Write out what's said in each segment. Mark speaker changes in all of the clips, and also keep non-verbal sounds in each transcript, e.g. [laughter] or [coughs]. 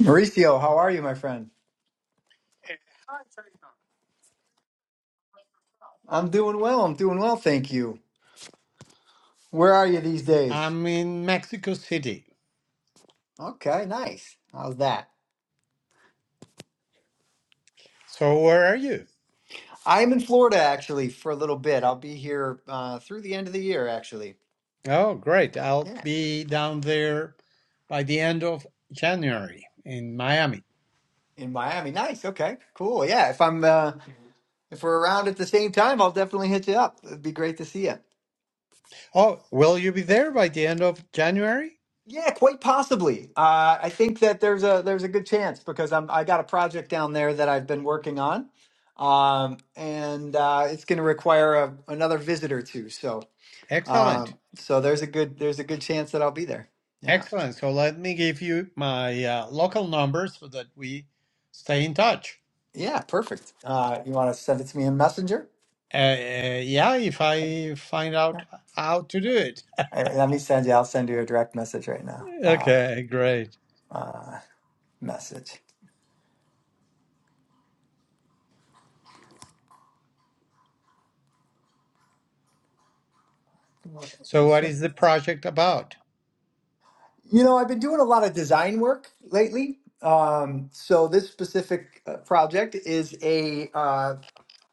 Speaker 1: Mauricio, how are you, my friend? I'm doing well. I'm doing well, thank you. Where are you these days?
Speaker 2: I'm in Mexico City.
Speaker 1: Okay, nice. How's that?
Speaker 2: So where are you?
Speaker 1: I'm in Florida actually for a little bit. I'll be here uh, through the end of the year, actually.
Speaker 2: Oh, great. I'll
Speaker 1: Yeah,
Speaker 2: be down there by the end of January in Miami.
Speaker 1: in Miami. Nice. Okay, cool. Yeah, if I'm uh, if we're around at the same time, I'll definitely hit you up. It'd be great to see you.
Speaker 2: Oh, will you be there by the end of January?
Speaker 1: Yeah, quite possibly. Uh, I think that there's a there's a good chance because I'm I got a project down there that I've been working on, um, and uh, it's going to require a, another visit or two. So,
Speaker 2: Excellent.
Speaker 1: um, so there's a good there's a good chance that I'll be there. Yeah,
Speaker 2: Excellent. So let me give you my uh, local number so that we stay in touch.
Speaker 1: yeah, perfect. Uh, you want to send it to me in Messenger?
Speaker 2: Uh, uh, yeah, if I find
Speaker 1: Yeah.
Speaker 2: out how to do it.
Speaker 1: Uh, Let me send you. I'll send you a direct message right now. Uh,
Speaker 2: Okay, great.
Speaker 1: uh, message.
Speaker 2: So what is the project about?
Speaker 1: You know, I've been doing a lot of design work lately. Um, so this specific uh, project is a, uh,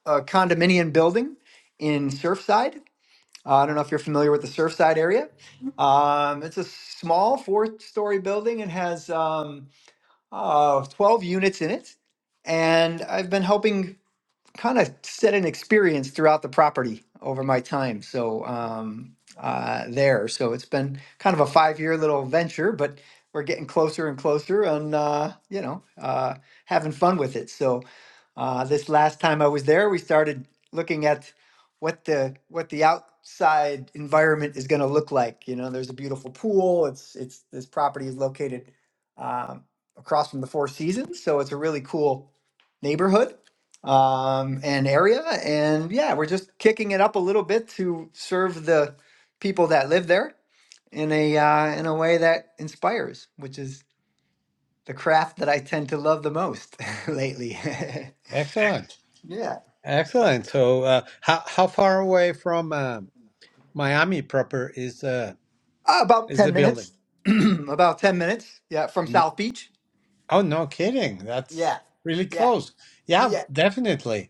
Speaker 1: a condominium building in Surfside. Uh, I don't know if you're familiar with the Surfside area. Mhm. Um, it's a small four-story building and has um, uh, 12 units in it. And I've been helping kind of set an experience throughout the property over my time. So um, uh, there, so it's been kind of a five-year little venture, but we're getting closer and closer, and uh, you know, uh, having fun with it. So uh, this last time I was there, we started looking at what the what the outside environment is going to look like. You know, there's a beautiful pool. It's it's this property is located um, across from the Four Seasons, so it's a really cool neighborhood um, and area. And yeah, we're just kicking it up a little bit to serve the people that live there in a uh, in a way that inspires, which is the craft that I tend to love the most [laughs] lately. [laughs]
Speaker 2: Excellent.
Speaker 1: yeah,
Speaker 2: Excellent. So, uh, how how far away from um Miami proper is uh
Speaker 1: Uh, about
Speaker 2: is the
Speaker 1: ten
Speaker 2: building?
Speaker 1: minutes. [clears throat] about ten minutes. Yeah, from
Speaker 2: Mm,
Speaker 1: South Beach.
Speaker 2: Oh, no kidding. That's
Speaker 1: Yeah,
Speaker 2: really
Speaker 1: yeah,
Speaker 2: close. Yeah,
Speaker 1: yeah,
Speaker 2: definitely.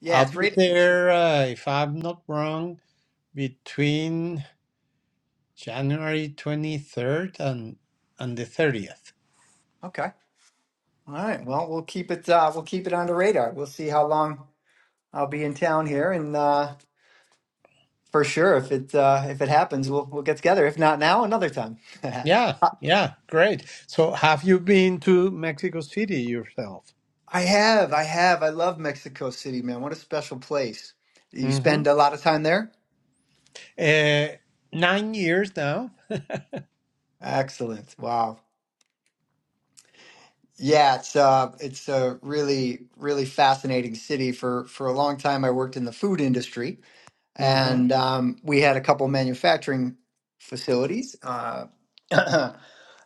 Speaker 1: yeah.
Speaker 2: I'll
Speaker 1: It's
Speaker 2: be
Speaker 1: right. It's
Speaker 2: there uh, if I'm not wrong between January 23rd and and the 30th.
Speaker 1: okay. All right. Well, we'll keep it. Uh, we'll keep it on the radar. We'll see how long I'll be in town here, and. Uh, For sure. If it uh, if it happens, we'll we'll get together. If not now, another time. [laughs]
Speaker 2: Yeah,
Speaker 1: I
Speaker 2: yeah, great. So, have you been to Mexico City yourself?
Speaker 1: I have, I have. I love Mexico City, man. What a special place. You
Speaker 2: Mm-hmm.
Speaker 1: spend a lot of time there?
Speaker 2: Uh, nine years now.
Speaker 1: Excellent. Wow. Yeah, it's uh it's a really really fascinating city. For for a long time I worked in the food industry.
Speaker 2: Mm-hmm.
Speaker 1: and um, we had a couple manufacturing facilities uh, [clears throat]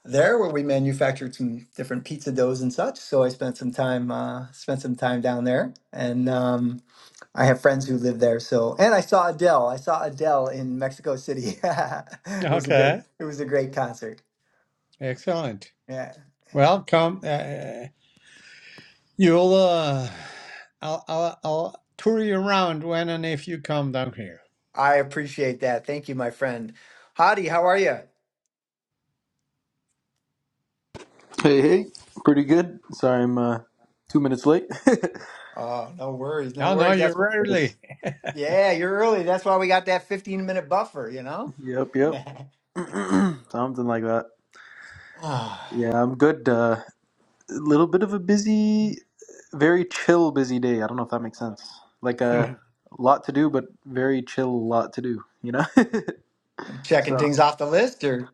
Speaker 1: there where we manufactured some different pizza doughs and such. So I spent some time uh, spent some time down there, and um, I have friends who live there. So and I saw Adele. I saw Adele in Mexico City. [laughs] it was a great
Speaker 2: Okay.
Speaker 1: it was a great concert.
Speaker 2: Excellent.
Speaker 1: Yeah, yeah.
Speaker 2: Well, come, uh, you'll, uh, I'll, I'll, I'll tour you around when and if you come down here.
Speaker 1: I appreciate that. Thank you, my friend. Hadi, how are you?
Speaker 3: Hey, hey, pretty good. Sorry, I'm uh, two minutes late. [laughs]
Speaker 1: Oh, no worries, no
Speaker 2: No, no,
Speaker 1: worries.
Speaker 2: you
Speaker 1: That's
Speaker 3: yes,
Speaker 2: rarely.
Speaker 1: Yeah, you're early. That's why we got that 15 minute buffer, you know? [sighs]
Speaker 3: yep, yep,
Speaker 1: [laughs]
Speaker 3: [clears throat] something like that.
Speaker 1: Ah,
Speaker 3: Yeah, I'm good. Uh, a little bit of a busy, very chill, busy day. I don't know if that makes sense. Like
Speaker 2: [laughs]
Speaker 3: uh, a lot to do, but very chill, lot to do. You know.
Speaker 1: you
Speaker 3: [laughs]
Speaker 1: checking
Speaker 3: so,
Speaker 1: things off the list or?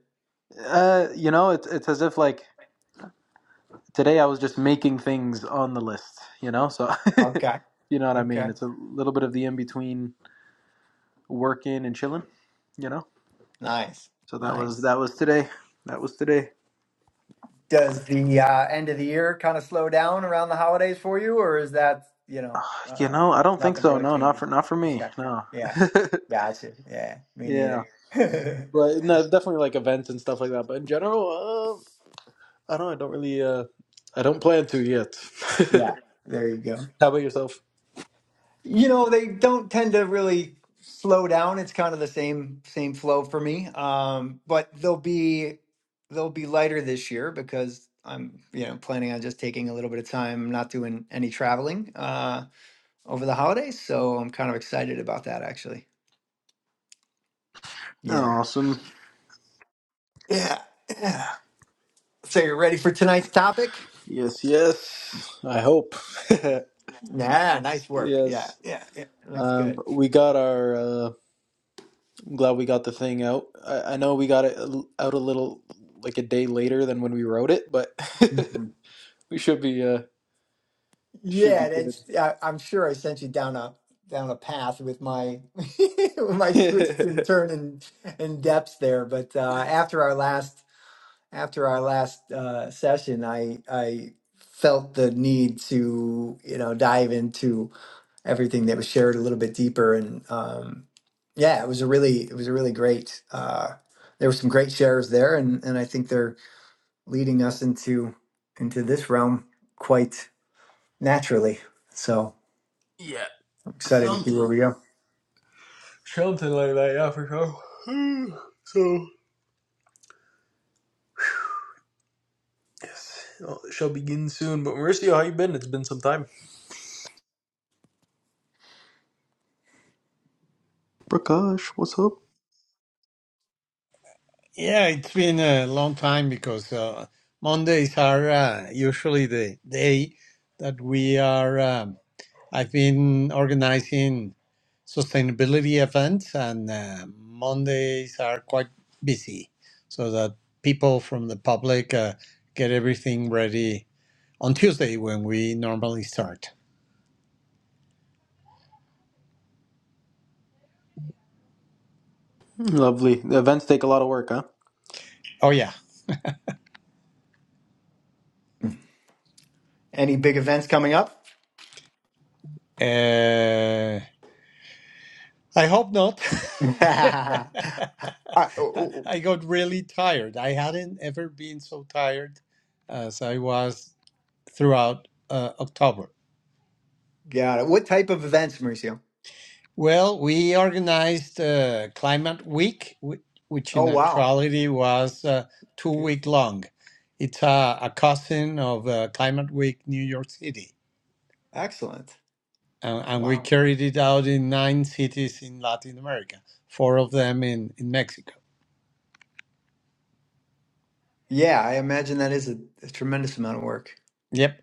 Speaker 3: uh, you know, it's it's as if like today I was just making things on the list. You know, so
Speaker 1: Okay.
Speaker 3: [laughs] you know what I mean.
Speaker 1: Okay.
Speaker 3: It's a little bit of the in between working and chilling. You know.
Speaker 1: Nice.
Speaker 3: So that was
Speaker 1: Nice.
Speaker 3: that was today. That was today.
Speaker 1: Does the uh, end of the year kind of slow down around the holidays for you or is that, you know,
Speaker 3: You
Speaker 1: uh,
Speaker 3: know, I don't think
Speaker 1: nothing
Speaker 3: so.
Speaker 1: really
Speaker 3: No, not
Speaker 1: changes?
Speaker 3: for not for me.
Speaker 1: Okay.
Speaker 3: No.
Speaker 1: Yeah. Gotcha. Yeah.
Speaker 3: [laughs]
Speaker 1: Me
Speaker 3: yeah,
Speaker 1: neither.
Speaker 3: but no, definitely like events and stuff like that. But in general, uh, I don't. I don't really. Uh, I don't plan to yet.
Speaker 1: [laughs]
Speaker 3: [laughs]
Speaker 1: yeah. There you go.
Speaker 3: How about yourself?
Speaker 1: You know, they don't tend to really slow down. It's kind of the same same flow for me. Um, but they'll be they'll be lighter this year because I'm, you know, planning on just taking a little bit of time. I'm not doing any traveling uh over the holidays, so I'm kind of excited about that actually. You know.
Speaker 3: Awesome.
Speaker 1: Yeah. Yeah. So you're ready for tonight's topic?
Speaker 3: Yes, yes. I hope. [laughs]
Speaker 1: Yeah, nice work. Yeah,
Speaker 3: yes.
Speaker 1: yeah, yeah. Looks
Speaker 3: Um,
Speaker 1: good.
Speaker 3: we got our. Uh, I'm glad we got the thing out. I, I know we got it a l- out a little like a day later than when we wrote it, but
Speaker 1: Mm-hmm.
Speaker 3: [laughs] we should be. Uh, should be
Speaker 1: Yeah,
Speaker 3: good.
Speaker 1: that's. I, I'm sure I sent you down a down a path with my [laughs] with
Speaker 3: [laughs]
Speaker 1: my twists and turn and and depths there. But uh, after our last after our last uh, session, I I felt the need to you know dive into everything that was shared a little bit deeper and um, yeah, it was a really it was a really great. Uh, there were some great shares there, and and I think they're leading us into into this realm quite naturally. So.
Speaker 3: Yeah,
Speaker 1: Excited to see
Speaker 3: something.
Speaker 1: where we go.
Speaker 3: Something like that, yeah, for sure. [sighs] so, yes, it shall begin soon. But Mauricio, how you been? It's been some time. Prakash, what's up?
Speaker 2: yeah, it's been a long time because uh, Mondays are uh, usually the day that we are. Um, I've been organizing sustainability events, and uh, Mondays are quite busy, so that people from the public uh, get everything ready on Tuesday when we normally start.
Speaker 3: Lovely. The events take a lot of work, huh?
Speaker 2: Oh yeah.
Speaker 1: Any big events coming up?
Speaker 2: Uh, I hope not. [laughs]
Speaker 1: [laughs] Ah, oh, oh, oh.
Speaker 2: I got really tired. I hadn't ever been so tired as I was throughout uh, October.
Speaker 1: Got it. What type of events, Mauricio?
Speaker 2: Well, we organized uh, Climate Week, which in
Speaker 1: Oh, wow.
Speaker 2: actuality was uh, two week
Speaker 1: Beautiful.
Speaker 2: long. It's a, a cousin of uh, Climate Week New York City
Speaker 1: Excellent.
Speaker 2: and, and we
Speaker 1: Wow.
Speaker 2: carried it out in nine cities in Latin America, four of them in, in Mexico.
Speaker 1: Yeah, I imagine that is a, a tremendous amount of work.
Speaker 2: Yep,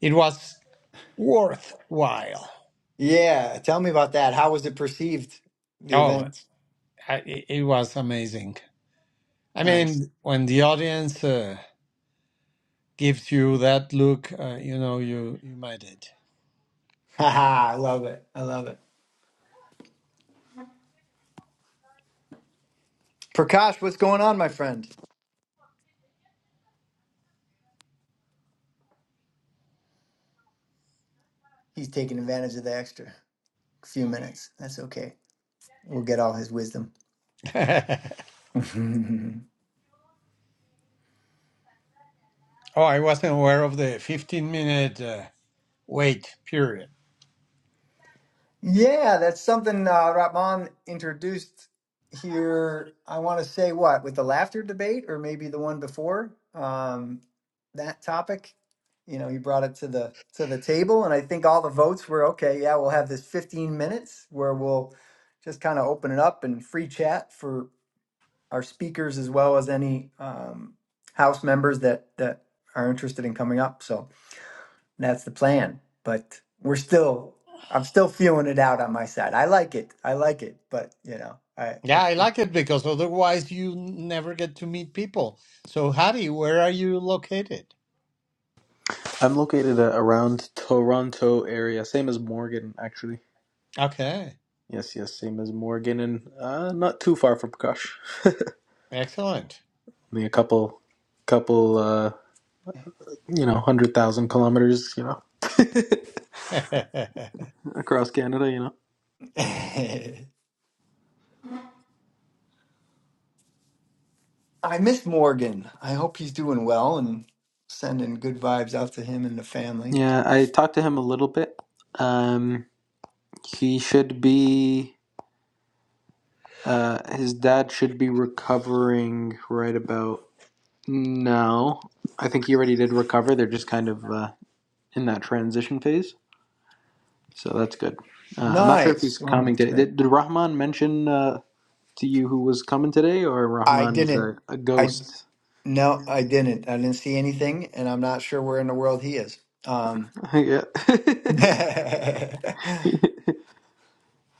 Speaker 2: it was worthwhile.
Speaker 1: Yeah, tell me about that. How was it perceived, the
Speaker 2: Oh,
Speaker 1: event?
Speaker 2: I, it it was amazing. I
Speaker 1: Nice.
Speaker 2: mean, when the audience uh, gives you that look, uh, you know you you made it.
Speaker 1: [laughs] Haha, I love it. I love it. Prakash, what's going on, my friend? He's taking advantage of the extra few minutes. That's okay. We'll get all his wisdom.
Speaker 2: [laughs]
Speaker 1: [laughs]
Speaker 2: oh, I wasn't aware of the fifteen minute uh, wait period.
Speaker 1: Yeah, that's something uh, Rahman introduced here. I want to say what with the laughter debate, or maybe the one before um, that topic. You know, he brought it to the to the table, and I think all the votes were okay. Yeah, we'll have this 15 minutes where we'll just kind of open it up and free chat for our speakers as well as any um, house members that that are interested in coming up. So that's the plan. But we're still, I'm still feeling it out on my side. I like it. I like it. But, you know, I,
Speaker 2: Yeah, I like it because otherwise you never get to meet people. So, Hattie, where are you located?
Speaker 3: I'm located uh, around Toronto area, same as Morgan, actually.
Speaker 2: Okay,
Speaker 3: Yes, yes, same as Morgan, and uh, not too far from Prakash.
Speaker 2: excellent.
Speaker 3: Only a couple, couple, uh, you know, hundred thousand kilometers, you know, [laughs]
Speaker 2: [laughs]
Speaker 3: across Canada, you know.
Speaker 1: it, [laughs] I miss Morgan. I hope he's doing well and sending good vibes out to him and the family.
Speaker 3: Yeah, I talked to him a little bit. Um, he should be, uh, his dad should be recovering right about now. I think he already did recover. They're just kind of uh, in that transition phase, so that's good. Uh, I'm not sure if he's
Speaker 1: Nice. Wow,
Speaker 3: coming
Speaker 1: that's
Speaker 3: today.
Speaker 1: great.
Speaker 3: Did, did Rahman mention uh, to you who was coming today, or
Speaker 1: I
Speaker 3: Rahman's a,
Speaker 1: didn't.
Speaker 3: a
Speaker 1: I,
Speaker 3: ghost?
Speaker 1: no, I didn't. I didn't see anything, and I'm not sure where in the world he is. Um,
Speaker 3: [laughs] yeah, [laughs]
Speaker 1: [laughs] yeah,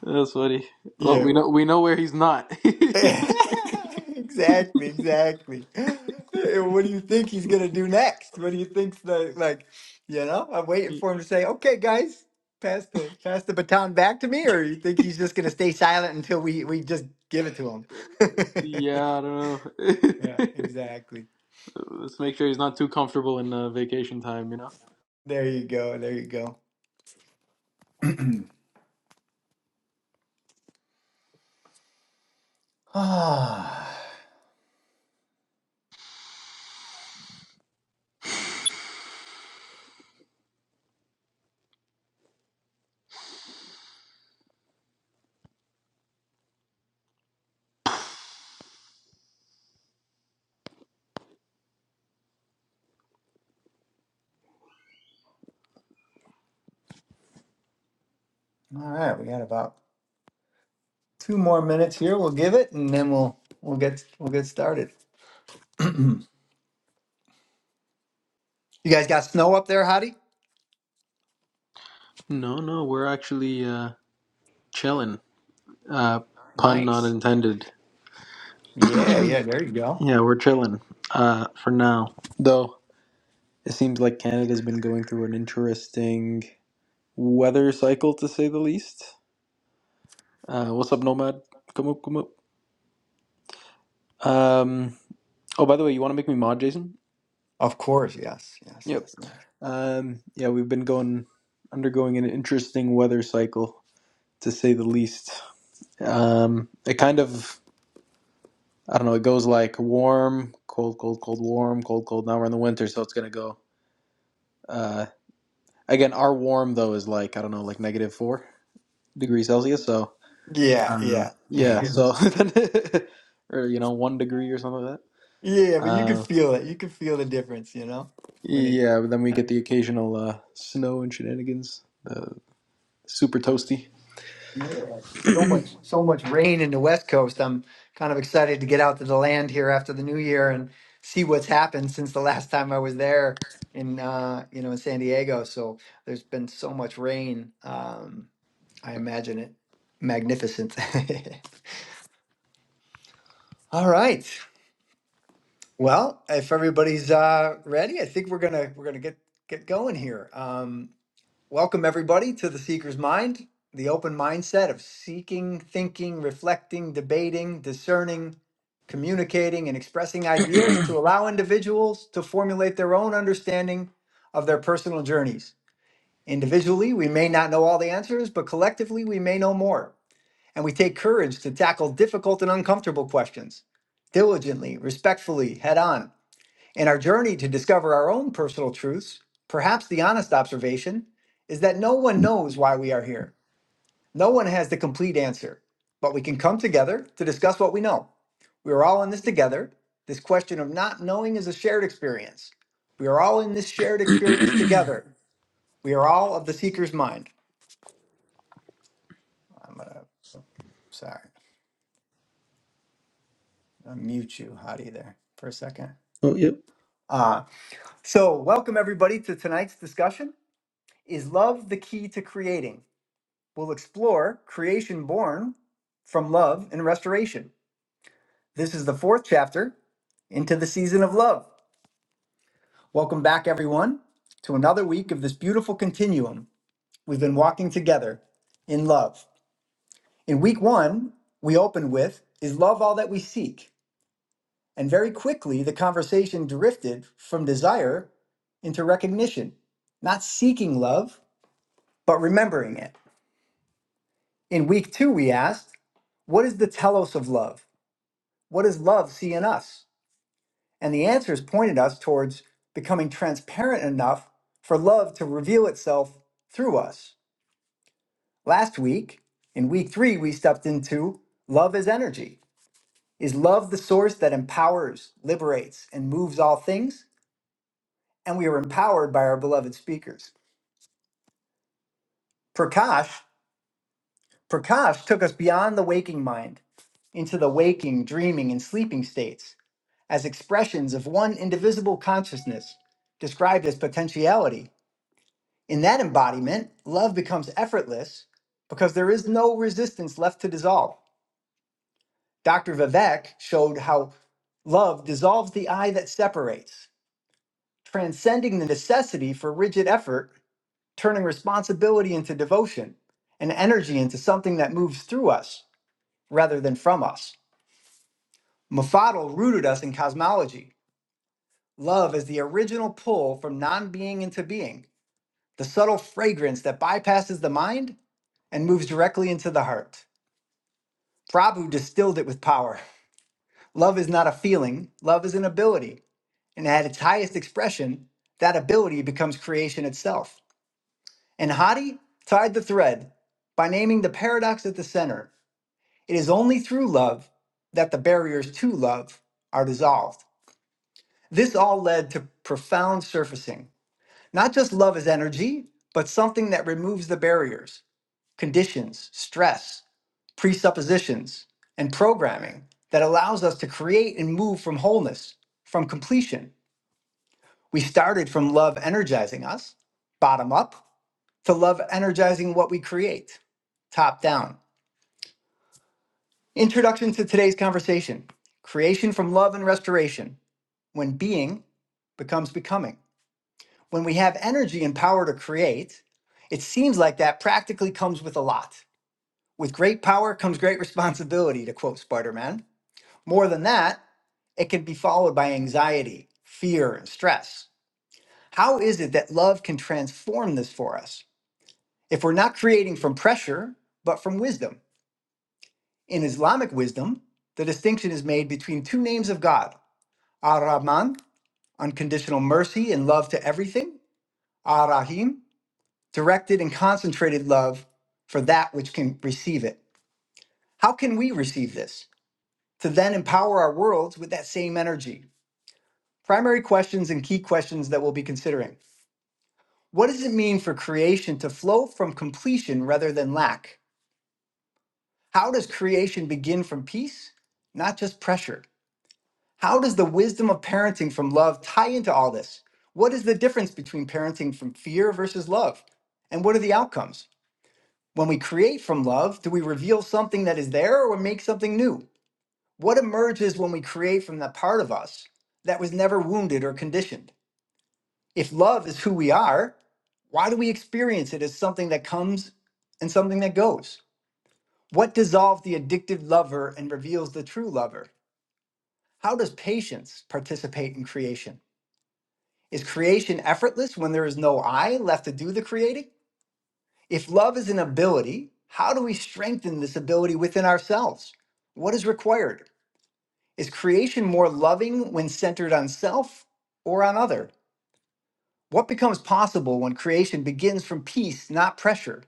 Speaker 3: that's funny. Well, we know we know where he's not. [laughs]
Speaker 1: [laughs] exactly, exactly. What do you think he's gonna do next? What do you think's the like? You know, I'm waiting for him to say, "Okay, guys, pass the pass the baton back to me," or you think he's just gonna stay silent until we we just give it to him? [laughs]
Speaker 3: Yeah, I don't know. [laughs]
Speaker 1: yeah, exactly.
Speaker 3: Let's make sure he's not too comfortable in uh, vacation time, you know?
Speaker 1: There you go. There you go. [sighs] Ah, all right. We got about two more minutes here. We'll give it, and then we'll we'll get we'll get started. [clears throat] you guys got snow up there, Hottie?
Speaker 3: No, no, we're actually uh, chilling. Uh, pun not
Speaker 1: Nice.
Speaker 3: intended.
Speaker 1: Yeah, yeah, there you go.
Speaker 3: Yeah, we're chilling uh, for now. Though, it seems like Canada's been going through an interesting weather cycle, to say the least. Uh, what's up, Nomad? Come up, come up. Um, oh, by the way, you want to make me mod, Jason?
Speaker 1: Of course, yes, yes,
Speaker 3: Yep.
Speaker 1: yes, yes.
Speaker 3: Um, yeah, we've been going undergoing an interesting weather cycle, to say the least. Um, it kind of I don't know. It goes like warm, cold, cold, cold, warm, cold, cold. Now we're in the winter, so it's gonna go. Uh, again, our warm though is like I don't know, like negative four degrees Celsius. So
Speaker 1: Yeah,
Speaker 3: um, yeah,
Speaker 1: yeah. [laughs]
Speaker 3: so [laughs] or you know one degree or something like
Speaker 1: Yeah,
Speaker 3: that.
Speaker 1: but you can
Speaker 3: Uh,
Speaker 1: feel it. You can feel the difference, you know, when it
Speaker 3: yeah, but then we get the occasional uh, snow and shenanigans. The super toasty.
Speaker 1: Yeah, so much so much rain in the West Coast. I'm kind of excited to get out to the land here after the new year and see what's happened since the last time I was there in uh, you know, in San Diego. So there's been so much rain. Um, I imagine it magnificent. [laughs] All right. Well, if everybody's uh, ready, I think we're gonna we're gonna get get going here. Um, welcome everybody to the Seeker's Mind, the open mindset of seeking, thinking, reflecting, debating, discerning, communicating, and expressing ideas to allow individuals to formulate their own understanding of their personal journeys. Individually, we may not know all the answers, but collectively, we may know more. And we take courage to tackle difficult and uncomfortable questions diligently, respectfully, head on in our journey to discover our own personal truths, perhaps the honest observation is that no one knows why we are here. No one has the complete answer, but we can come together to discuss what we know. We are all in this together. This question of not knowing is a shared experience. We are all in this shared experience
Speaker 3: [coughs]
Speaker 1: together. We are all of the seeker's mind. I'm gonna sorry, I'll mute you, Hadi, there for a second.
Speaker 3: Oh yep.
Speaker 1: Uh, so, welcome everybody to tonight's discussion. Is love the key to creating? We'll explore creation born from love and restoration. This is the fourth chapter into the season of love. Welcome back, everyone, to another week of this beautiful continuum we've been walking together in love. In week one, we opened with Is love all that we seek? And very quickly, the conversation drifted from desire into recognition, not seeking love, but remembering it. In week two, we asked, What is the telos of love? What does love see in us? And the answers pointed us towards becoming transparent enough for love to reveal itself through us. Last week, in week three, we stepped into love is energy. Is love the source that empowers, liberates, and moves all things? And we are empowered by our beloved speakers. Prakash Prakash took us beyond the waking mind into the waking, dreaming, and sleeping states as expressions of one indivisible consciousness described as potentiality. In that embodiment, love becomes effortless because there is no resistance left to dissolve. Dr. Vivek showed how love dissolves the I that separates, transcending the necessity for rigid effort, turning responsibility into devotion and energy into something that moves through us rather than from us. Mafado rooted us in cosmology. Love is the original pull from non being into being, the subtle fragrance that bypasses the mind and moves directly into the heart. Prabhu distilled it with power. Love is not a feeling, love is an ability. And at its highest expression, that ability becomes creation itself. And Hadi tied the thread by naming the paradox at the center. It is only through love that the barriers to love are dissolved. This all led to profound surfacing, not just love as energy, but something that removes the barriers, conditions, stress, presuppositions, and programming that allows us to create and move from wholeness, from completion. We started from love energizing us, bottom up, to love energizing what we create, top down. Introduction to today's conversation creation from love and restoration, when being becomes becoming. when we have energy and power to create, it seems like that practically comes with a lot. With great power comes great responsibility, to quote Spider Man. More than that, it can be followed by anxiety, fear, and stress. How is it that love can transform this for us if we're not creating from pressure, but from wisdom? In Islamic wisdom, the distinction is made between two names of God Ar Rahman, unconditional mercy and love to everything, Ar Rahim, directed and concentrated love for that which can receive it. How can we receive this? To then empower our worlds with that same energy. Primary questions and key questions that we'll be considering. What does it mean for creation to flow from completion rather than lack? How does creation begin from peace, not just pressure? How does the wisdom of parenting from love tie into all this? What is the difference between parenting from fear versus love? And what are the outcomes? When we create from love, do we reveal something that is there or make something new? What emerges when we create from that part of us that was never wounded or conditioned? If love is who we are, why do we experience it as something that comes and something that goes? What dissolves the addicted lover and reveals the true lover? How does patience participate in creation? Is creation effortless when there is no I left to do the creating? If love is an ability, how do we strengthen this ability within ourselves? What is required? Is creation more loving when centered on self or on other? What becomes possible when creation begins from peace, not pressure?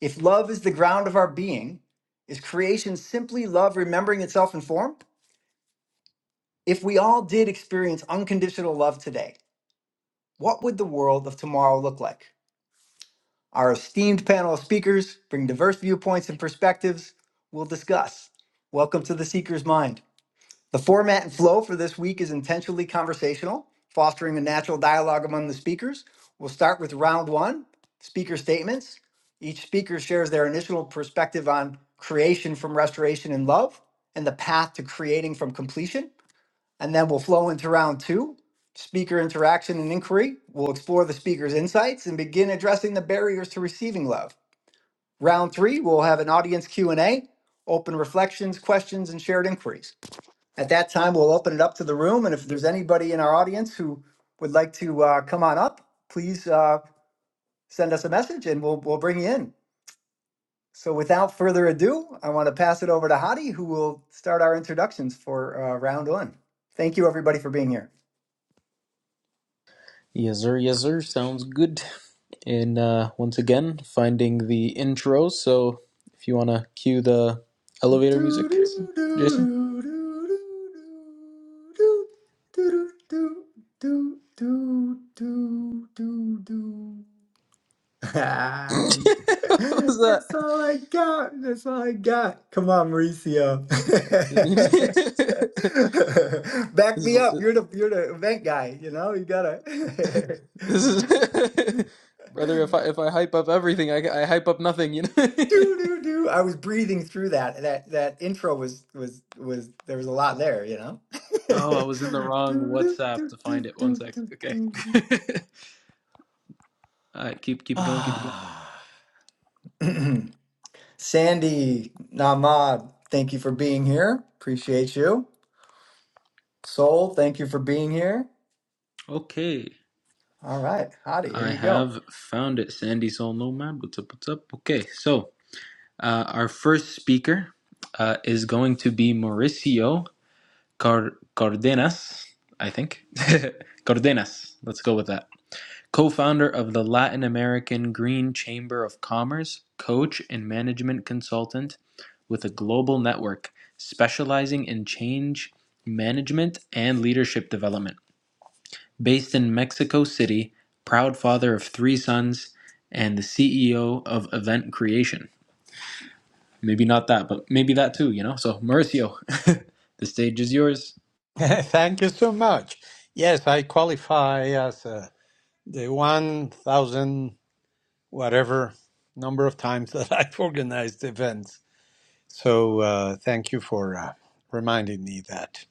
Speaker 1: If love is the ground of our being, is creation simply love remembering itself in form? If we all did experience unconditional love today, what would the world of tomorrow look like? Our esteemed panel of speakers bring diverse viewpoints and perspectives we'll discuss. Welcome to The Seeker's Mind. The format and flow for this week is intentionally conversational, fostering a natural dialogue among the speakers. We'll start with round one speaker statements. Each speaker shares their initial perspective on creation from restoration and love and the path to creating from completion. And then we'll flow into round two speaker interaction and inquiry. We'll explore the speaker's insights and begin addressing the barriers to receiving love. Round three, we'll have an audience Q&A, open reflections, questions, and shared inquiries. At that time, we'll open it up to the room. And if there's anybody in our audience who would like to uh, come on up, please uh, send us a message and we'll, we'll bring you in. So without further ado, I want to pass it over to Hadi, who will start our introductions for uh, round one. Thank you, everybody, for being here.
Speaker 3: Yes sir. Yes sir. Sounds good. in uh, once again finding the intro. So if you want to cue the elevator
Speaker 1: Do
Speaker 3: music,
Speaker 1: do do
Speaker 3: Jason.
Speaker 1: do do do do do do do do do do do.
Speaker 3: [laughs] what was that?
Speaker 1: That's all I got. That's all I got. Come on, Mauricio.
Speaker 3: We need. [laughs] this
Speaker 1: [laughs] Back
Speaker 3: is
Speaker 1: me up. You're the you're the event guy. You know you gotta.
Speaker 3: this is [laughs] brother.
Speaker 1: [laughs]
Speaker 3: If I if I hype up everything, I I hype up nothing. You know. [laughs]
Speaker 1: do do do. I was breathing through that. That that intro was was was there was a lot there, you know. [sighs] [laughs]
Speaker 3: oh, I
Speaker 1: do,
Speaker 3: was in the wrong
Speaker 1: do,
Speaker 3: WhatsApp
Speaker 1: do,
Speaker 3: to find
Speaker 1: do,
Speaker 3: it. One
Speaker 1: do,
Speaker 3: sec. Okay.
Speaker 1: do, do.
Speaker 3: [laughs] All right, keep keep it going. Keep it going.
Speaker 1: Ah, [clears throat] Sandy Namad, thank you for being here. Appreciate you. Soul, thank you for being here.
Speaker 3: Okay.
Speaker 1: All right, Hadi, here
Speaker 3: I
Speaker 1: you go.
Speaker 3: have found it, Sandy Soul Nomad. What's up? What's up? Okay, so Uh, our first speaker uh, is going to be Mauricio Car- Cardenas, I think. [laughs] Cardenas, let's go with that. Co founder of the Latin American Green Chamber of Commerce, coach and management consultant with a global network specializing in change management and leadership development. Based in Mexico City, proud father of three sons, and the CEO of Event Creation. Maybe not that, but maybe that too, you know? So, Mauricio, [laughs] the stage is yours.
Speaker 2: Thank you so much. Yes, I qualify as uh, the 1,000 whatever number of times that [laughs] I've organized events. So uh, thank you for uh, reminding me that.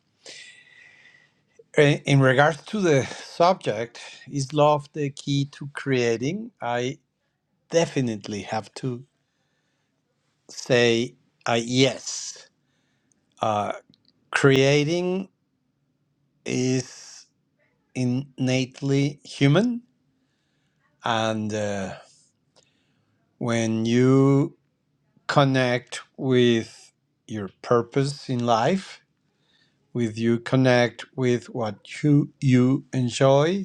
Speaker 2: In in regards to the subject, is love the key to creating? I definitely have to say uh, yes. Uh, creating is innately human And uh, when you connect with your purpose in life, with you connect with what you, you enjoy,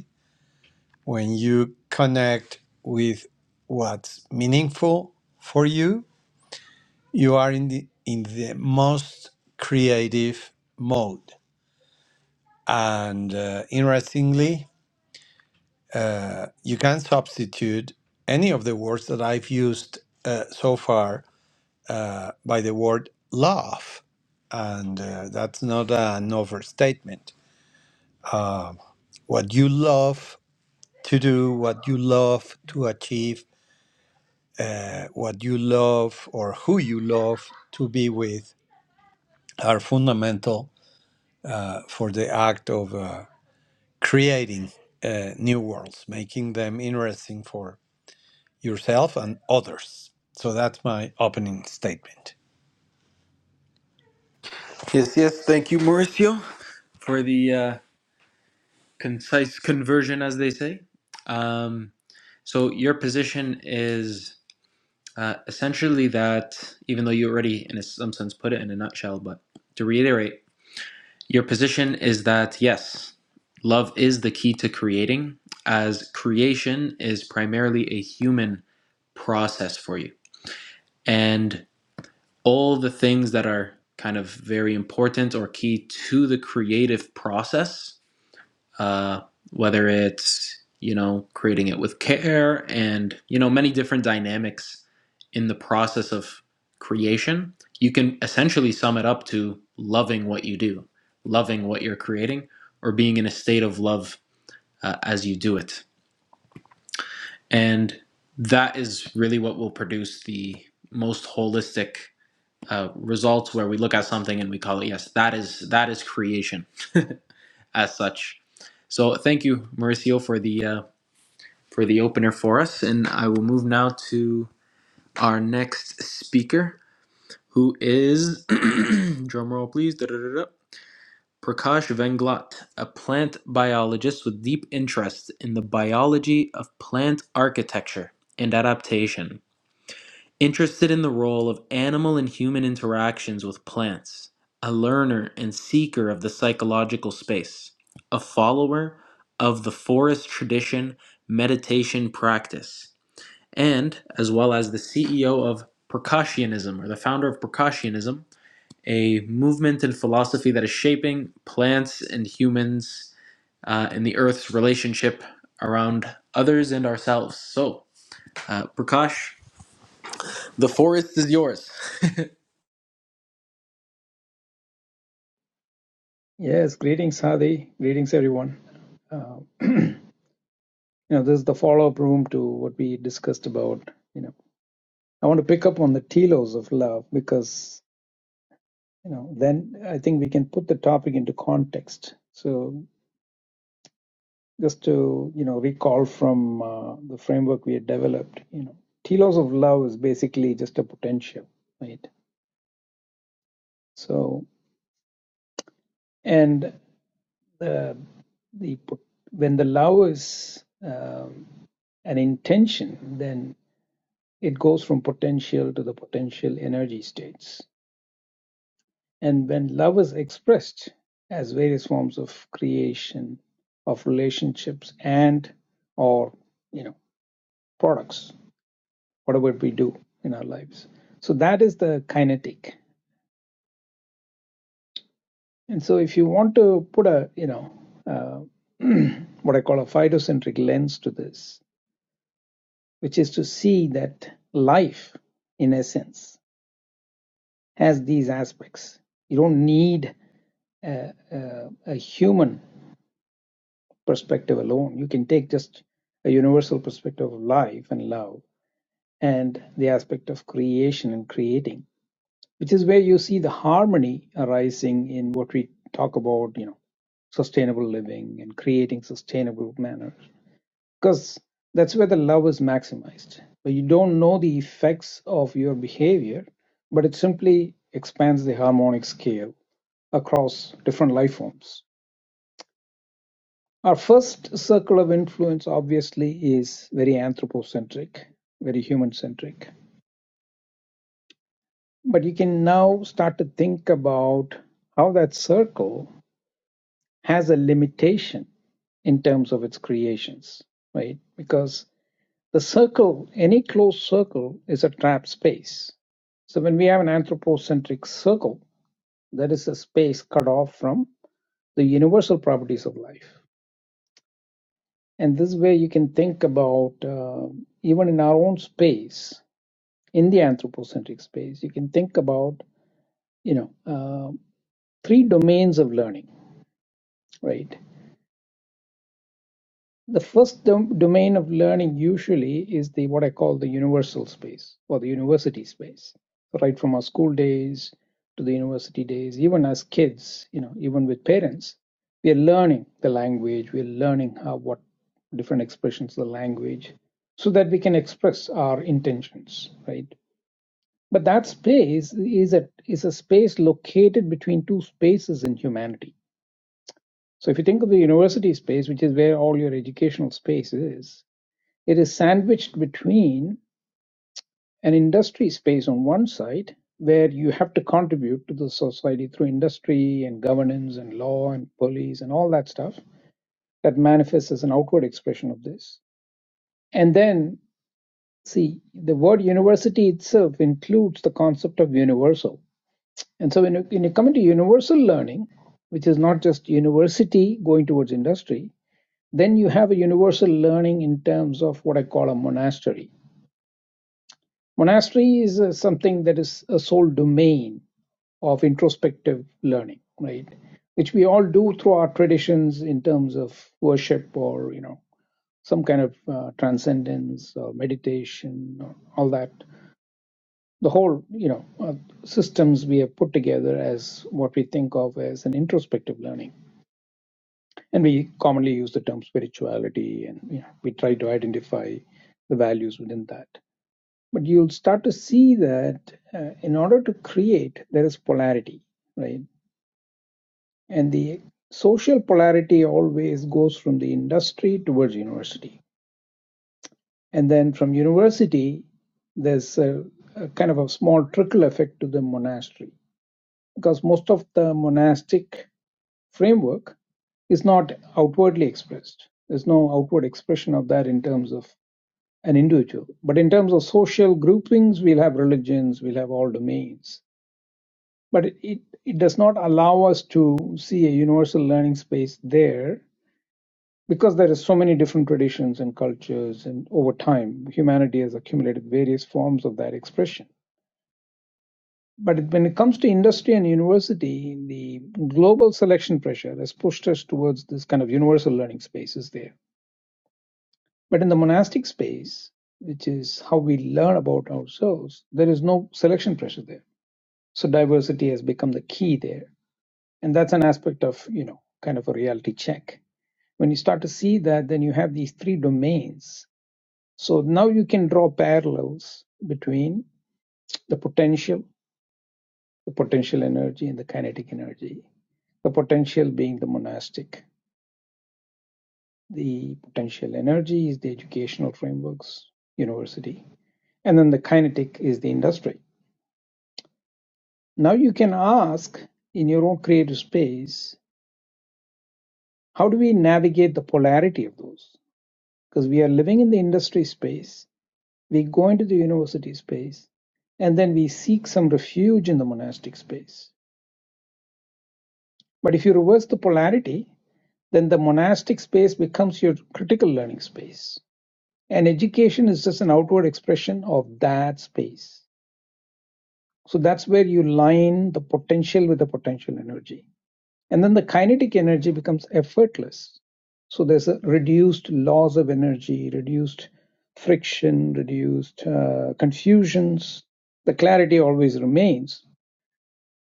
Speaker 2: when you connect with what's meaningful for you, you are in the, in the most creative mode. And uh, interestingly, uh, you can substitute any of the words that I've used uh, so far uh, by the word love, and uh, that's not an overstatement. What you love to do, what you love to achieve, uh, what you love or who you love to be with are fundamental uh, for the act of uh, creating uh, new worlds, making them interesting for yourself and others. So that's my opening statement.
Speaker 3: Yes, yes. Thank you, Mauricio, for the uh, concise conversion, as they say. Um, so, your position is uh, essentially that, even though you already, in some sense, put it in a nutshell, but to reiterate, your position is that yes, love is the key to creating, as creation is primarily a human process for you. And all the things that are kind of very important or key to the creative process, uh, whether it's you know creating it with care and you know many different dynamics in the process of creation. You can essentially sum it up to loving what you do, loving what you're creating, or being in a state of love uh, as you do it, and that is really what will produce the most holistic uh, results where we look at something and we call it yes that is that is creation as such so thank you mauricio for the uh, for the opener for us and i will move now to our next speaker who is [clears throat] drum roll please da-da-da-da, prakash venglat a plant biologist with deep interest in the biology of plant architecture and adaptation interested in the role of animal and human interactions with plants, a learner and seeker of the psychological space, a follower of the forest tradition meditation practice, and as well as the CEO of percussionism or the founder of percussionism, a movement and philosophy that is shaping plants and humans uh, and the earth's relationship around others and ourselves. So, uh, Prakash, the forest is yours. [laughs]
Speaker 4: Yes, greetings, Hadi. Greetings, everyone. Uh, [clears throat] you know, this is the follow-up room to what we discussed about. You know, I want to pick up on the telos of love because you know, then I think we can put the topic into context. So, just to you know, recall from uh, the framework we had developed, you know, telos of love is basically just a potential, right? So, and the the pot- when the love is um, an intention, then It goes from potential to the potential energy states. And when love is expressed as various forms of creation, of relationships and or you know products, whatever we do in our lives. So that is the kinetic. And so if you want to put a you know uh, [clears throat] what I call a phytocentric lens to this, which is to see that life in essence has these aspects. You don't need a, a, a human perspective alone. You can take just a universal perspective of life and love and the aspect of creation and creating, which is where you see the harmony arising in what we talk about, you know, sustainable living and creating sustainable manners. Because that's where the love is maximized. But you don't know the effects of your behavior, but it simply expands the harmonic scale across different life forms Our first circle of influence, obviously, is very anthropocentric, very human centric. But you can now start to think about how that circle has a limitation in terms of its creations, right? Because the circle, any closed circle, is a trap space. So when we have an anthropocentric circle, that is a space cut off from the universal properties of life. And this way you can think about, uh, even in our own space, in the anthropocentric space, you can think about, you know, uh, three domains of learning, right? The first dom- domain of learning usually is the what I call the universal space or the university space, right from our school days to the university days, even as kids, you know, even with parents, we are learning the language, we are learning how what different expressions of the language so that we can express our intentions, right? But that space is a is a space located between two spaces in humanity. So if you think of the university space, which is where all your educational space is, it is sandwiched between an industry space on one side, where you have to contribute to the society through industry and governance and law and police and all that stuff that manifests as an outward expression of this. And then, see, the word university itself includes the concept of universal. And so when you, when you come into universal learning, which is not just university going towards industry, then you have a universal learning in terms of what I call a monastery Monastery is uh, something that is a sole domain of introspective learning, right? Which we all do through our traditions in terms of worship or, you know, some kind of uh, transcendence or meditation or all that. The whole, you know, uh, systems we have put together as what we think of as an introspective learning. And we commonly use the term spirituality and, you know, we try to identify the values within that. but you'll start to see that uh, in order to create there is polarity right and the social polarity always goes from the industry towards university and then from university there's a, a kind of a small trickle effect to the monastery because most of the monastic framework is not outwardly expressed there's no outward expression of that in terms of an individual but in terms of social groupings we'll have religions we'll have all domains but it, it it does not allow us to see a universal learning space there because there are so many different traditions and cultures and over time humanity has accumulated various forms of that expression but when it comes to industry and university the global selection pressure has pushed us towards this kind of universal learning spaces there but in the monastic space which is how we learn about ourselves there is no selection pressure there so diversity has become the key there and that's an aspect of you know kind of a reality check when you start to see that then you have these three domains so now you can draw parallels between the potential the potential energy and the kinetic energy the potential being the monastic the potential energy is the educational frameworks university and then the kinetic is the industry now you can ask in your own creative space how do we navigate the polarity of those because we are living in the industry space, we go into the university space, and then we seek some refuge in the monastic space. But if you reverse the polarity, then the monastic space becomes your critical learning space. And education is just an outward expression of that space. So that's where you line the potential with the potential energy. And then the kinetic energy becomes effortless. So there's a reduced loss of energy, reduced friction, reduced uh, confusions. The clarity always remains.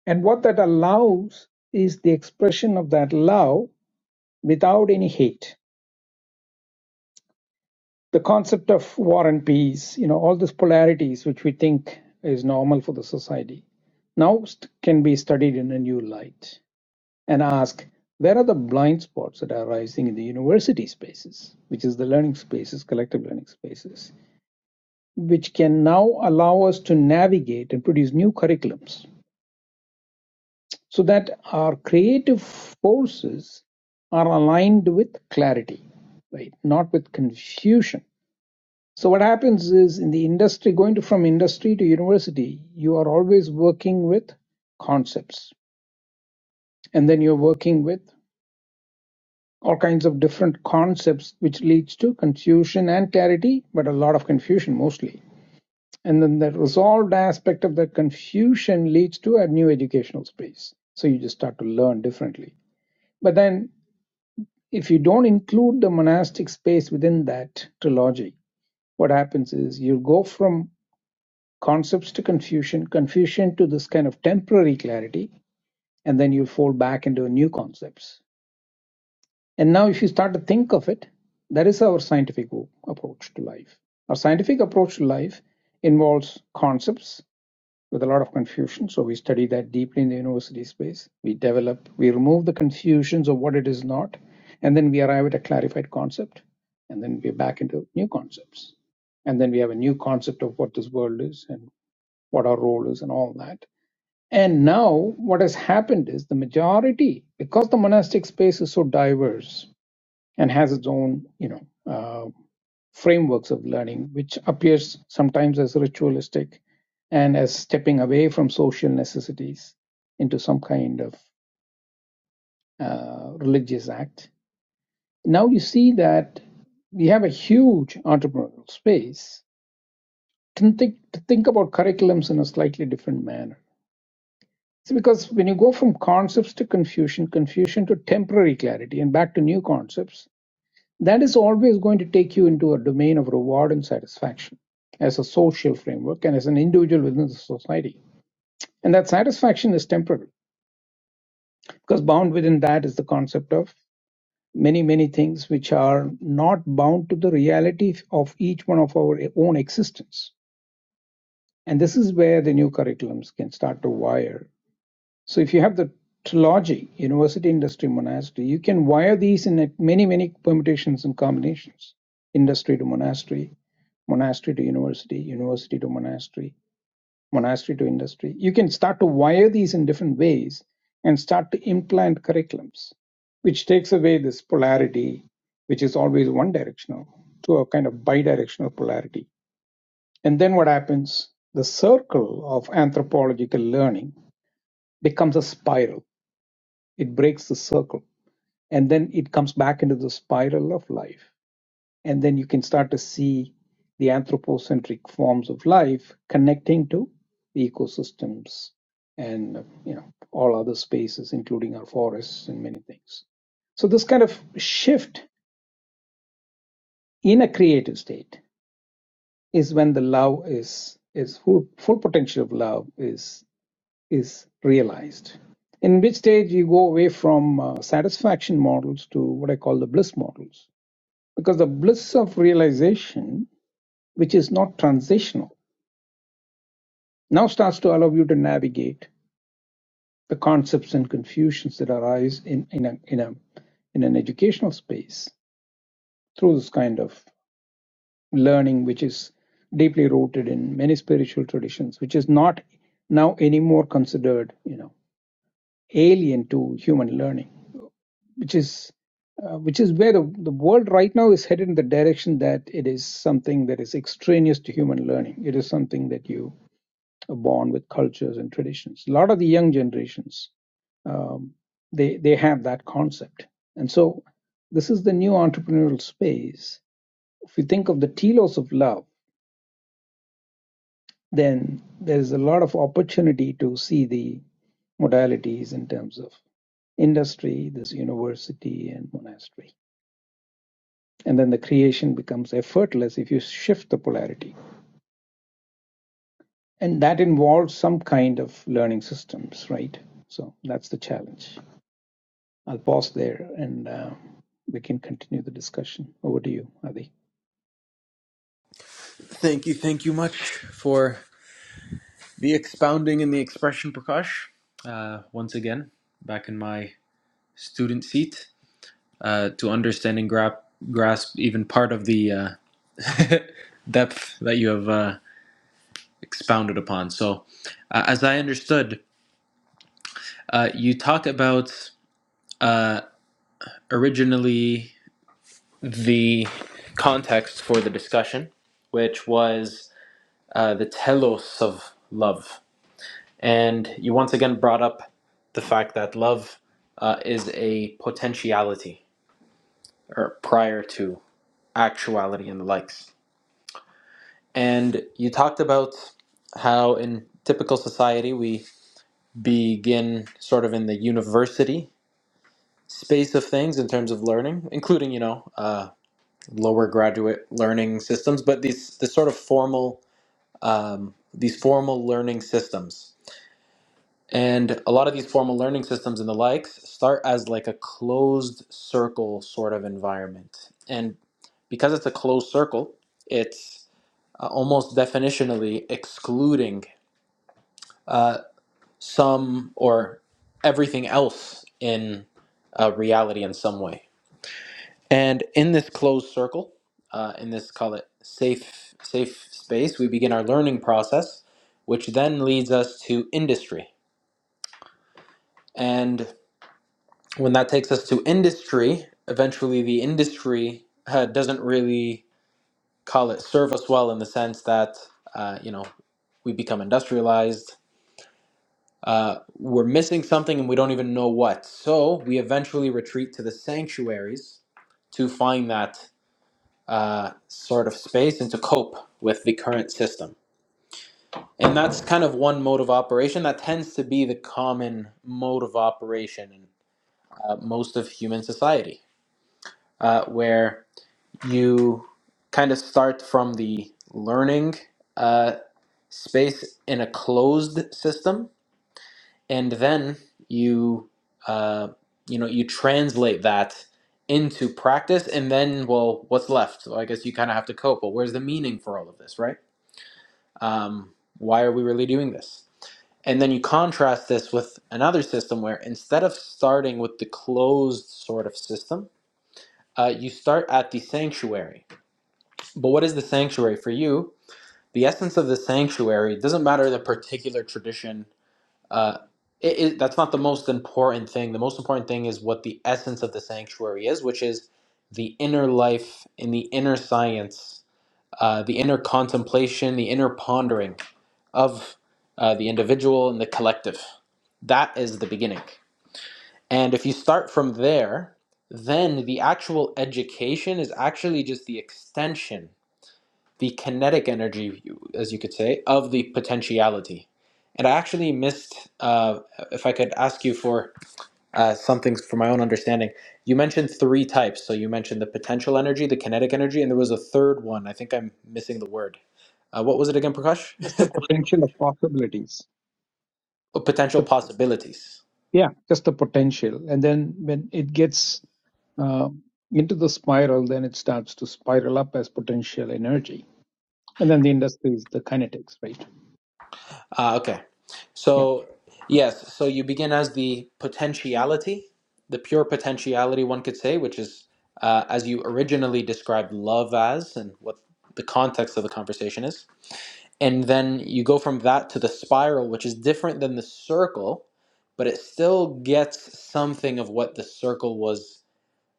Speaker 4: And what that allows is the expression of that love without any hate. The concept of war and peace, you know, all these polarities which we think is normal for the society now st- can be studied in a new light and ask where are the blind spots that are arising in the university spaces, which is the learning spaces, collective learning spaces, which can now allow us to navigate and produce new curriculums so that our creative forces are aligned with clarity, right? Not with confusion. So what happens is in the industry, going to from industry to university, you are always working with concepts. And then you're working with all kinds of different concepts, which leads to confusion and clarity, but a lot of confusion mostly. And then the resolved aspect of that confusion leads to a new educational space. So you just start to learn differently. But then, if you don't include the monastic space within that trilogy, what happens is you go from concepts to confusion, confusion to this kind of temporary clarity, and then you fall back into new concepts And now, if you start to think of it, that is our scientific approach to life. Our scientific approach to life involves concepts with a lot of confusion. So, we study that deeply in the university space. We develop, we remove the confusions of what it is not, and then we arrive at a clarified concept. And then we're back into new concepts. And then we have a new concept of what this world is and what our role is and all that. And now, what has happened is the majority, because the monastic space is so diverse, and has its own, you know, uh, frameworks of learning, which appears sometimes as ritualistic and as stepping away from social necessities into some kind of uh, religious act. Now you see that we have a huge entrepreneurial space to think, to think about curriculums in a slightly different manner. It's because when you go from concepts to confusion, confusion to temporary clarity, and back to new concepts, That is always going to take you into a domain of reward and satisfaction as a social framework and as an individual within the society. And that satisfaction is temporary because bound within that is the concept of many, many things which are not bound to the reality of each one of our own existence. And this is where the new curriculums can start to wire So if you have the trilogy, university, industry, monastery, you can wire these in many, many permutations and combinations. Industry to monastery, monastery to university, university to monastery, monastery to industry. You can start to wire these in different ways and start to implant curriculums, which takes away this polarity, which is always one directional, to a kind of bidirectional polarity. And then what happens? The circle of anthropological learning becomes a spiral it breaks the circle and then it comes back into the spiral of life and then you can start to see the anthropocentric forms of life connecting to the ecosystems and you know all other spaces including our forests and many things so this kind of shift in a creative state is when the love is is full, full potential of love is is realized. In which stage you go away from uh, satisfaction models to what I call the bliss models. Because the bliss of realization, which is not transitional, now starts to allow you to navigate the concepts and confusions that arise in, in, a, in, a, in an educational space through this kind of learning, which is deeply rooted in many spiritual traditions, which is not now anymore considered, you know, alien to human learning which is uh, which is where the, the world right now is headed in the direction that it is something that is extraneous to human learning. It is something that you are born with cultures and traditions. A lot of the young generations, um, they they have that concept, and so this is the new entrepreneurial space. If you think of the telos of love, then there is a lot of opportunity to see the modalities in terms of industry, this university, and monastery. and then the creation becomes effortless if you shift the polarity and that involves some kind of learning systems right so that's the challenge i'll pause there and uh, we can continue the discussion over to you adi
Speaker 3: Thank you, thank you much for the expounding and the expression, Prakash. Uh, once again, back in my student seat uh, to understand and grap- grasp even part of the uh, [laughs] depth that you have uh, expounded upon. So, uh, as I understood, uh, you talked about uh, originally the context for the discussion, which was uh, the telos of love And you once again brought up the fact that love uh, is a potentiality or prior to actuality and the likes. And you talked about how in typical society we begin sort of in the university space of things in terms of learning, including, you know, uh, lower graduate learning systems, but these, this sort of formal, um, these formal learning systems And a lot of these formal learning systems and the likes start as like a closed circle sort of environment. And because it's a closed circle, it's uh, almost definitionally excluding uh, some or everything else in uh, reality in some way. And in this closed circle, uh, in this call it safe safe space, we begin our learning process, which then leads us to industry. And when that takes us to industry, eventually the industry uh, doesn't really call it serve us well in the sense that uh, you know we become industrialized. Uh, we're missing something and we don't even know what. So we eventually retreat to the sanctuaries to find that uh, sort of space and to cope with the current system. And that's kind of one mode of operation that tends to be the common mode of operation in uh, most of human society, uh, where you kind of start from the learning uh, space in a closed system, and then you uh, you know you translate that into practice, and then well, what's left? So I guess you kind of have to cope. Well, where's the meaning for all of this, right? Um, why are we really doing this? And then you contrast this with another system where instead of starting with the closed sort of system, uh, you start at the sanctuary. But what is the sanctuary for you? the essence of the sanctuary it doesn't matter the particular tradition uh, it, it, that's not the most important thing the most important thing is what the essence of the sanctuary is which is the inner life and the inner science uh, the inner contemplation the inner pondering of uh, the individual and the collective that is the beginning and if you start from there then the actual education is actually just the extension the kinetic energy, as you could say, of the potentiality. And I actually missed, uh, if I could ask you for uh, some things for my own understanding. You mentioned three types. So you mentioned the potential energy, the kinetic energy, and there was a third one. I think I'm missing the word. Uh, what was it again, Prakash?
Speaker 4: just the potential of possibilities
Speaker 3: [laughs] potential
Speaker 4: the
Speaker 3: possibilities.
Speaker 4: yeah just the potential and then when it gets uh, into the spiral then it starts to spiral up as potential energy and then the industry is the kinetics right
Speaker 3: Ah, okay.
Speaker 4: yeah
Speaker 3: So, yes, so you begin as the potentiality, the pure potentiality, one could say, which is uh, as you originally described love as and what the context of the conversation is. And then you go from that to the spiral, which is different than the circle, but it still gets something of what the circle was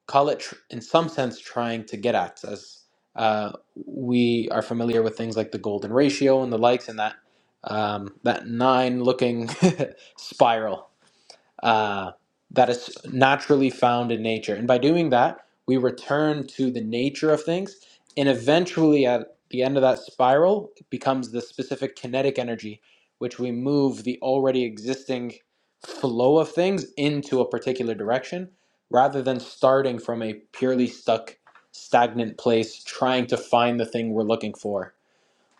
Speaker 3: call it tr- in some sense trying to get at as uh, we are familiar with things like the golden ratio and the likes and that um, that nine looking [laughs] spiral uh, that is naturally found in nature. And by doing that, we return to the nature of things. And eventually, at the end of that spiral, it becomes the specific kinetic energy, which we move the already existing flow of things into a particular direction rather than starting from a purely stuck, stagnant place trying to find the thing we're looking for.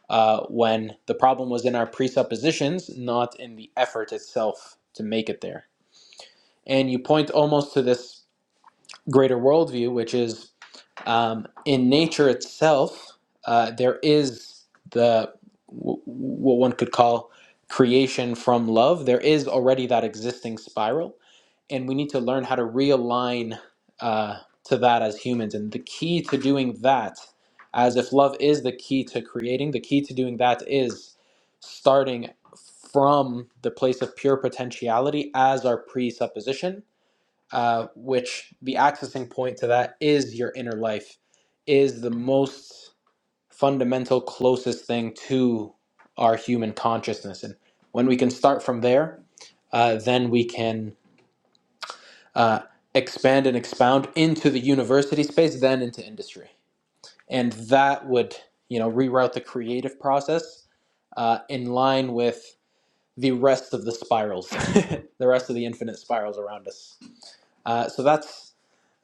Speaker 3: Uh, when the problem was in our presuppositions, not in the effort itself to make it there and you point almost to this greater worldview, which is um, in nature itself, uh, there is the w- what one could call creation from love. There is already that existing spiral, and we need to learn how to realign uh, to that as humans. And the key to doing that, as if love is the key to creating, the key to doing that is starting from the place of pure potentiality as our presupposition uh, which the accessing point to that is your inner life, is the most fundamental, closest thing to our human consciousness. And when we can start from there, uh, then we can uh, expand and expound into the university space, then into industry. And that would, you know, reroute the creative process uh, in line with the rest of the spirals, [laughs] the rest of the infinite spirals around us. Uh, so that's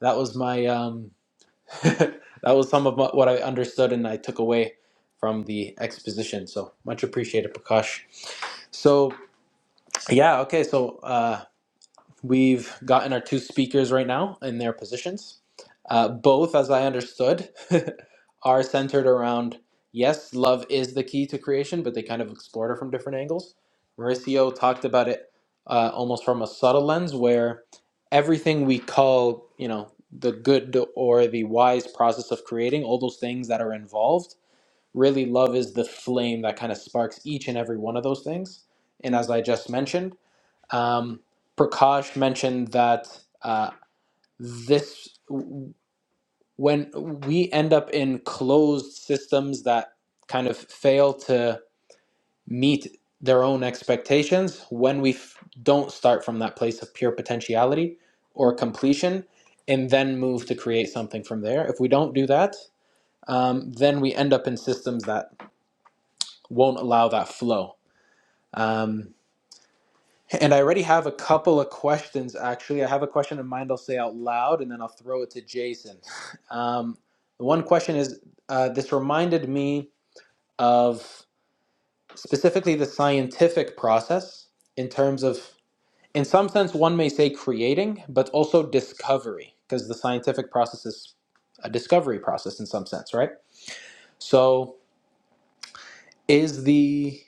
Speaker 3: that was my um, [laughs] that was some of my, what I understood and I took away from the exposition. So much appreciated, Prakash. So yeah, okay. So uh, We've gotten our two speakers right now in their positions. Uh, both, as I understood, [laughs] are centered around yes, love is the key to creation, but they kind of explored it from different angles. Mauricio talked about it uh, almost from a subtle lens where everything we call, you know, the good or the wise process of creating, all those things that are involved, really love is the flame that kind of sparks each and every one of those things. And as I just mentioned, um, Prakash mentioned that uh, this when we end up in closed systems that kind of fail to meet their own expectations when we f- don't start from that place of pure potentiality or completion and then move to create something from there if we don't do that um, then we end up in systems that won't allow that flow um, And I already have a couple of questions, actually. I have a question in mind I'll say out loud and then I'll throw it to Jason. [laughs] Um, the one question is uh, this reminded me of specifically the scientific process in terms of, in some sense, one may say creating, but also discovery, because the scientific process is a discovery process in some sense, right? So is the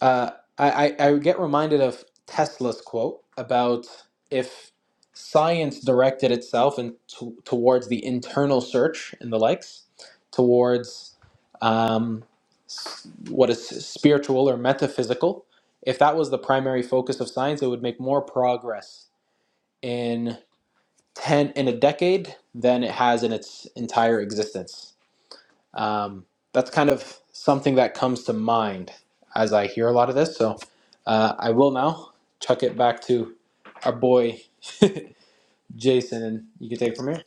Speaker 3: Uh, I, I I get reminded of Tesla's quote about if science directed itself in to, towards the internal search and the likes, towards um, s- what is spiritual or metaphysical, if that was the primary focus of science, it would make more progress in ten in a decade than it has in its entire existence um, that's kind of something that comes to mind as I hear a lot of this. So uh, I will now chuck it back to our boy Jason, and you can take it from here.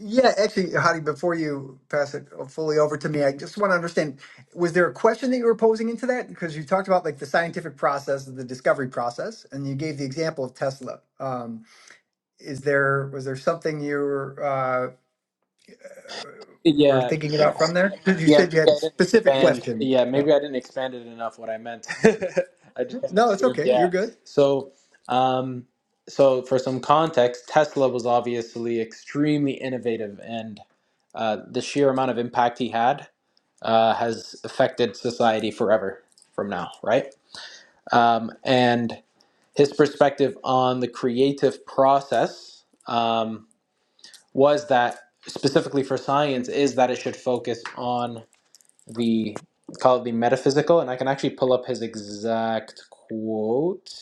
Speaker 1: Yeah, actually, Hadi, before you pass it fully over to me, I just want to understand, was there a question that you were posing into that? Because you talked about like the scientific process, the discovery process, and you gave the example of Tesla. Um, is there, was there something you were, uh, were
Speaker 3: Yeah,
Speaker 1: thinking
Speaker 3: uh,
Speaker 1: about from there? Because you
Speaker 3: yeah,
Speaker 1: said you
Speaker 3: maybe
Speaker 1: had a
Speaker 3: I didn't
Speaker 1: specific Yeah.
Speaker 3: expand.
Speaker 1: question.
Speaker 3: Yeah,
Speaker 1: No,
Speaker 3: maybe I didn't expand it enough. What I meant, [laughs] I just kind of
Speaker 1: no, it's
Speaker 3: assumed.
Speaker 1: okay. You're
Speaker 3: Yeah.
Speaker 1: good.
Speaker 3: So, um, so for some context, Tesla was obviously extremely innovative, and uh, the sheer amount of impact he had uh, has affected society forever from now, right? Um, and his perspective on the creative process um, was that specifically for science is that it should focus on the call it the metaphysical, and I can actually pull up his exact quote,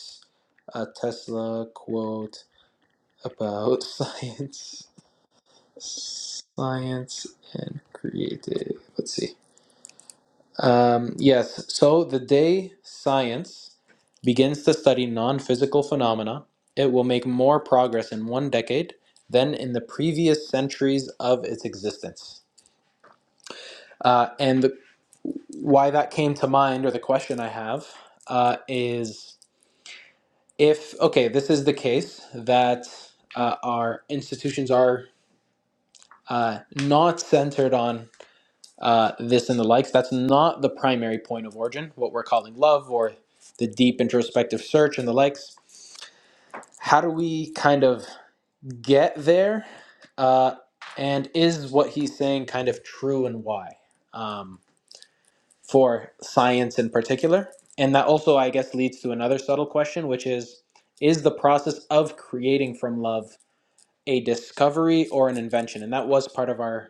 Speaker 3: a Tesla quote about [laughs] science, science and creative. Let's see. Um, yes, so the day science begins to study non physical phenomena, it will make more progress in one decade than in the previous centuries of its existence. Uh, and the, why that came to mind, or the question I have, uh, is if, okay, this is the case that uh, our institutions are uh, not centered on uh, this and the likes. That's not the primary point of origin, what we're calling love or the deep introspective search and the likes. How do we kind of get there? Uh, and is what he's saying kind of true and why um, for science in particular? And that also, I guess, leads to another subtle question, which is Is the process of creating from love a discovery or an invention? And that was part of our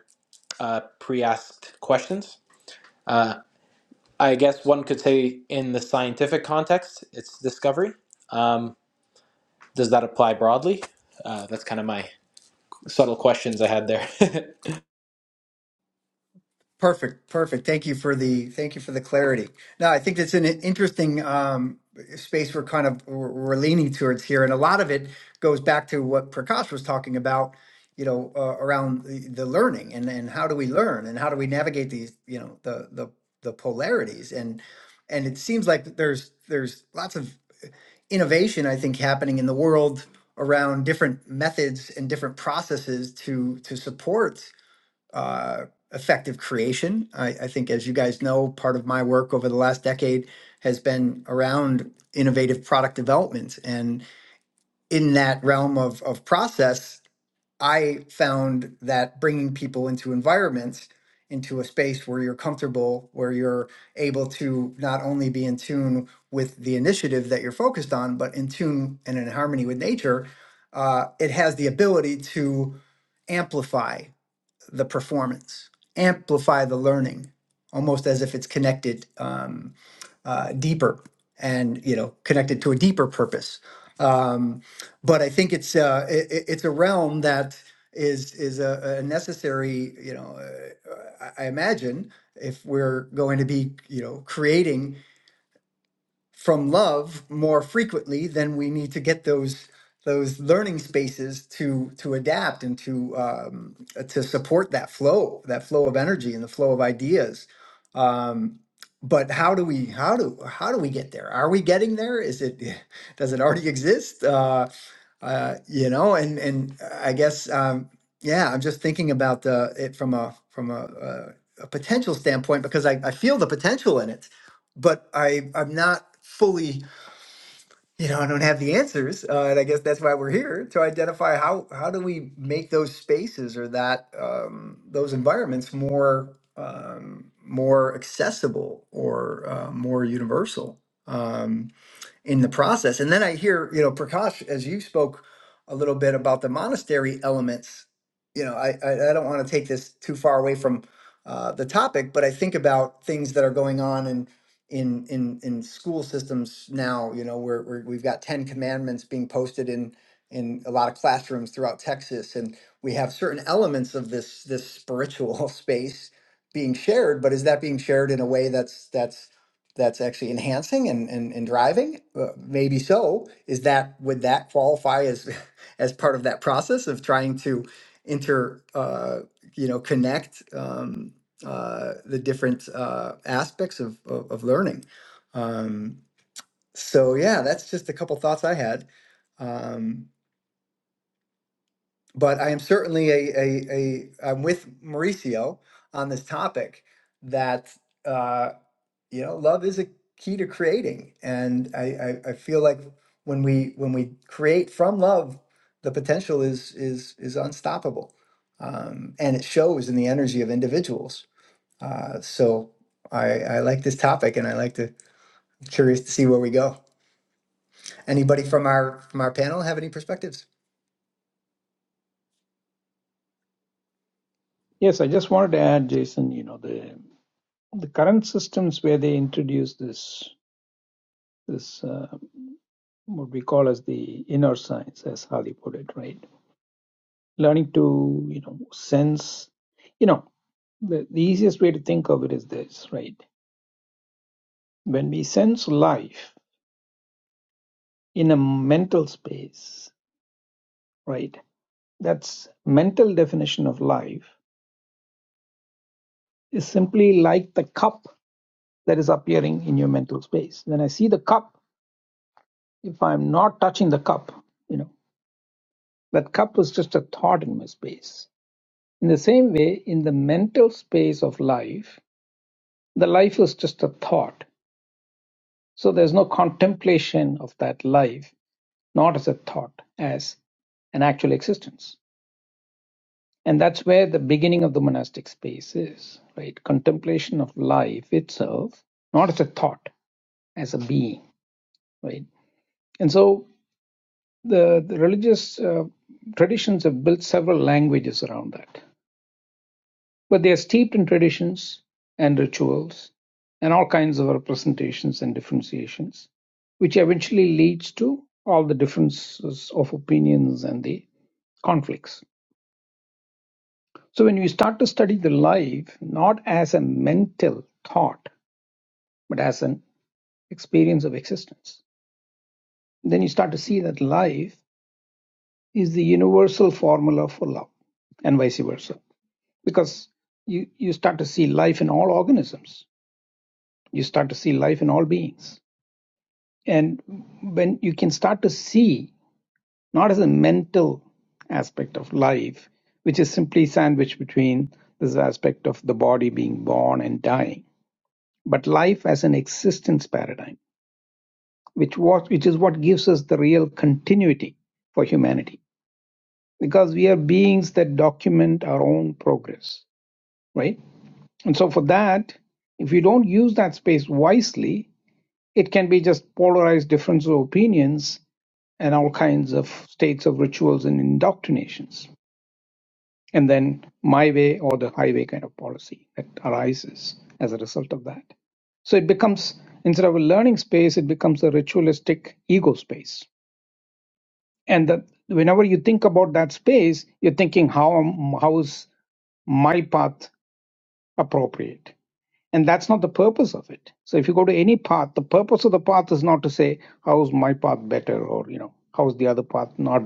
Speaker 3: uh, pre asked questions. Uh, I guess one could say in the scientific context, it's discovery. Um, does that apply broadly? Uh, that's kind of my subtle questions I had there. [laughs]
Speaker 1: Perfect, perfect. Thank you for the thank you for the clarity. Now, I think it's an interesting um, space we're kind of we're we're leaning towards here, and a lot of it goes back to what Prakash was talking about. You know, uh, around the, the learning and and how do we learn and how do we navigate these you know the the the polarities and and it seems like there's there's lots of innovation I think happening in the world around different methods and different processes to to support uh, effective creation. I, I think, as you guys know, part of my work over the last decade has been around innovative product development. And in that realm of, of process, I found that bringing people into environments, into a space where you're comfortable, where you're able to not only be in tune with the initiative that you're focused on, but in tune and in harmony with nature, uh, it has the ability to amplify the performance, amplify the learning, almost as if it's connected um, uh, deeper and you know connected to a deeper purpose. Um, but I think it's uh, i it's a realm that is is a, a necessary you know uh, I I imagine if we're going to be you know creating from love more frequently, then we need to get those those learning spaces to to adapt and to um, uh, to support that flow, that flow of energy and the flow of ideas. Um, but how do we how do how do we get there? Are we getting there? Is it [laughs] does it already exist? Uh, uh, you know, and and I guess um, yeah, I'm just thinking about uh, it from a from a, a, a potential standpoint because I, I feel the potential in it but I I'm not fully you know I don't have the answers, uh, and I guess that's why we're here to identify how how do we make those spaces or that um, those environments more um, more accessible or uh, more universal. Um, in the process. And then I hear, you know, Prakash, as you spoke a little bit about the monastery elements, you know, I, I, I don't want to take this too far away from uh, the topic, but I think about things that are going on in in in in school systems now. You know, where, where we've got Ten Commandments being posted in in a lot of classrooms throughout Texas, and we have certain elements of this this spiritual [laughs] space being shared. But is that being shared in a way that's that's that's actually enhancing and, and, and driving uh, maybe so is that would that qualify as [laughs] as part of that process of trying to inter uh, you know connect um, uh, the different uh, aspects of, of, of learning um, so yeah that's just a couple thoughts i had um, but i am certainly a, a, a i'm with mauricio on this topic that Uh, you know love is a key to creating and I, I i feel like when we when we create from love the potential is is is unstoppable um and it shows in the energy of individuals uh so i i like this topic and i like to curious to see where we go anybody from our from our panel have any perspectives
Speaker 4: yes i just wanted to add jason you know the the current systems where they introduce this this uh, what we call as the inner science as Hali put it right learning to you know sense you know the, the easiest way to think of it is this right when we sense life in a mental space right that's mental definition of life is simply like the cup that is appearing in your mental space when i see the cup if i'm not touching the cup you know that cup is just a thought in my space In the same way, in the mental space of life, the life is just a thought. So there's no contemplation of that life, not as a thought, as an actual existence. And that's where the beginning of the monastic space is, right? Contemplation of life itself, not as a thought, as a being, right? And so the, the religious uh, traditions have built several languages around that. But they are steeped in traditions and rituals and all kinds of representations and differentiations, which eventually leads to all the differences of opinions and the conflicts. So when we start to study the life not as a mental thought, but as an experience of existence, then you start to see that life is the universal formula for love and vice versa. Because you, you start to see life in all organisms. You start to see life in all beings and when you can start to see not as a mental aspect of life which is simply sandwiched between this aspect of the body being born and dying but life as an existence paradigm which was which is what gives us the real continuity for humanity because we are beings that document our own progress right and so for that if you don't use that space wisely it can be just polarized difference of opinions and all kinds of states of rituals and indoctrinations. And then my way or the highway kind of policy that arises as a result of that. So it becomes, instead of a learning space, it becomes a ritualistic ego space. And that whenever you think about that space, you're thinking, how, am- how is my path appropriate? And that's not the purpose of it. So if you go to any path, the purpose of the path is not to say, how's my path better or, you know, how's the other path not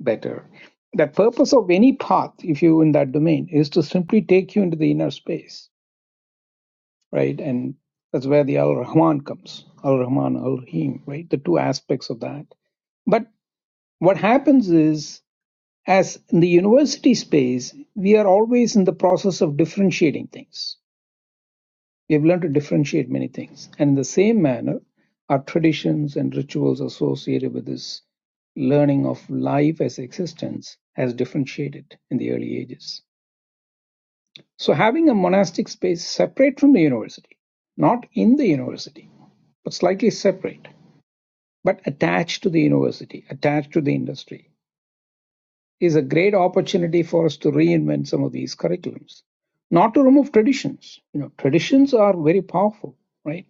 Speaker 4: better. That purpose of any path, if you in that domain, is to simply take you into the inner space, right? And that's where the Al Rahman comes, Al Rahman, Al Rahim, right? The two aspects of that. But what happens is, as in the university space, we are always in the process of differentiating things We have learned to differentiate many things. And in the same manner, our traditions and rituals associated with this learning of life as existence has differentiated in the early ages. So, having a monastic space separate from the university, not in the university, but slightly separate, but attached to the university, attached to the industry, is a great opportunity for us to reinvent some of these curriculums. Not to remove traditions. You know, traditions are very powerful, right?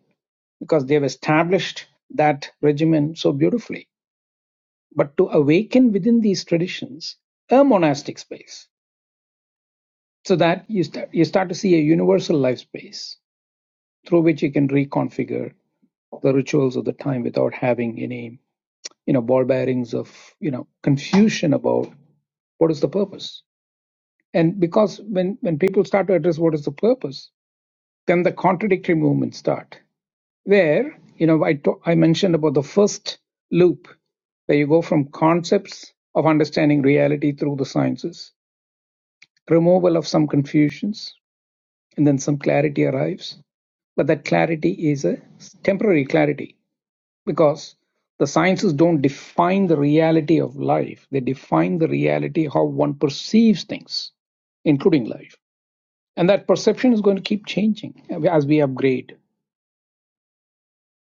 Speaker 4: because they've established that regimen so beautifully, but to awaken within these traditions a monastic space so that you, start you start to see a universal life space through which you can reconfigure the rituals of the time without having any you know ball bearings of you know confusion about what is the purpose and because when when people start to address what is the purpose then the contradictory movements start where you know I t- I mentioned about the first loop where you go from concepts of understanding reality through the sciences, removal of some confusions, and then some clarity arrives. But that clarity is a temporary clarity because the sciences don't define the reality of life. They define the reality how one perceives things, including life. And that perception is going to keep changing as we upgrade.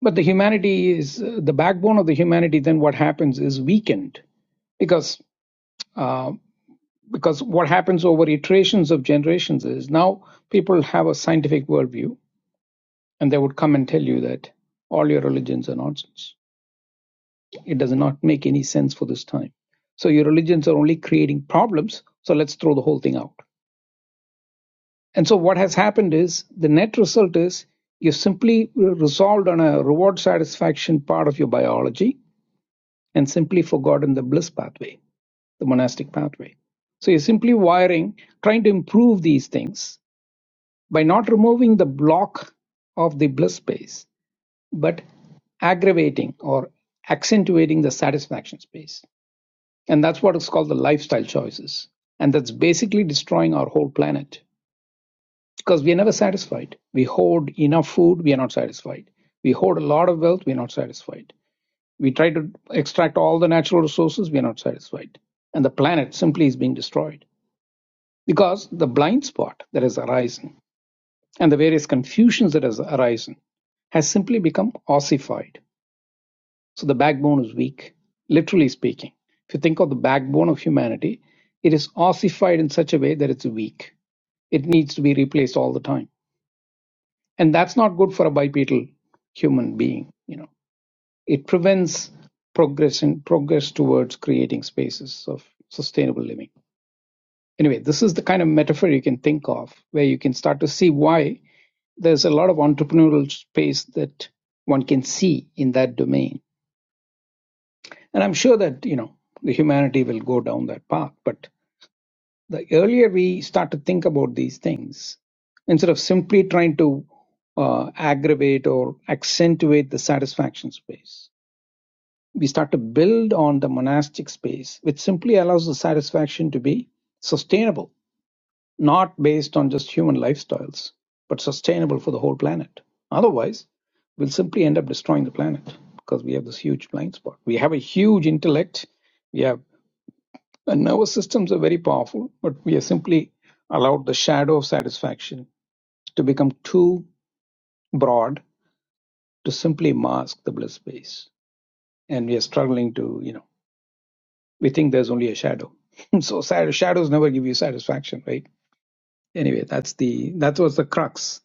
Speaker 4: But the humanity is uh, the backbone of the humanity. Then what happens is weakened because uh, because what happens over iterations of generations is now people have a scientific worldview and they would come and tell you that all your religions are nonsense it does not make any sense for this time so your religions are only creating problems so let's throw the whole thing out and so what has happened is the net result is you simply resolved on a reward satisfaction part of your biology and simply forgotten the bliss pathway, the monastic pathway. So you're simply wiring, trying to improve these things by not removing the block of the bliss space, but aggravating or accentuating the satisfaction space. And that's what is called the lifestyle choices. And that's basically destroying our whole planet because we're never satisfied. We hoard enough food, we are not satisfied. We hoard a lot of wealth, we're not satisfied We try to extract all the natural resources, we are not satisfied. And the planet simply is being destroyed because the blind spot that has arisen and the various confusions that has arisen has simply become ossified. So the backbone is weak, literally speaking. If you think of the backbone of humanity, it is ossified in such a way that it's weak. It needs to be replaced all the time. And that's not good for a bipedal human being, you know. It prevents progress and progress towards creating spaces of sustainable living. Anyway, this is the kind of metaphor you can think of where you can start to see why there's a lot of entrepreneurial space that one can see in that domain. And I'm sure that, you know, the humanity will go down that path. But the earlier we start to think about these things, instead of simply trying to uh, aggravate or accentuate the satisfaction space we start to build on the monastic space, which simply allows the satisfaction to be sustainable, not based on just human lifestyles, but sustainable for the whole planet. Otherwise, we'll simply end up destroying the planet because we have this huge blind spot. We have a huge intellect. We have our nervous systems are very powerful, but we have simply allowed the shadow of satisfaction to become too broad to simply mask the bliss space. And we are struggling to, you know we think there's only a shadow. [laughs] so sad, shadows never give you satisfaction, right? Anyway, that's the that was the crux.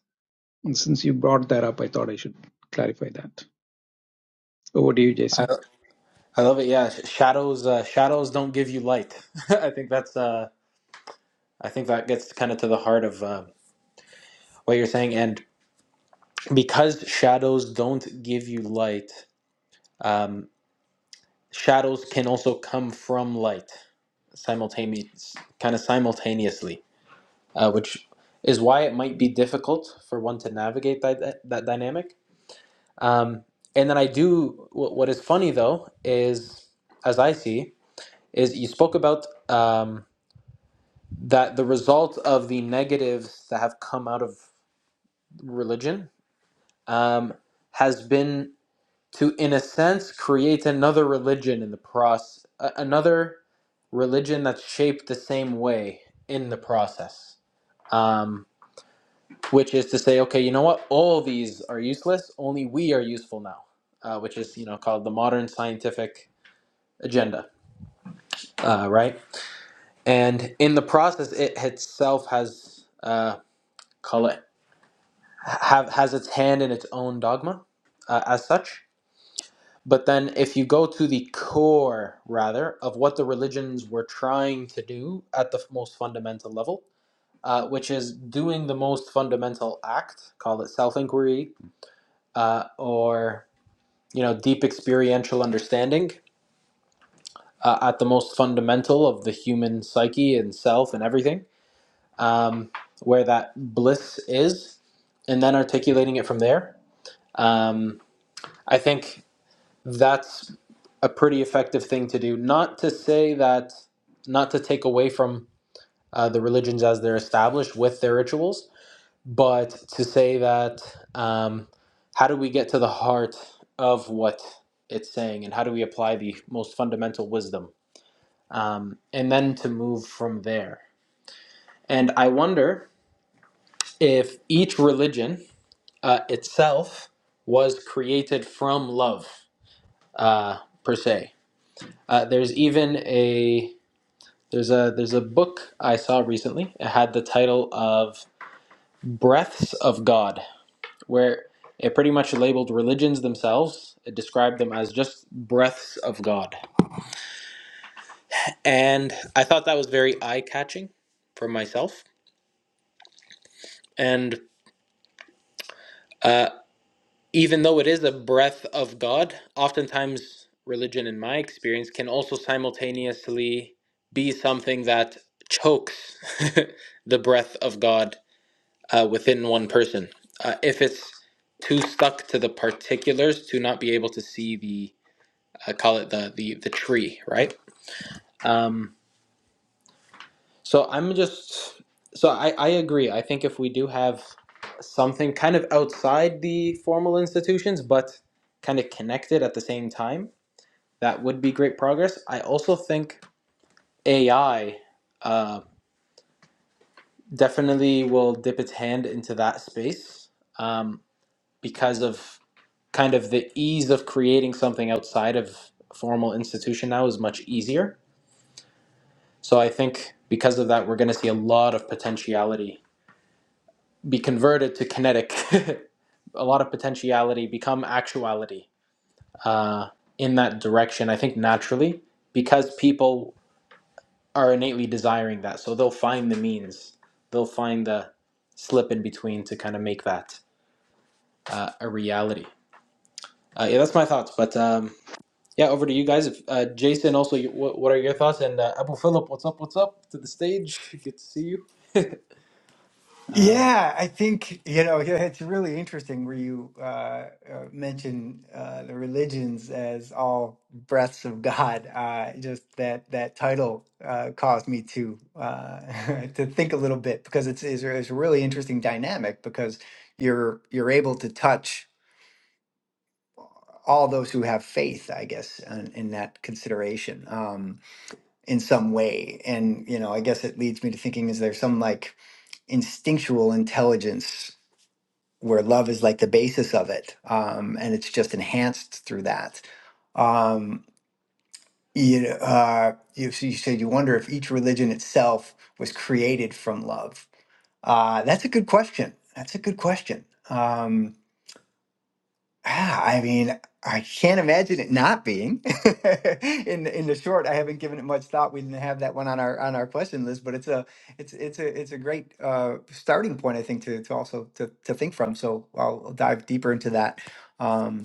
Speaker 4: And since you brought that up, I thought I should clarify that. Over to you,
Speaker 3: I,
Speaker 4: Jason.
Speaker 3: I love it. Yeah, shadows. Uh, shadows don't give you light. [laughs] I think that's. Uh, I think that gets kind of to the heart of um what you're saying. And because shadows don't give you light, um, shadows can also come from light simultaneous, kind of simultaneously. uh, which is why it might be difficult for one to navigate that that, dynamic. Um, and then I do. What, what is funny though is, as I see, is you spoke about um, that the result of the negatives that have come out of religion um, has been to, in a sense, create another religion in the process, another religion that's shaped the same way in the process. Um, which is to say, okay, you know what? All these are useless. Only we are useful now, uh, which is you know called the modern scientific agenda, uh, right? And in the process, it itself has uh, call it have has its hand in its own dogma uh, as such. But then, if you go to the core, rather, of what the religions were trying to do at the most fundamental level, uh, which is doing the most fundamental act, call it self inquiry, uh, or you know deep experiential understanding uh, at the most fundamental of the human psyche and self and everything um, where that bliss is and then articulating it from there um, i think that's a pretty effective thing to do not to say that not to take away from uh, the religions as they're established with their rituals But to say that, um, how do we get to the heart of what it's saying, and how do we apply the most fundamental wisdom, um, and then to move from there? And I wonder if each religion uh, itself was created from love, uh, per se. Uh, there's even a there's a there's a book I saw recently. It had the title of Breaths of God where it pretty much labeled religions themselves. It described them as just breaths of God. And I thought that was very eye catching for myself. And uh, even though it is a breath of God, oftentimes religion, in my experience, can also simultaneously be something that chokes [laughs] the breath of God uh, within one person. Uh, if it's too stuck to the particulars to not be able to see the I call it the the the tree, right? Um, so I'm just so I I agree. I think if we do have something kind of outside the formal institutions, but kind of connected at the same time, that would be great progress. I also think AI uh, definitely will dip its hand into that space um, because of kind of the ease of creating something outside of formal institution now is much easier So I think because of that, we're going to see a lot of potentiality be converted to kinetic, [laughs] a lot of potentiality become actuality uh, in that direction. I think naturally, because people are innately desiring that. So they'll find the means, they'll find the slip in between to kind of make that uh, a reality. Uh, yeah, that's my thoughts. But um, yeah, over to you guys. If, uh, Jason, also, you, what, what are your thoughts? And uh, Abu Philip, what's up? What's up to the stage? Good to see you. [laughs] um,
Speaker 1: Yeah, I think, you know, yeah, it's really interesting where you uh, uh, mention uh, the religions as all breaths of God. Uh, just that that title uh, caused me to uh, [laughs] to think a little bit because it's, it's it's a really interesting dynamic because you're you're able to touch all those who have faith, I guess, in, in that consideration um, in some way. And, you know, I guess it leads me to thinking, is there some like instinctual intelligence where love is like the basis of it, um, and it's just enhanced through that. Um, you know, uh, you, so you said you wonder if each religion itself was created from love. Uh, that's a good question. That's a good question. Um, Ah, I mean, I can't imagine it not being. [laughs] In the- in the short, I haven't given it much thought. We didn't have that one on our on our question list, but it's a it's it's a it's a great uh, starting point, I think, to to also to to think from. So I'll dive deeper into that. Um,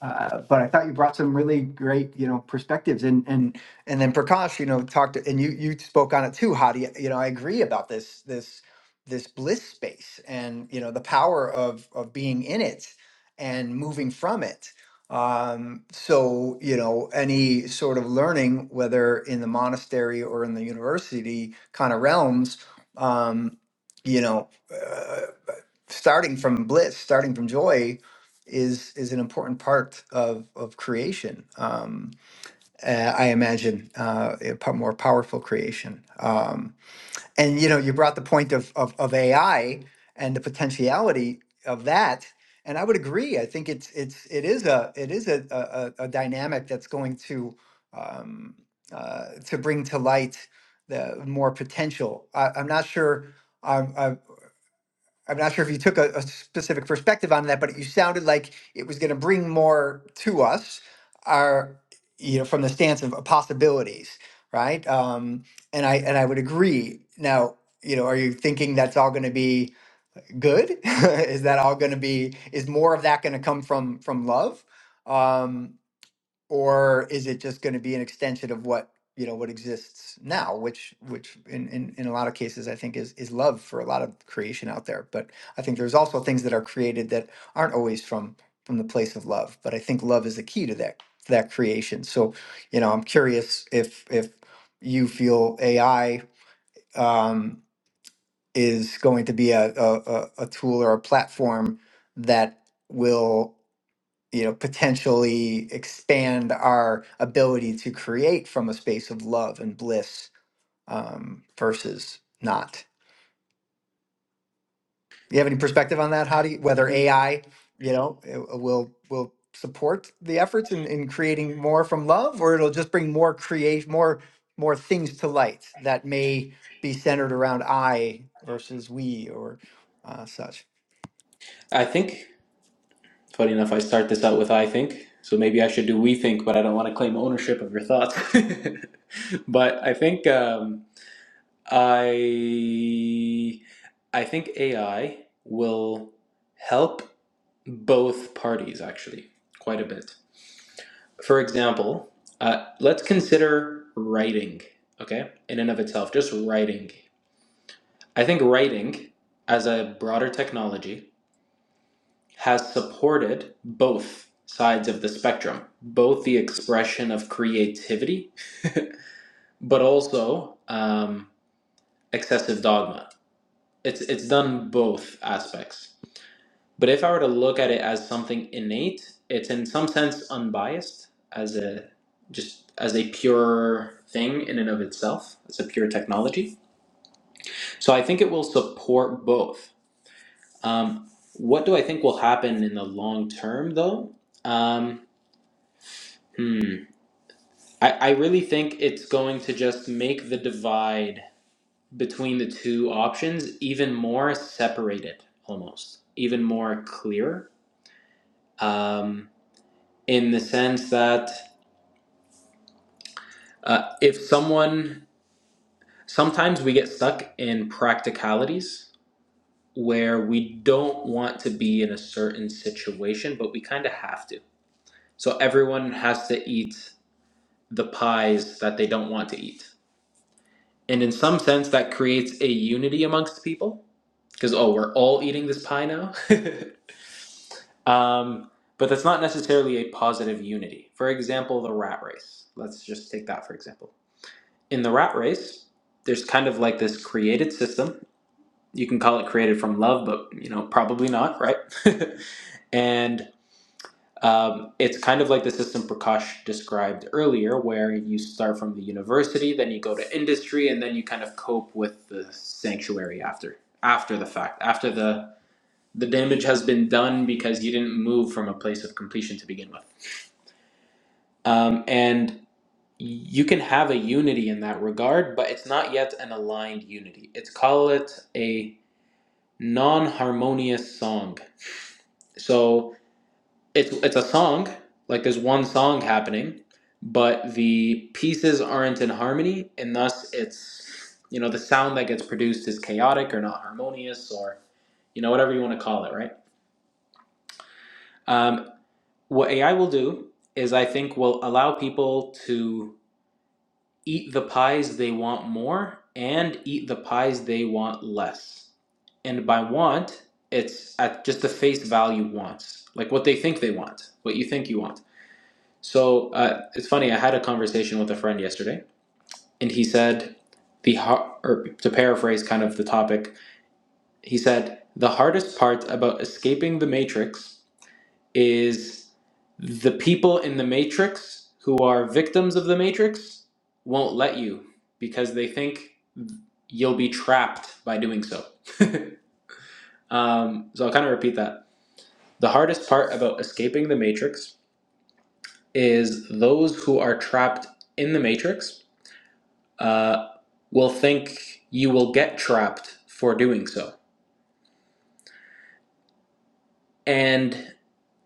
Speaker 1: uh, but I thought you brought some really great, you know, perspectives and and and then Prakash, you know, talked to, and you you spoke on it too, Hadi. You know, I agree about this this this bliss space and you know the power of of being in it and moving from it. Um, so you know, any sort of learning, whether in the monastery or in the university kind of realms, um, you know. uh, starting from bliss, starting from joy, is is an important part of of creation. Um, uh, I imagine uh, a po- more powerful creation. Um, and you know, you brought the point of, of of AI and the potentiality of that. And I would agree. I think it's it's it is a it is a a, a a dynamic that's going to um, uh, to bring to light the more potential. I, I'm not sure. I'm not sure if you took a, a specific perspective on that, but you sounded like it was going to bring more to us, our you know, from the stance of uh, possibilities, right? Um, and I and I would agree. Now, you know, are you thinking that's all going to be good? [laughs] is that all going to be? Is more of that going to come from from love? Um, or is it just going to be an extension of what you know what exists now which which in, in in a lot of cases i think is is love for a lot of creation out there but i think there's also things that are created that aren't always from from the place of love but i think love is the key to that to that creation so you know i'm curious if if you feel ai um, is going to be a, a a a tool or a platform that will you know potentially expand our ability to create from a space of love and bliss um, versus not you have any perspective on that how do whether ai you know it- will will support the efforts in, in creating more from love or it'll just bring more create more more things to light that may be centered around i versus we or uh, such
Speaker 3: I think, funny enough, I start this out with I think. So maybe I should do we think, but I don't want to claim ownership of your thoughts. [laughs] but I think um, I I think AI will help both parties actually quite a bit. For example, uh, let's consider writing, okay, in and of itself, just writing. I think writing as a broader technology has supported both sides of the spectrum, both the expression of creativity, [laughs] but also um, excessive dogma. It's it's done both aspects. But if I were to look at it as something innate, it's in some sense unbiased as a just as a pure thing in and of itself. It's a pure technology. So I think it will support both. Um, what do I think will happen in the long term, though? Um, hmm. I, I really think it's going to just make the divide between the two options even more separated, almost even more clear. Um, in the sense that uh, if someone, sometimes we get stuck in practicalities where we don't want to be in a certain situation, but we kind of have to. So everyone has to eat the pies that they don't want to eat. And in some sense, that creates a unity amongst people because oh, we're all eating this pie now. [laughs] um, but that's not necessarily a positive unity. For example, the rat race. Let's just take that for example. In the rat race, there's kind of like this created system. You can call it created from love, but you know probably not, right? [laughs] and um, it's kind of like the system Prakash described earlier, where you start from the university, then you go to industry, and then you kind of cope with the sanctuary after after the fact, after the the damage has been done because you didn't move from a place of completion to begin with. Um, and you can have a unity in that regard, but it's not yet an aligned unity. It's call it a non-harmonious song. So it's it's a song, like there's one song happening, but the pieces aren't in harmony, and thus it's you know the sound that gets produced is chaotic or not harmonious or you know whatever you want to call it, right? Um, What AI will do is, I think, will allow people to eat the pies they want more and eat the pies they want less. And by want, it's at just the face value wants, like what they think they want, what you think you want. So uh, it's funny. I had a conversation with a friend yesterday, and he said the har- or to paraphrase kind of the topic, he said the hardest part about escaping the matrix is the people in the matrix who are victims of the matrix won't let you because they think you'll be trapped by doing so. Um, so I'll kind of repeat that. The hardest part about escaping the matrix is those who are trapped in the matrix uh, will think you will get trapped for doing so. And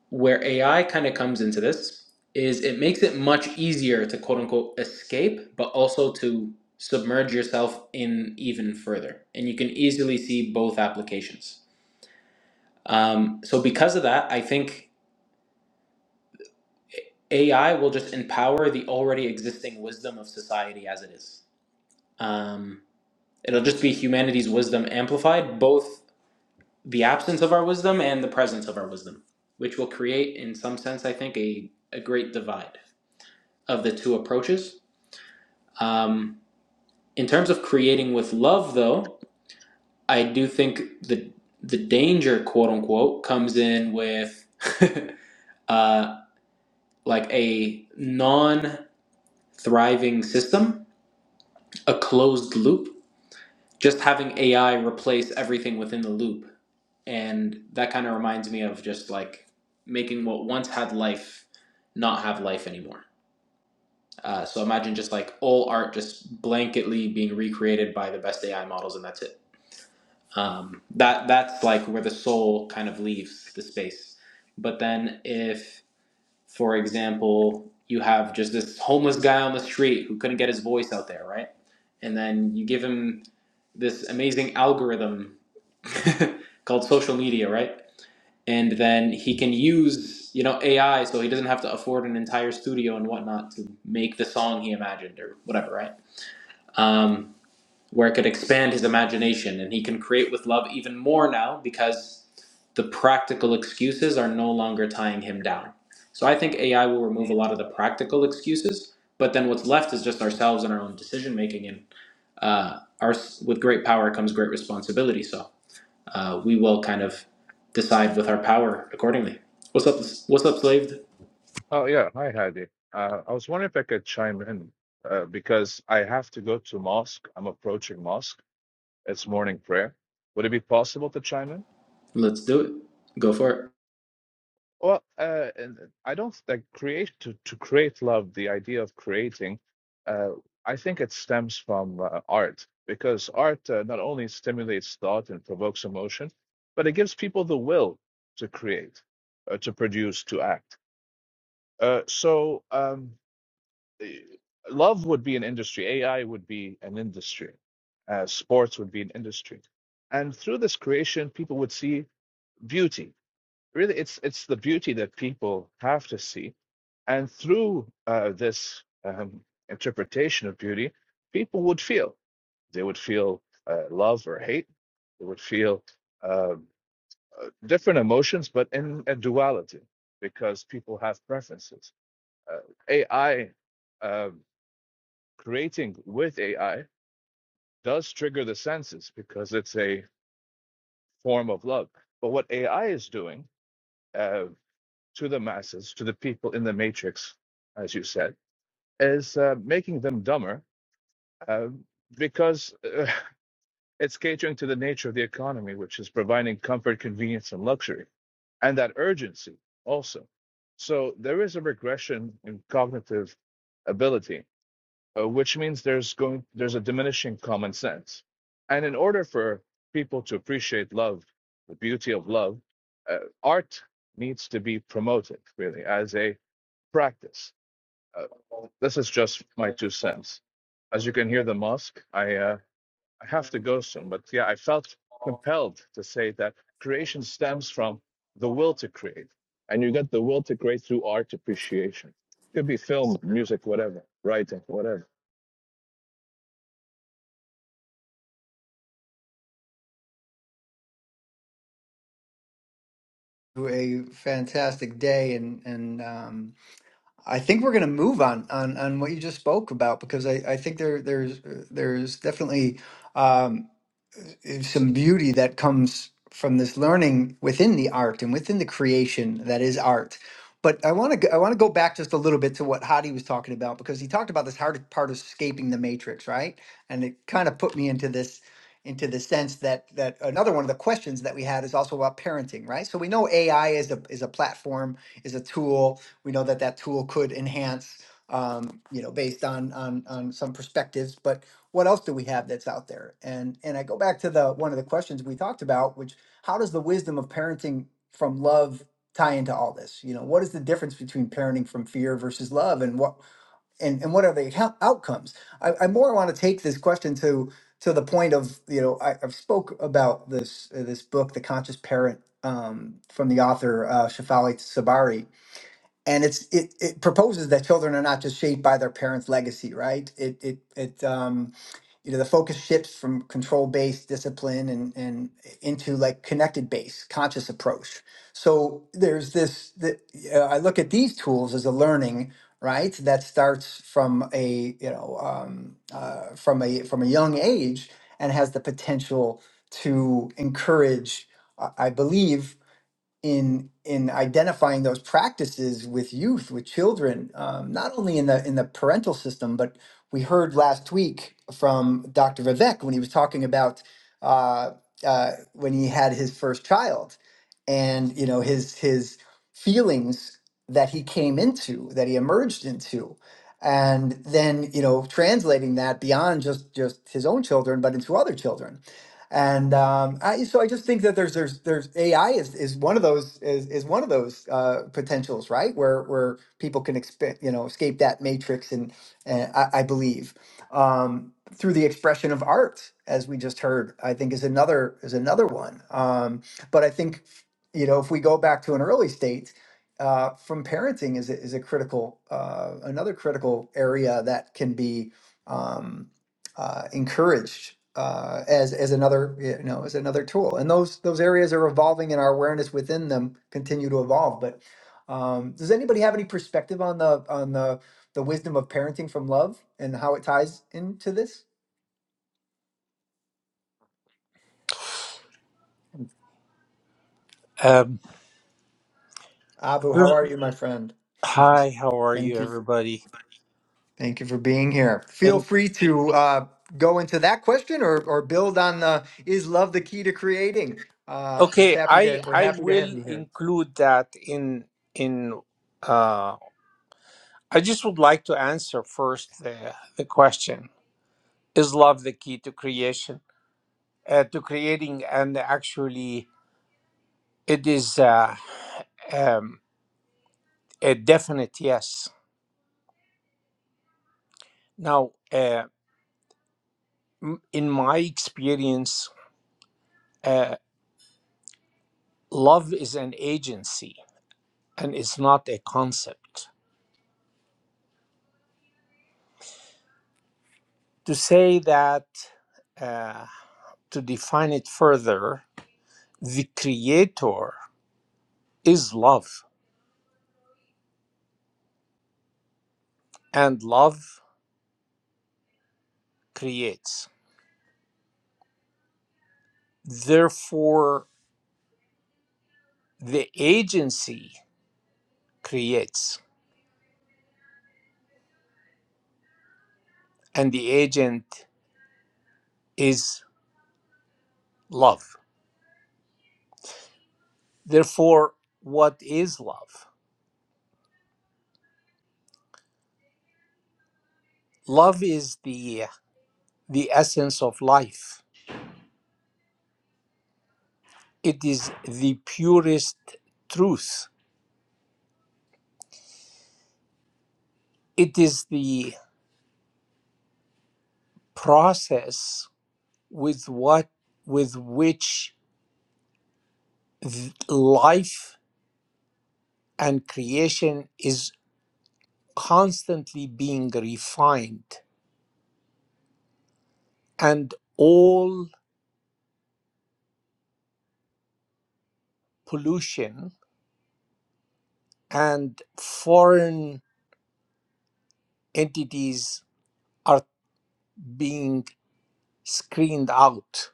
Speaker 3: where AI kind of comes into this is it makes it much easier to quote unquote escape, but also to submerge yourself in even further. And you can easily see both applications. Um, so, because of that, I think AI will just empower the already existing wisdom of society as it is. Um, it'll just be humanity's wisdom amplified, both the absence of our wisdom and the presence of our wisdom, which will create, in some sense, I think, a, a great divide of the two approaches Um, in terms of creating with love, though, I do think the the danger, quote unquote, comes in with [laughs] uh, like a non thriving system, a closed loop, just having AI replace everything within the loop. And that kind of reminds me of just like making what once had life not have life anymore. Uh, so imagine just like all art just blanketly being recreated by the best AI models, and that's it um, that that's like where the soul kind of leaves the space but then if for example you have just this homeless guy on the street who couldn't get his voice out there right and then you give him this amazing algorithm [laughs] called social media right and then he can use you know ai so he doesn't have to afford an entire studio and whatnot to make the song he imagined or whatever right um, where it could expand his imagination and he can create with love even more now because the practical excuses are no longer tying him down. So I think AI will remove a lot of the practical excuses, but then what's left is just ourselves and our own decision making. And uh, our with great power comes great responsibility. So uh, we will kind of decide with our power accordingly. What's up? What's up, slaved?
Speaker 5: Oh, yeah. Hi, Hadi. Uh, I was wondering if I could chime in uh, because I have to go to mosque. I'm approaching mosque. It's morning prayer. Would it be possible to chime in?
Speaker 3: Let's do it. Go for it.
Speaker 5: Well, uh, and uh, I don't like create to, to create love. The idea of creating, uh, I think it stems from uh, art because art uh, not only stimulates thought and provokes emotion, but it gives people the will to create, uh, to produce, to act. Uh, so, um, eh, love would be an industry, AI would be an industry, uh, sports would be an industry, and through this creation, people would see beauty. Really, it's it's the beauty that people have to see, and through uh, this um, interpretation of beauty, people would feel they would feel uh, love or hate, they would feel um, uh, different emotions, but in a duality because people have preferences. Uh, AI creating with AI does trigger the senses because it's a form of love. But what AI is doing uh, to the masses, to the people in the matrix, as you said, is uh, making them dumber uh, because uh, [laughs] it's catering to the nature of the economy, which is providing comfort, convenience, and luxury, and that urgency also. So there is a regression in cognitive ability uh, which means there's going there's a diminishing common sense and in order for people to appreciate love the beauty of love uh, art needs to be promoted really as a practice uh, this is just my two cents as you can hear the mosque i uh, i have to go soon but yeah i felt compelled to say that creation stems from the will to create and you get the will to create through art appreciation It could be film music whatever writing whatever
Speaker 1: a fantastic day and and um, I think we're going to move on, on on what you just spoke about because I, I think there there's uh, there's definitely um, is some beauty that comes from this learning within the art and within the creation that is art. But I want to I want to go back just a little bit to what Hadi was talking about because he talked about this hard part of escaping the matrix, right? And it kind of put me into this into the sense that that another one of the questions that we had is also about parenting, right? So we know AI is a is a platform, is a tool, we know that that tool could enhance, um, you know, based on on on some perspectives. But what else do we have that's out there? And and I go back to the one of the questions we talked about, which how does the wisdom of parenting from love tie into all this? You know, what is the difference between parenting from fear versus love, and what and and what are the hou- outcomes? I, I more want to take this question to to the point of you know I, I've spoke about this uh, this book, The Conscious Parent, um, from the author uh, Shafali Sabari and it's it, it proposes that children are not just shaped by their parents' legacy, right? It it it um you know the focus shifts from control based discipline and and into like connected based conscious approach. So there's this that uh, I look at these tools as a learning right that starts from a you know um, uh, from a from a young age and has the potential to encourage I I believe in in identifying those practices with youth with children um, not only in the in the parental system but we heard last week from dr vivek when he was talking about uh, uh, when he had his first child and you know his his feelings that he came into that he emerged into and then you know translating that beyond just just his own children but into other children and um, I, so I just think that there's there's there's AI is is one of those is is one of those uh, potentials, right? Where where people can expect you know escape that matrix, and, and I, I believe um, through the expression of art, as we just heard, I think is another is another one. Um, but I think you know if we go back to an early state. Uh, from parenting is a, is a critical uh, another critical area that can be Um, uh, encouraged uh, as as another you know as another tool. And those those areas are evolving, and our awareness within them continue to evolve. But um, does anybody have any perspective on the on the the wisdom of parenting from love and how it ties into this?
Speaker 6: Um,
Speaker 1: Abu, how
Speaker 6: uh,
Speaker 1: are you, my friend? [laughs]
Speaker 6: hi, how are you,
Speaker 1: Thank you.
Speaker 6: everybody?
Speaker 1: Thank you for being here. Feel
Speaker 6: Thank.
Speaker 1: free to uh, go into that question or, or build on the is love the key to creating? Uh, it's
Speaker 6: Okay,
Speaker 1: happy
Speaker 6: I
Speaker 1: to we're
Speaker 6: I
Speaker 1: happy to have
Speaker 6: will
Speaker 1: you here.
Speaker 6: include that in in. Uh, I just would like to answer first the the question: Is love the key to creation? Uh, to creating, and actually, it is uh, um, a definite yes. Now, uh, m- in my experience, uh, love is an agency, and it's not a concept To say that, uh, to define it further, the creator is love, and love creates. Therefore, the agency creates, and the agent is love. Therefore, what is love? Love is the, the essence of life, it is the purest truth, it is the process with what with which th- life and creation is constantly being refined and all pollution and foreign entities are being screened out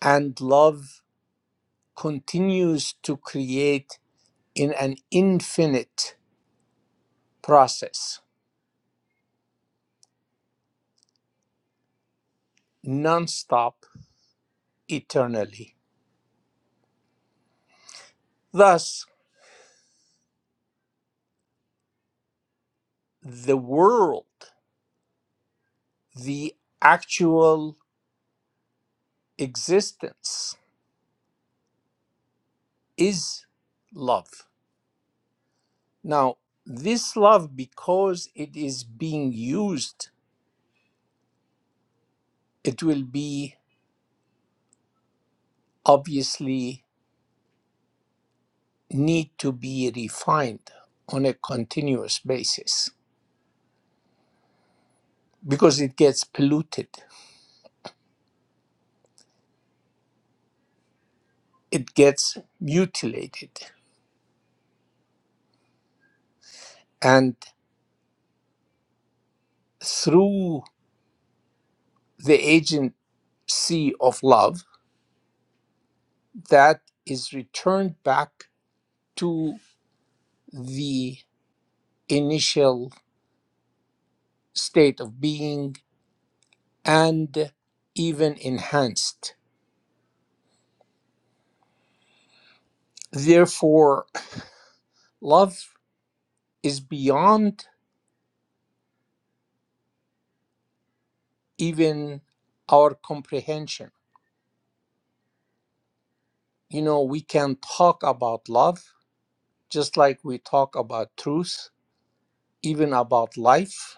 Speaker 6: and love continues to create in an infinite process nonstop eternally thus the world the actual existence is love. Now, this love, because it is being used, it will be obviously need to be refined on a continuous basis because it gets polluted, it gets mutilated. And through the agency of love, that is returned back to the initial state of being and even enhanced. Therefore, love is beyond even our comprehension. You know, we can talk about love just like we talk about truth, even about life,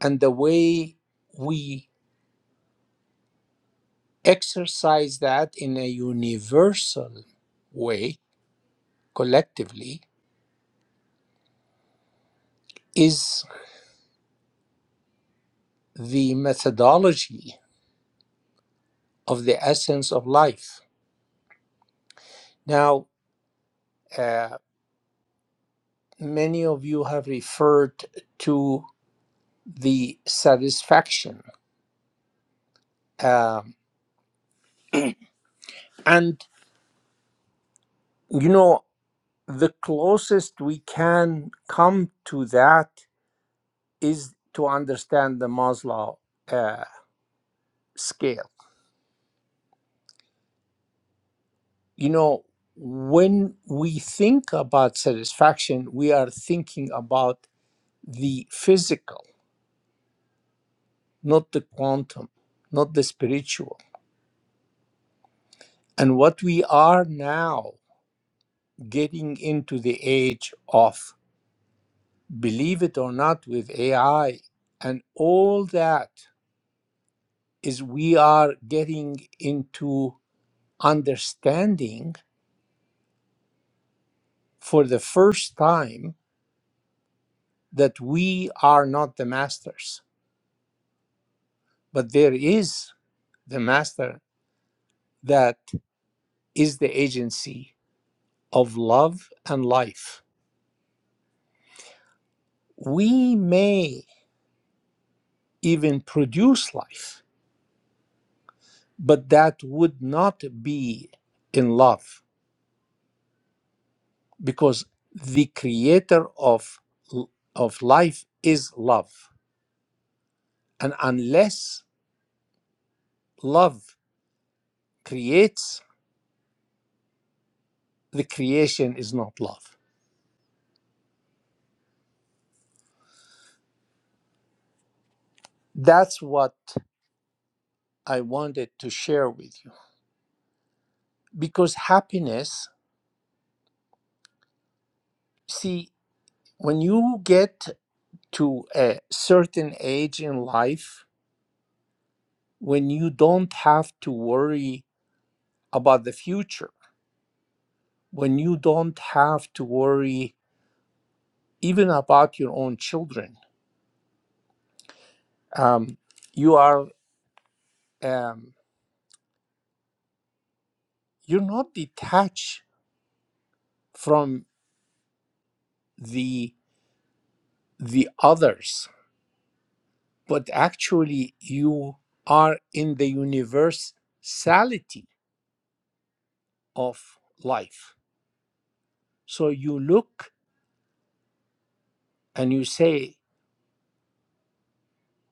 Speaker 6: and the way we exercise that in a universal way collectively is the methodology of the essence of life Now, uh, many of you have referred to the satisfaction. Um, and, you know, the closest we can come to that is to understand the Maslow uh, scale. You know, when we think about satisfaction, we are thinking about the physical, not the quantum, not the spiritual. And what we are now getting into the age of believe it or not with AI and all that is we are getting into understanding for the first time that we are not the masters but there is the master that is the agency of love and life we may even produce life but that would not be in love because the creator of of life is love and unless love creates the creation is not love that's what i wanted to share with you because happiness see when you get to a certain age in life when you don't have to worry about the future when you don't have to worry even about your own children um, you are um, you're not detached from the the others but actually you are in the universality of life so you look and you say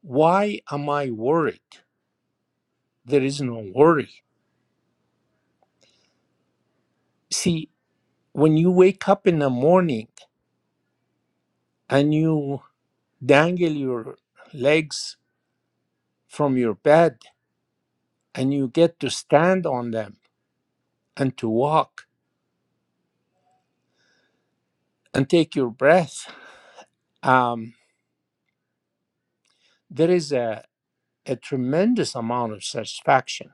Speaker 6: why am i worried there is no worry see when you wake up in the morning and you dangle your legs from your bed and you get to stand on them and to walk and take your breath, um, there is a, a tremendous amount of satisfaction.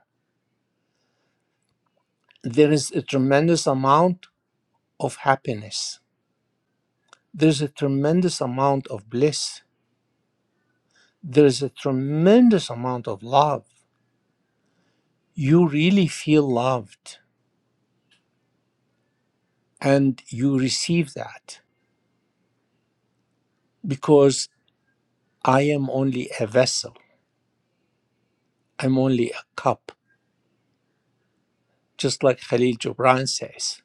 Speaker 6: There is a tremendous amount of happiness. There's a tremendous amount of bliss. There's a tremendous amount of love. You really feel loved and you receive that because I am only a vessel. I'm only a cup. Just like Khalil Gibran says,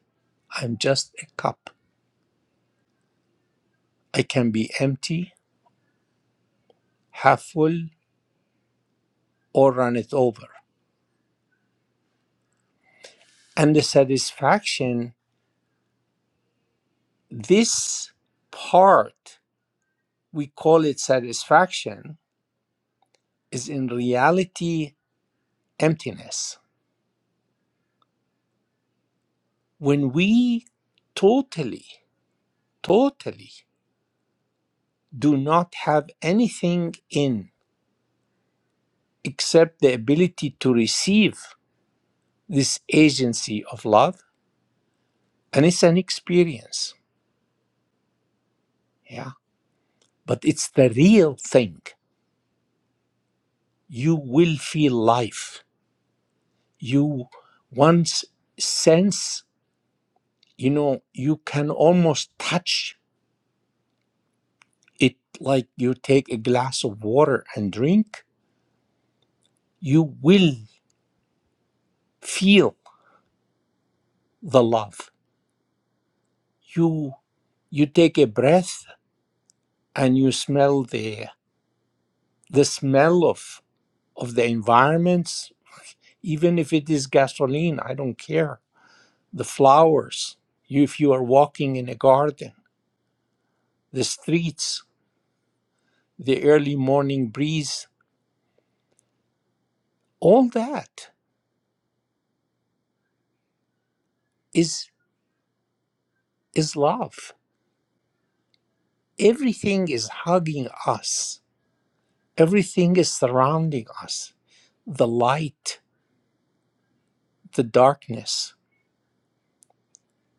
Speaker 6: I'm just a cup. I can be empty half full, or run it over. And the satisfaction, this part, we call it satisfaction, is in reality emptiness. When we totally, totally do not have anything in except the ability to receive this agency of love, and it's an experience. Yeah. But it's the real thing. You will feel life you once sense you know you can almost touch it like you take a glass of water and drink you will feel the love you you take a breath and you smell the the smell of of the environments even if it is gasoline i don't care the flowers you, if you are walking in a garden the streets the early morning breeze all that is is love. Everything is hugging us. Everything is surrounding us. The light, the darkness,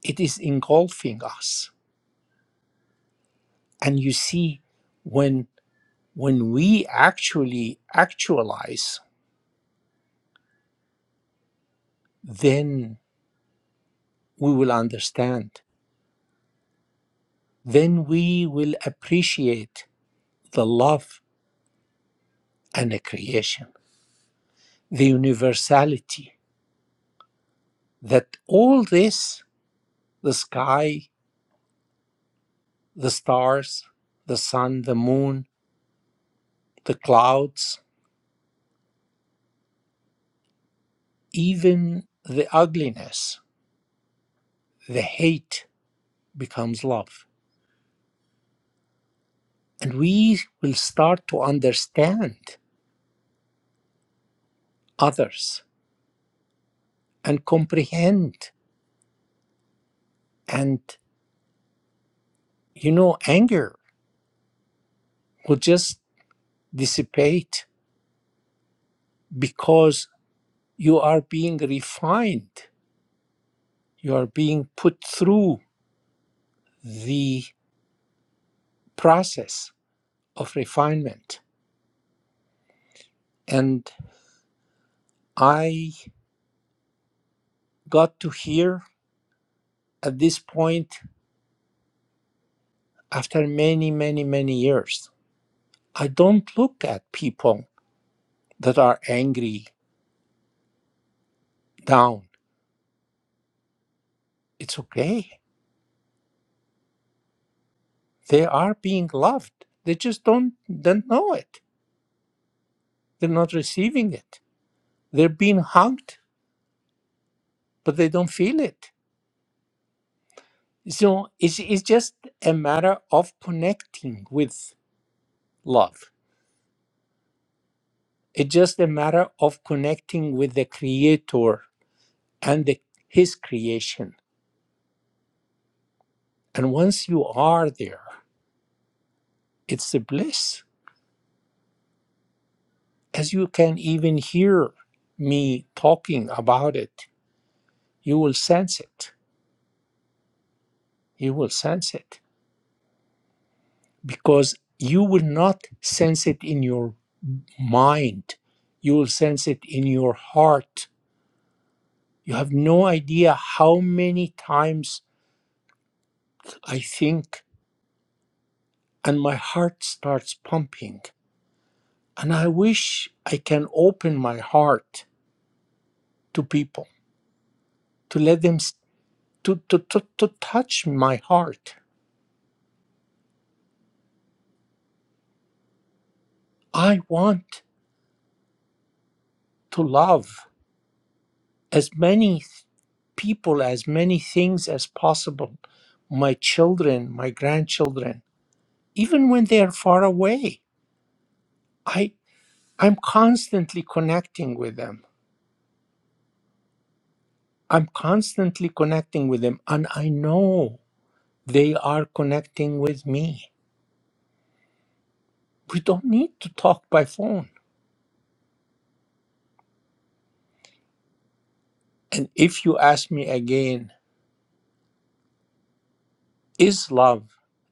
Speaker 6: it is engulfing us. And you see when when we actually actualize, then we will understand. Then we will appreciate the love and the creation, the universality that all this, the sky the stars, the sun, the moon, the clouds, even the ugliness, the hate becomes love. And we will start to understand others and comprehend. And, you know, anger will just dissipate because you are being refined, you are being put through the process of refinement. And I got to hear at this point after many many many years i don't look at people that are angry down it's okay they are being loved they just don't don't know it they're not receiving it they're being hugged but they don't feel it so it's, it's just a matter of connecting with love it's just a matter of connecting with the creator and the, his creation and once you are there It's the bliss. As you can even hear me talking about it, you will sense it. You will sense it because you will not sense it in your mind. You will sense it in your heart. You have no idea how many times I think and my heart starts pumping. And I wish I can open my heart to people, to let them s- to, to, to, to touch my heart I want to love as many th- people, as many things as possible. My children, my grandchildren, even when they are far away, I, I'm constantly connecting with them. I'm constantly connecting with them, and I know they are connecting with me. We don't need to talk by phone. And if you ask me again, is love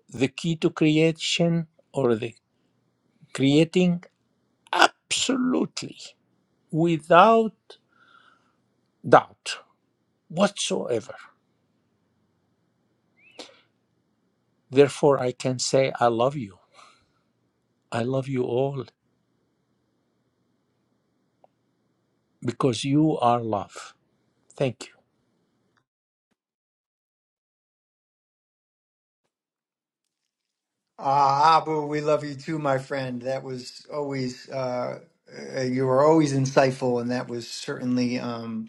Speaker 6: the key to creation or the creating? absolutely without doubt whatsoever. Therefore, I can say, I love you. I love you all because you are love. Thank you.
Speaker 1: Ah, Abu, we love you too, my friend. That was always uh, uh, you were always insightful, and that was certainly. Um,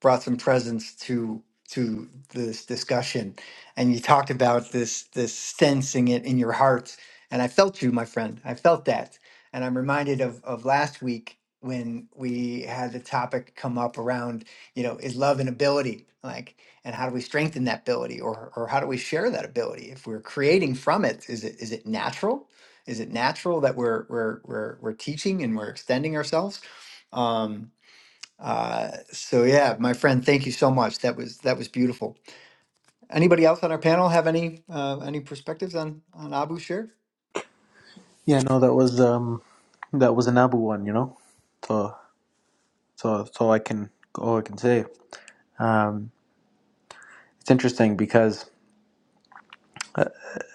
Speaker 1: brought some presence to to this discussion and you talked about this this sensing it in your heart and i felt you my friend i felt that and i'm reminded of of last week when we had the topic come up around you know is love an ability like and how do we strengthen that ability or or how do we share that ability if we're creating from it is it is it natural is it natural that we're we're we're, we're teaching and we're extending ourselves Um, uh, so yeah, my friend, thank you so much. That was that was beautiful. Anybody else on our panel have any uh, any perspectives on on Abu Shir?
Speaker 3: Yeah, no, that was um that was an Abu one, you know. So so so I can all I can say. Um, it's interesting because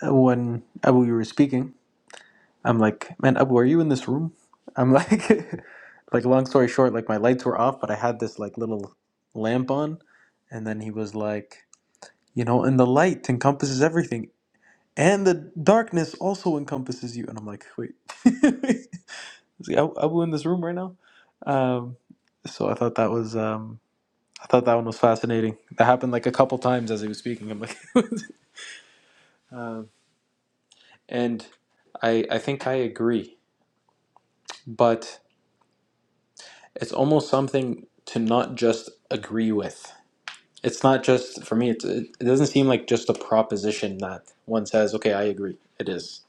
Speaker 3: when Abu you were speaking, I'm like, man, Abu, are you in this room? I'm like, [laughs] like long story short, like my lights were off, but I had this like little lamp on, and then he was like, you know, and the light encompasses everything, and the darkness also encompasses you, and I'm like, wait, [laughs] is Abu Abu in this room right now? Um, so I thought that was, um, I thought that one was fascinating. That happened like a couple times as he was speaking. I'm like. [laughs] um, And I I think I agree, but it's almost something to not just agree with. It's not just for me. It's, it doesn't seem like just a proposition that one says, "Okay, I agree." It is.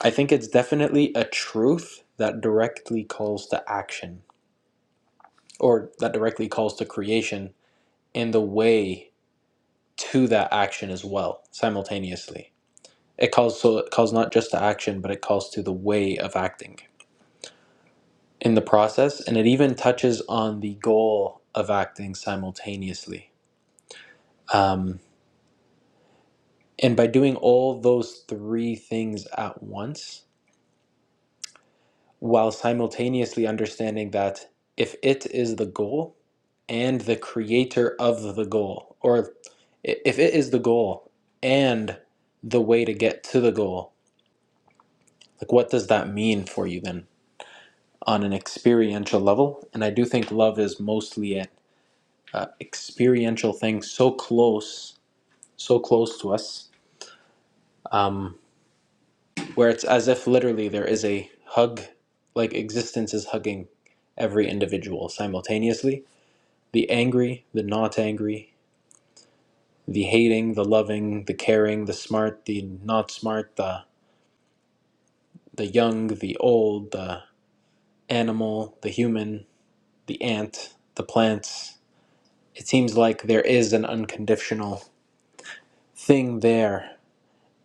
Speaker 3: I think it's definitely a truth that directly calls to action, or that directly calls to creation in the way to that action as well, simultaneously. It calls so it calls not just to action, but it calls to the way of acting. in the process, and it even touches on the goal of acting simultaneously. Um, and by doing all those three things at once, while simultaneously understanding that if it is the goal and the creator of the goal, or if it is the goal and the way to get to the goal, like what does that mean for you then on an experiential level? And I do think love is mostly an uh, experiential thing so close so close to us, um, where it's as if literally there is a hug, like existence is hugging every individual simultaneously. The angry, the not angry, the hating, the loving, the caring, the smart, the not smart, the, the young, the old, the animal, the human, the ant, the plants. It seems like there is an unconditional thing there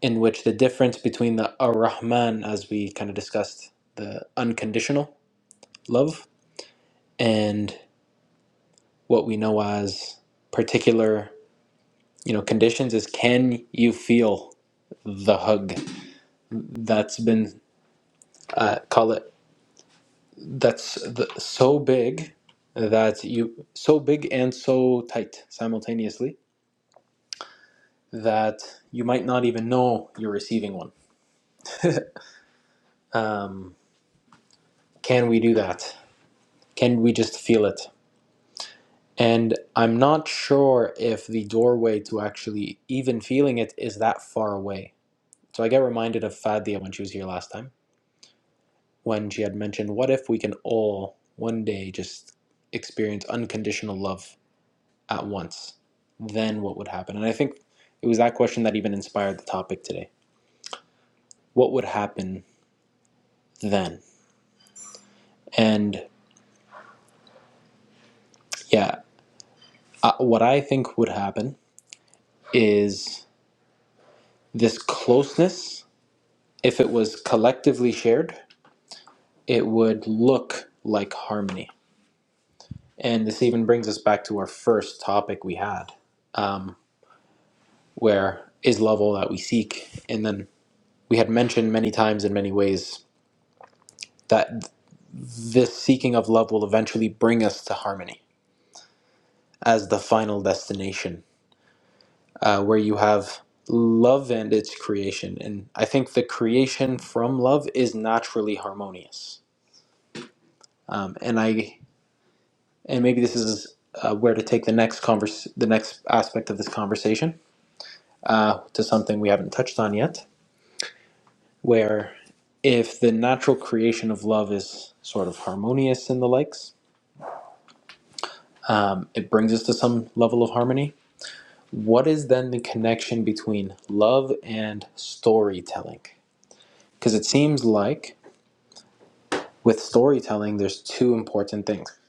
Speaker 3: in which the difference between the Ar Rahman, as we kind of discussed, the unconditional love and what we know as particular you know conditions is can you feel the hug that's been uh, call it that's the, so big that you so big and so tight simultaneously that you might not even know you're receiving one um, can we do that can we just feel it and i'm not sure if the doorway to actually even feeling it is that far away so i get reminded of fadia when she was here last time when she had mentioned, What if we can all one day just experience unconditional love at once? Then what would happen? And I think it was that question that even inspired the topic today. What would happen then? And yeah, uh, what I think would happen is this closeness, if it was collectively shared, it would look like harmony. And this even brings us back to our first topic we had, um, where is love all that we seek? And then we had mentioned many times in many ways that this seeking of love will eventually bring us to harmony as the final destination, uh, where you have love and its creation. And I think the creation from love is naturally harmonious. Um, and I and maybe this is uh, where to take the next converse, the next aspect of this conversation uh, to something we haven't touched on yet, where if the natural creation of love is sort of harmonious and the likes it brings us to some level of harmony. What is then the connection between love and storytelling? Because it seems like with storytelling, there's two important things.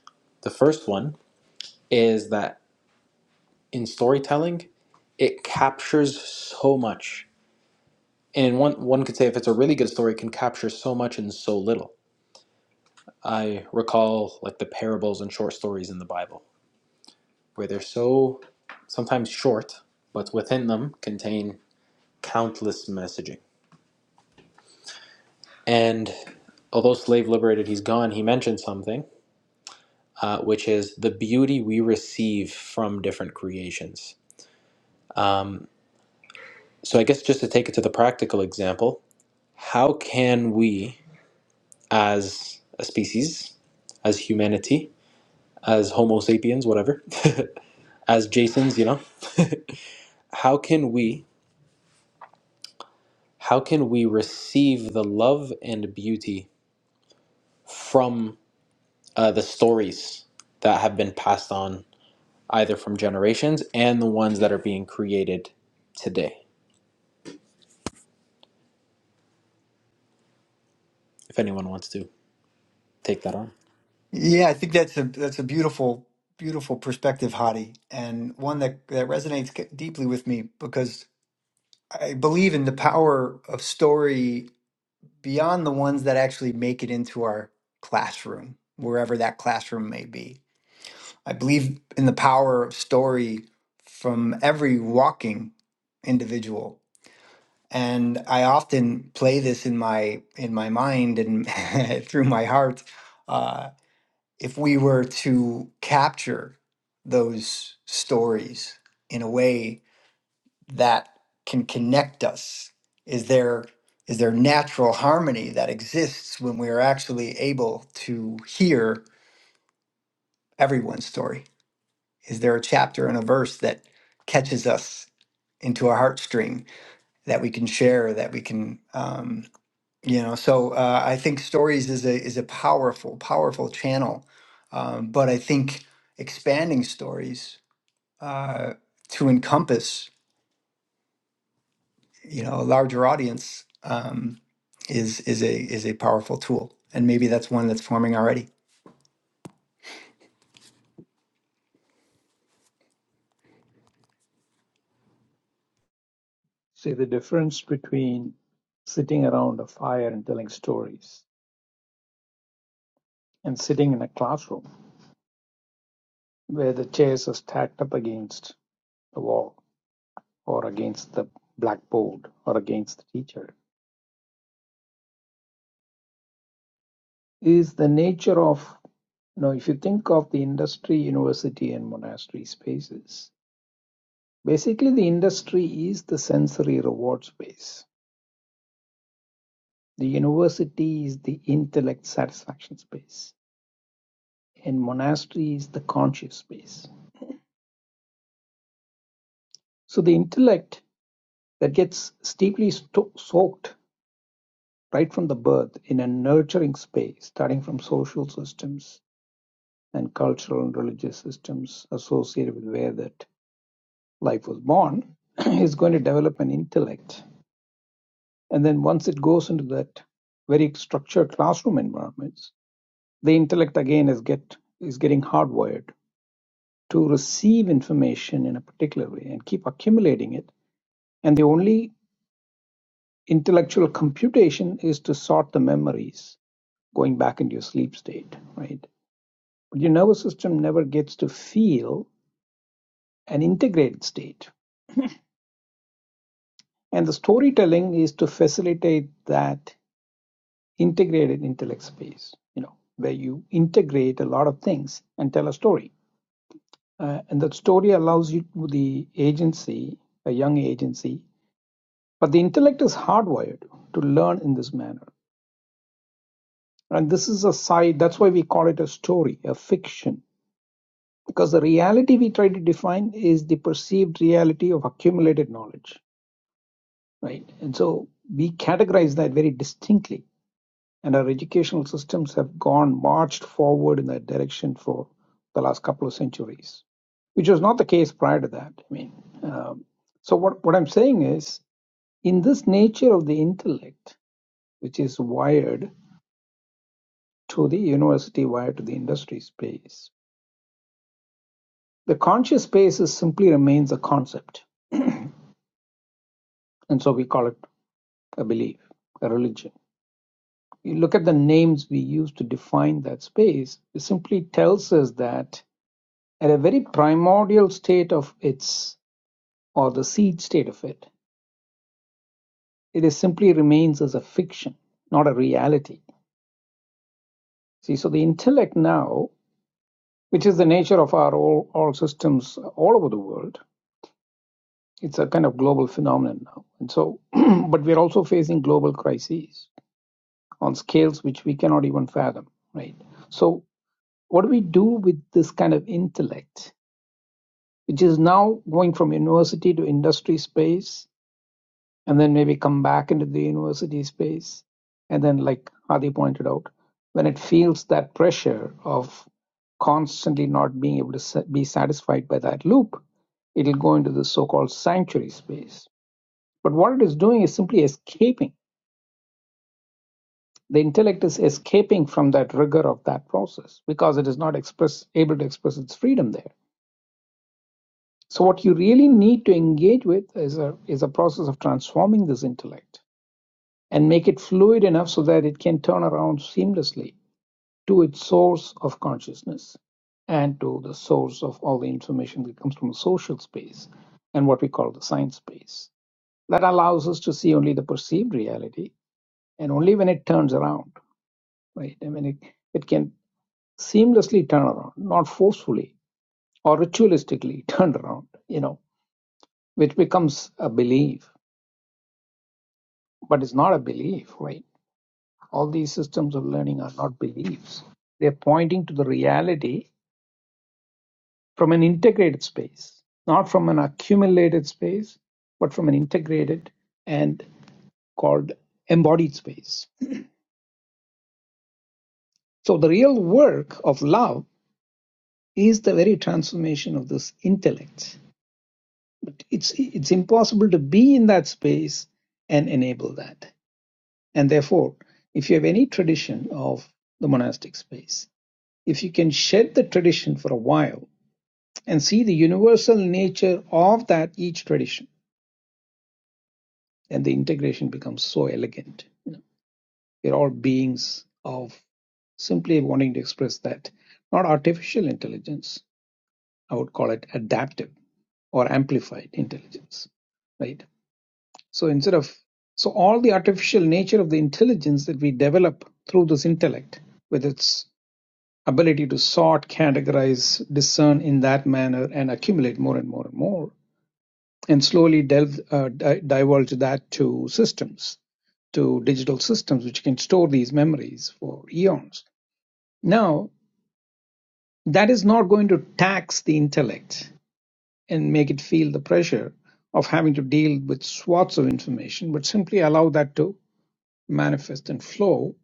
Speaker 3: The first one is that in storytelling, it captures so much. And one, one could say if it's a really good story, it can capture so much in so little. I recall like the parables and short stories in the Bible, where they're so sometimes short, but within them contain countless messaging And although slave liberated, he's gone, he mentioned something, uh, which is the beauty we receive from different creations. Um, so I guess just to take it to the practical example, how can we, as a species, as humanity, as Homo sapiens, whatever, [laughs] as Jasons, you know, [laughs] how can we, how can we receive the love and beauty from uh, the stories that have been passed on either from generations and the ones that are being created today, if anyone wants to take that on.
Speaker 1: Yeah, I think that's a that's a beautiful beautiful perspective, Hadi, and one that that resonates c- deeply with me because I believe in the power of story beyond the ones that actually make it into our classroom, wherever that classroom may be. I believe in the power of story from every walking individual and I often play this in my in my mind and [laughs] through my heart. Uh, if we were to capture those stories in a way that can connect us, is there is there natural harmony that exists when we are actually able to hear everyone's story? Is there a chapter and a verse that catches us into our heartstring that we can share, that we can? um, you know so uh, i think stories is a is a powerful powerful channel um, but i think expanding stories uh, to encompass you know a larger audience um, is is a is a powerful tool and maybe that's one that's forming already
Speaker 4: See the difference between sitting around a fire and telling stories and sitting in a classroom where the chairs are stacked up against the wall or against the blackboard or against the teacher is the nature of you know if you think of the industry university and monastery spaces Basically, the industry is the sensory reward space. The university is the intellect satisfaction space. And monastery is the conscious space. So the intellect that gets steeply sto- soaked right from the birth in a nurturing space, starting from social systems and cultural and religious systems associated with where that life was born, [clears throat] is going to develop an intellect. And then once it goes into that very structured classroom environment, the intellect again is get is getting hardwired to receive information in a particular way and keep accumulating it and the only intellectual computation is to sort the memories going back into your sleep state right but your nervous system never gets to feel an integrated state and the storytelling is to facilitate that integrated intellect space you know where you integrate a lot of things and tell a story Uh, and that story allows you the agency, a young agency, but the intellect is hardwired to learn in this manner. And this is a side, that's why we call it a story, a fiction, because the reality we try to define is the perceived reality of accumulated knowledge, right? And so we categorize that very distinctly and our educational systems have gone marched forward in that direction for the last couple of centuries, which was not the case prior to that. I mean, um, so what, what I'm saying is, in this nature of the intellect, which is wired to the university, wired to the industry space, the conscious space is simply remains a concept. And so we call it a belief, a religion. You look at the names we use to define that space, it simply tells us that At a very primordial state of its, or the seed state of it, it is simply remains as a fiction, not a reality. See, so the intellect now, which is the nature of our all, all systems all over the world, it's a kind of global phenomenon now. And so, [clears throat] but we're also facing global crises on scales which we cannot even fathom, right? So, what do we do with this kind of intellect, which is now going from university to industry space? and then maybe come back into the university space. And then, like Adi pointed out, when it feels that pressure of constantly not being able to be satisfied by that loop, it'll go into the so called sanctuary space. But what it is doing is simply escaping. The intellect is escaping from that rigor of that process because it is not express, able to express its freedom there. So, what you really need to engage with is a, is a process of transforming this intellect and make it fluid enough so that it can turn around seamlessly to its source of consciousness and to the source of all the information that comes from the social space and what we call the science space. That allows us to see only the perceived reality and only when it turns around, right? I mean, it, it can seamlessly turn around, not forcefully or ritualistically [laughs] turned around, you know, which becomes a belief, but it's not a belief, right? all these systems of learning are not beliefs. They're pointing to the reality from an integrated space, not from an accumulated space, but from an integrated and called embodied space. So the real work of love is the very transformation of this intellect. But it's it's impossible to be in that space and enable that. And therefore, if you have any tradition of the monastic space, if you can shed the tradition for a while and see the universal nature of that each tradition and the integration becomes so elegant we're all beings of simply wanting to express that not artificial intelligence i would call it adaptive or amplified intelligence right so instead of so all the artificial nature of the intelligence that we develop through this intellect with its ability to sort categorize discern in that manner and accumulate more and more and more and slowly delve, uh, di- divulge that to systems, to digital systems, which can store these memories for eons. Now, that is not going to tax the intellect and make it feel the pressure of having to deal with swaths of information, but simply allow that to manifest and flow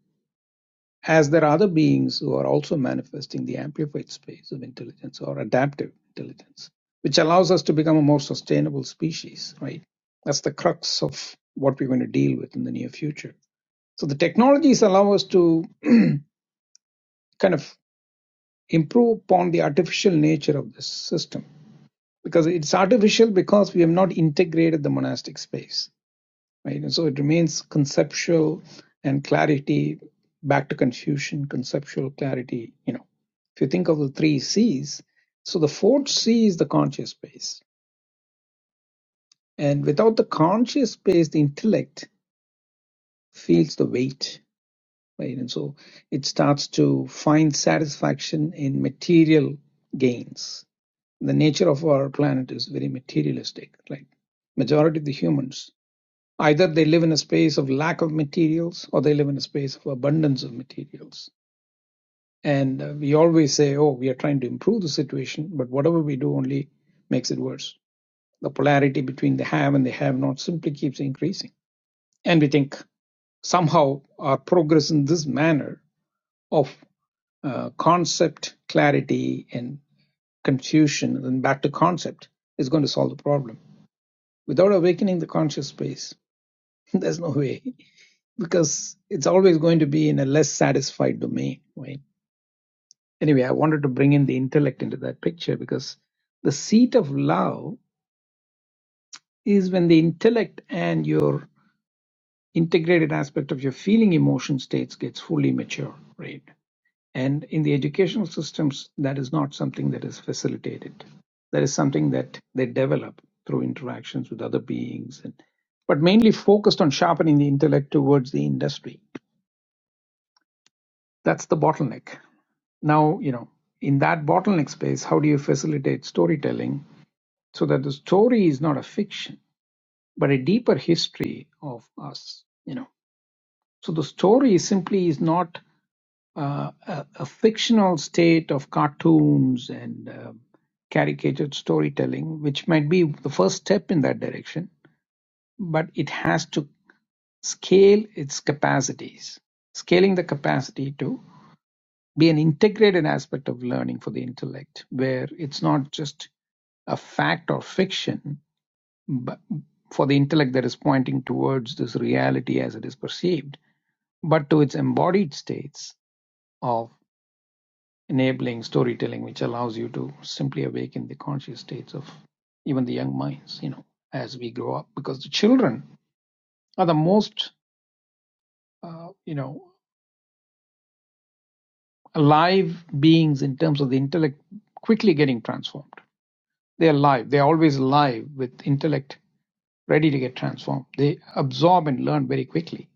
Speaker 4: as there are other beings who are also manifesting the amplified space of intelligence or adaptive intelligence, which allows us to become a more sustainable species, right? That's the crux of what we're going to deal with in the near future. So the technologies allow us to kind of improve upon the artificial nature of this system because it's artificial because we have not integrated the monastic space. right? And so it remains conceptual and clarity back to Confucian conceptual clarity. You know, if you think of the three C's, so the fourth C is the conscious space, and without the conscious space, the intellect feels the weight, right? And so it starts to find satisfaction in material gains. The nature of our planet is very materialistic. Like majority of the humans Either they live in a space of lack of materials or they live in a space of abundance of materials. And uh, we always say, oh, we are trying to improve the situation, but whatever we do only makes it worse. The polarity between the have and the have not simply keeps increasing. And we think somehow our progress in this manner of uh, concept clarity and confusion and then back to concept is going to solve the problem. Without awakening the conscious space, [laughs] there's no way. because it's always going to be in a less satisfied domain, right? Anyway, I wanted to bring in the intellect into that picture because the seat of love is when the intellect and your integrated aspect of your feeling emotion states gets fully mature, right? And in the educational systems, that is not something that is facilitated. That is something that they develop through interactions with other beings and but mainly focused on sharpening the intellect towards the industry. That's the bottleneck Now, you know, in that bottleneck space, how do you facilitate storytelling so that the story is not a fiction, but a deeper history of us, you know? So the story simply is not uh, a, a fictional state of cartoons and uh, caricatured storytelling, which might be the first step in that direction, but it has to scale its capacities, scaling the capacity to be an integrated aspect of learning for the intellect, where it's not just a fact or fiction, but for the intellect that is pointing towards this reality as it is perceived, but to its embodied states of enabling storytelling, which allows you to simply awaken the conscious states of even the young minds, you know, as we grow up, because the children are the most, uh, you know, alive beings in terms of the intellect quickly getting transformed They're live. They're always live with intellect ready to get transformed. They absorb and learn very quickly.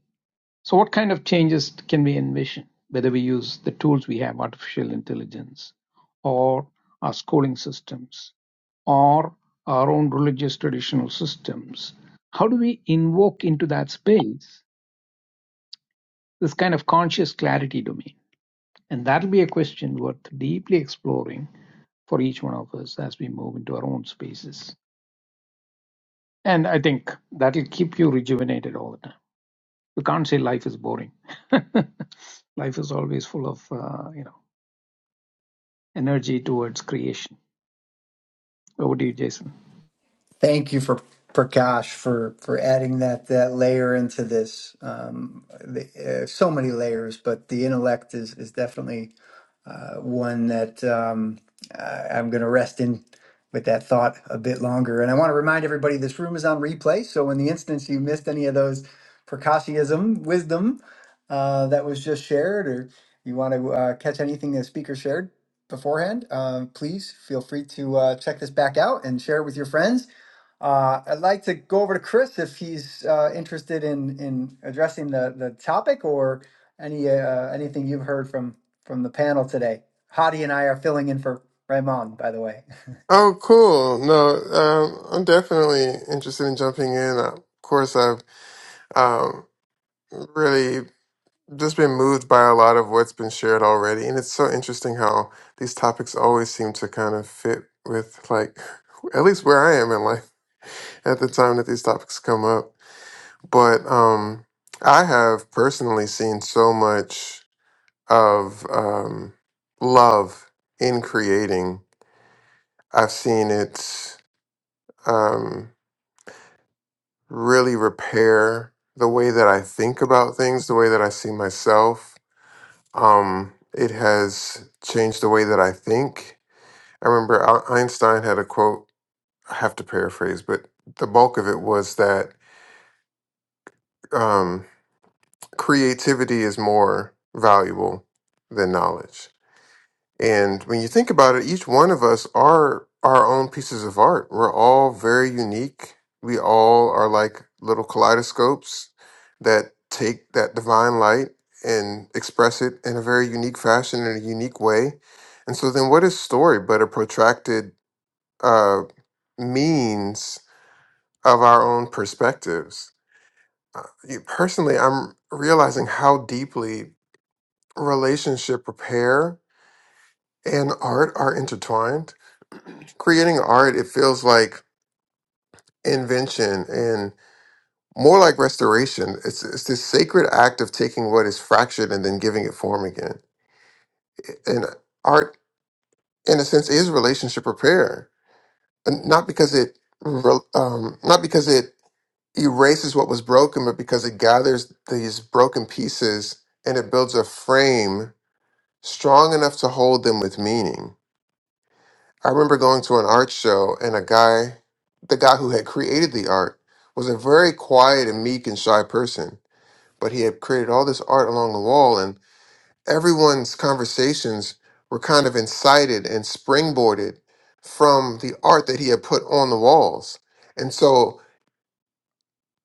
Speaker 4: So, what kind of changes can we envision? Whether we use the tools we have, artificial intelligence, or our schooling systems, or our own religious traditional systems, how do we invoke into that space this kind of conscious clarity domain? And that'll be a question worth deeply exploring for each one of us as we move into our own spaces. And I think that'll keep you rejuvenated all the time. You can't say life is boring. [laughs] life is always full of uh, you know energy towards creation. Over to you, Jason.
Speaker 1: thank you for prakash for for adding that that layer into this um, the, uh, so many layers but the intellect is is definitely uh, one that um, uh, I'm going to rest in with that thought a bit longer. And I want to remind everybody this room is on replay. So, in the instance you missed any of those Prakashiism wisdom uh, that was just shared, or you want to uh, catch anything the speaker shared beforehand, uh, please feel free to uh, check this back out and share it with your friends uh, I'd like to go over to Chris if he's uh, interested in in addressing the the topic or any uh, anything you've heard from from the panel today. Hadi and I are filling in for Raymond, by the way.
Speaker 7: Oh, cool. No, um, I'm definitely interested in jumping in. Of course, I've um, really just been moved by a lot of what's been shared already. And it's so interesting how these topics always seem to kind of fit with, like, [laughs] at least where I am in life at the time that these topics come up. But um, I have personally seen so much of um, love in creating. I've seen it. Um, really repair the way that I think about things, the way that I see myself. Um, it has changed the way that I think. I remember Al- Einstein had a quote, I have to paraphrase, but the bulk of it was that um, creativity is more valuable than knowledge And when you think about it, each one of us are our own pieces of art. We're all very unique. We all are like little kaleidoscopes that take that divine light and express it in a very unique fashion, in a unique way. And so, then what is story but a protracted uh, means of our own perspectives? Uh, you- personally, I'm realizing how deeply relationship repair and art are intertwined creating art it feels like invention and more like restoration it's, it's this sacred act of taking what is fractured and then giving it form again and art in a sense is relationship repair And not because it re- um, not because it erases what was broken but because it gathers these broken pieces and it builds a frame strong enough to hold them with meaning I remember going to an art show and a guy, the guy who had created the art, was a very quiet and meek and shy person, but he had created all this art along the wall and everyone's conversations were kind of incited and springboarded from the art that he had put on the walls. And so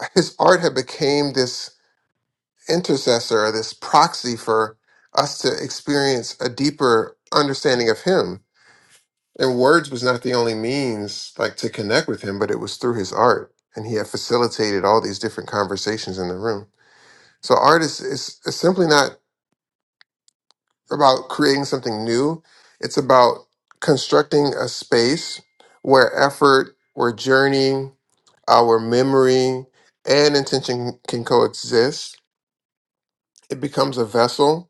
Speaker 7: [laughs] his art had became this intercessor, this proxy for us to experience a deeper understanding of him And words was not the only means like to connect with him, but it was through his art. And he had facilitated all these different conversations in the room. So art is, is, is simply not about creating something new. It's about constructing a space where effort, where journey, our memory, and intention can coexist. It becomes a vessel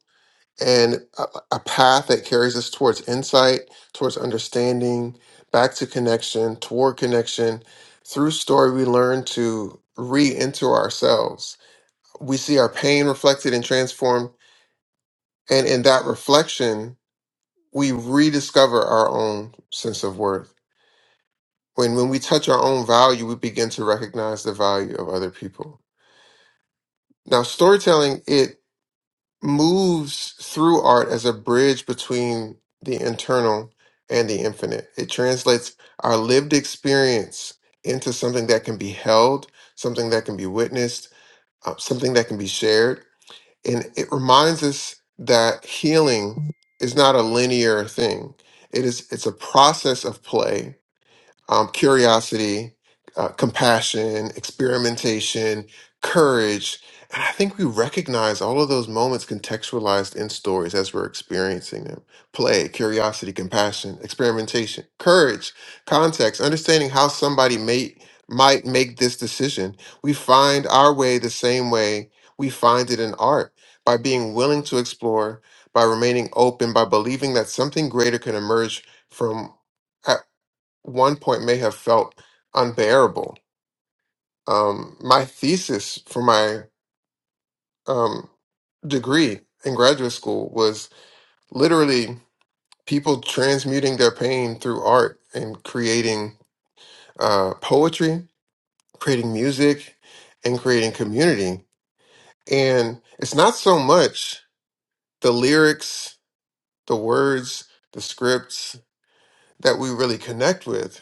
Speaker 7: and a, a path that carries us towards insight, towards understanding, back to connection, toward connection. Through story, we learn to re enter ourselves. We see our pain reflected and transformed. And in that reflection, we rediscover our own sense of worth. When, when we touch our own value, we begin to recognize the value of other people. Now, storytelling, it. moves through art as a bridge between the internal and the infinite. It translates our lived experience into something that can be held, something that can be witnessed, uh, something that can be shared. And it reminds us that healing is not a linear thing. It is it's a process of play um, curiosity, uh, compassion, experimentation, courage. And I think we recognize all of those moments contextualized in stories as we're experiencing them. Play, curiosity, compassion, experimentation, courage, context, understanding how somebody may, might make this decision. We find our way the same way we find it in art by being willing to explore, by remaining open, by believing that something greater can emerge from one point may have felt unbearable. Um, my thesis for my um, degree in graduate school was literally people transmuting their pain through art and creating uh, poetry, creating music, and creating community. And it's not so much the lyrics, the words, the scripts that we really connect with,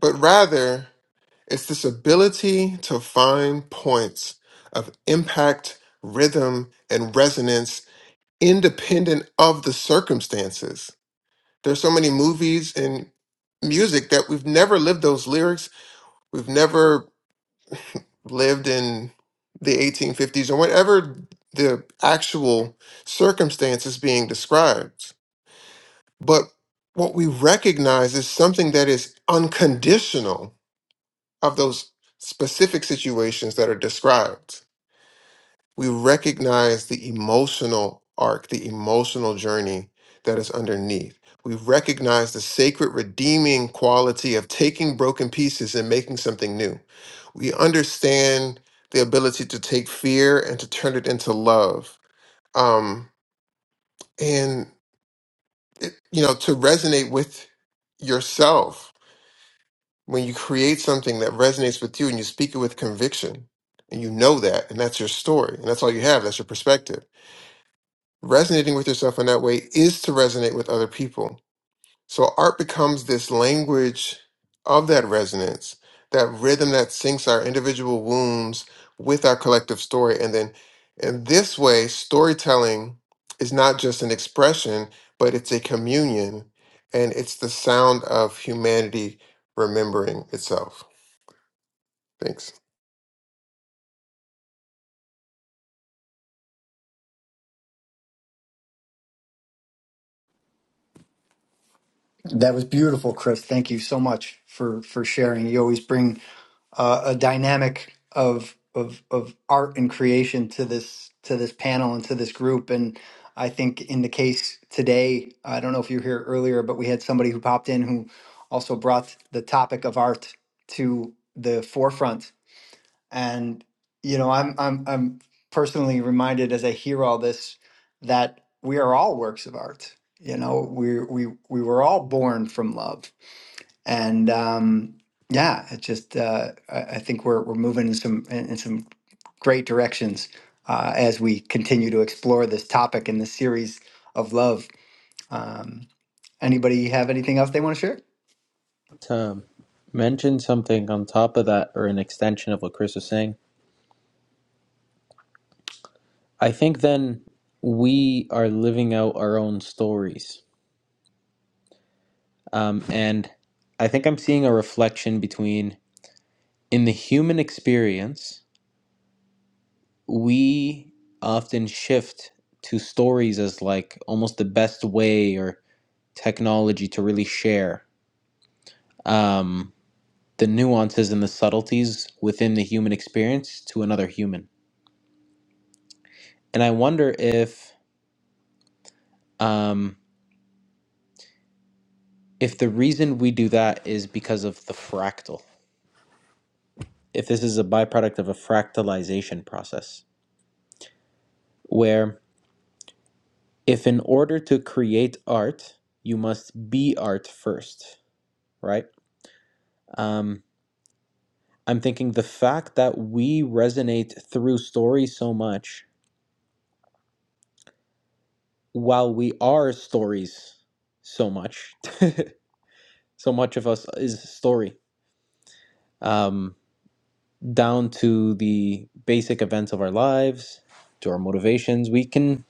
Speaker 7: but rather It's this ability to find points of impact, rhythm, and resonance independent of the circumstances. There's so many movies and music that we've never lived those lyrics. We've never lived in the 1850s or whatever the actual circumstances being described. But what we recognize is something that is unconditional of those specific situations that are described we recognize the emotional arc, the emotional journey that is underneath. We recognize the sacred redeeming quality of taking broken pieces and making something new. We understand the ability to take fear and to turn it into love. Um, and, it, you know, to resonate with yourself when you create something that resonates with you and you speak it with conviction and you know that and that's your story and that's all you have that's your perspective Resonating with yourself in that way is to resonate with other people. So art becomes this language of that resonance, that rhythm that syncs our individual wounds with our collective story. And then in this way, storytelling is not just an expression, but it's a communion and it's the sound of humanity remembering itself. Thanks.
Speaker 1: That was beautiful, Chris. Thank you so much for for sharing. You always bring uh, a dynamic of of of art and creation to this to this panel and to this group. And I think in the case today, I don't know if you were here earlier, but we had somebody who popped in who also brought the topic of art to the forefront and you know, I'm I'm I'm personally reminded as I hear all this that we are all works of art. You know, we we we were all born from love, and um, yeah, it just uh, I, I think we're we're moving in some in, in some great directions uh, as we continue to explore this topic in this series of love. Um, anybody have anything else they want to share?
Speaker 3: To mention something on top of that, or an extension of what Chris was saying, I think then we are living out our own stories. Um, and I think I'm seeing a reflection between in the human experience, we often shift to stories as like almost the best way or technology to really share. Um, the nuances and the subtleties within the human experience to another human. And I wonder if um, if the reason we do that is because of the fractal. If this is a byproduct of a fractalization process, where if in order to create art, you must be art first, right? Um, I'm thinking the fact that we resonate through stories so much, while we are stories so much, [laughs] so much of us is story um, down to the basic events of our lives, to our motivations. We can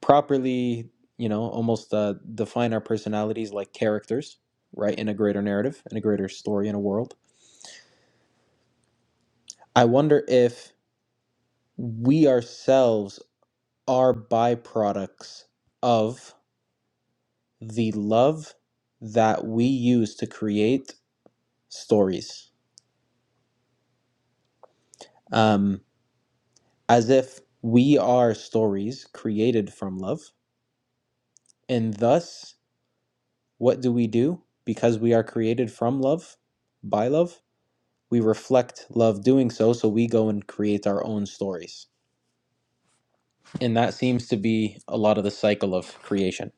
Speaker 3: properly, you know, almost uh, define our personalities like characters, right, in a greater narrative, in a greater story, in a world. I wonder if we ourselves are byproducts of the love that we use to create stories, um, as if we are stories created from love, and thus What do we do? Because we are created from love, by love, we reflect love doing so, so we go and create our own stories. And that seems to be a lot of the cycle of creation.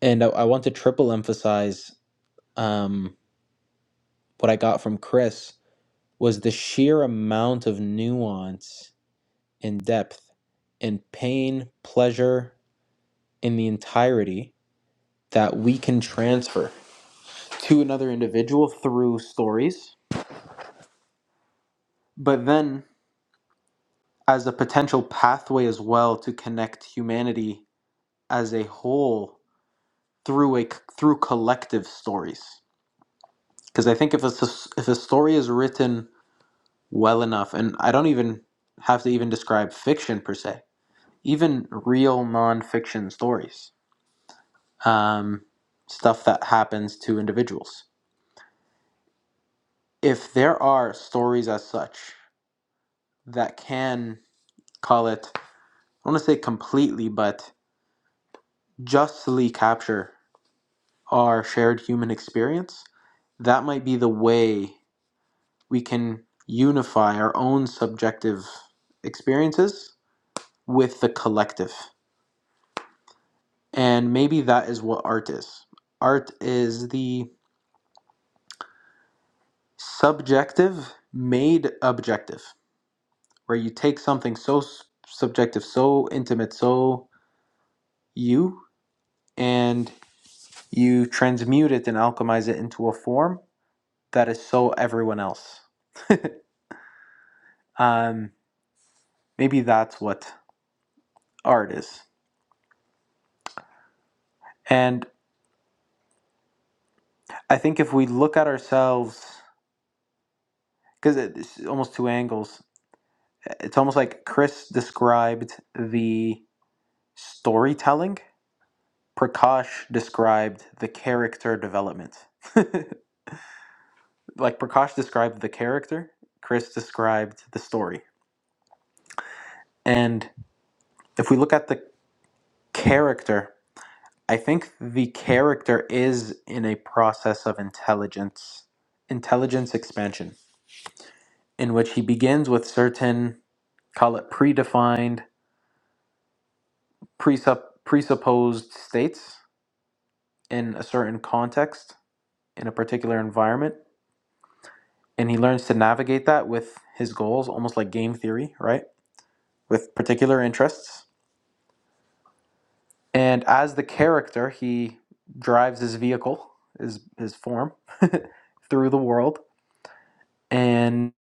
Speaker 3: And I, I want to triple emphasize um, what I got from Chris was the sheer amount of nuance and depth and pain, pleasure in the entirety that we can transfer to another individual through stories. But then as a potential pathway as well to connect humanity as a whole through a through collective stories because i think if a s- if a story is written well enough and i don't even have to even describe fiction per se even real non-fiction stories um, stuff that happens to individuals if there are stories as such that can call it i don't want to say completely but justly capture our shared human experience, that might be the way we can unify our own subjective experiences with the collective. And maybe that is what art is. Art is the subjective made objective, where you take something so subjective, so intimate, so you, and you transmute it and alchemize it into a form that is so everyone else. Um, maybe that's what artists. And I think if we look at ourselves, because it's almost two angles, it's almost like Chris described the storytelling, Prakash described the character development. [laughs] like Prakash described the character, Chris described the story. And if we look at the character, I think the character is in a process of intelligence, intelligence expansion, in which he begins with certain call it predefined, presupp- presupposed states in a certain context, in a particular environment. And he learns to navigate that with his goals, almost like game theory, right? With particular interests. And as the character, he drives his vehicle, his, his form, [laughs] through the world. And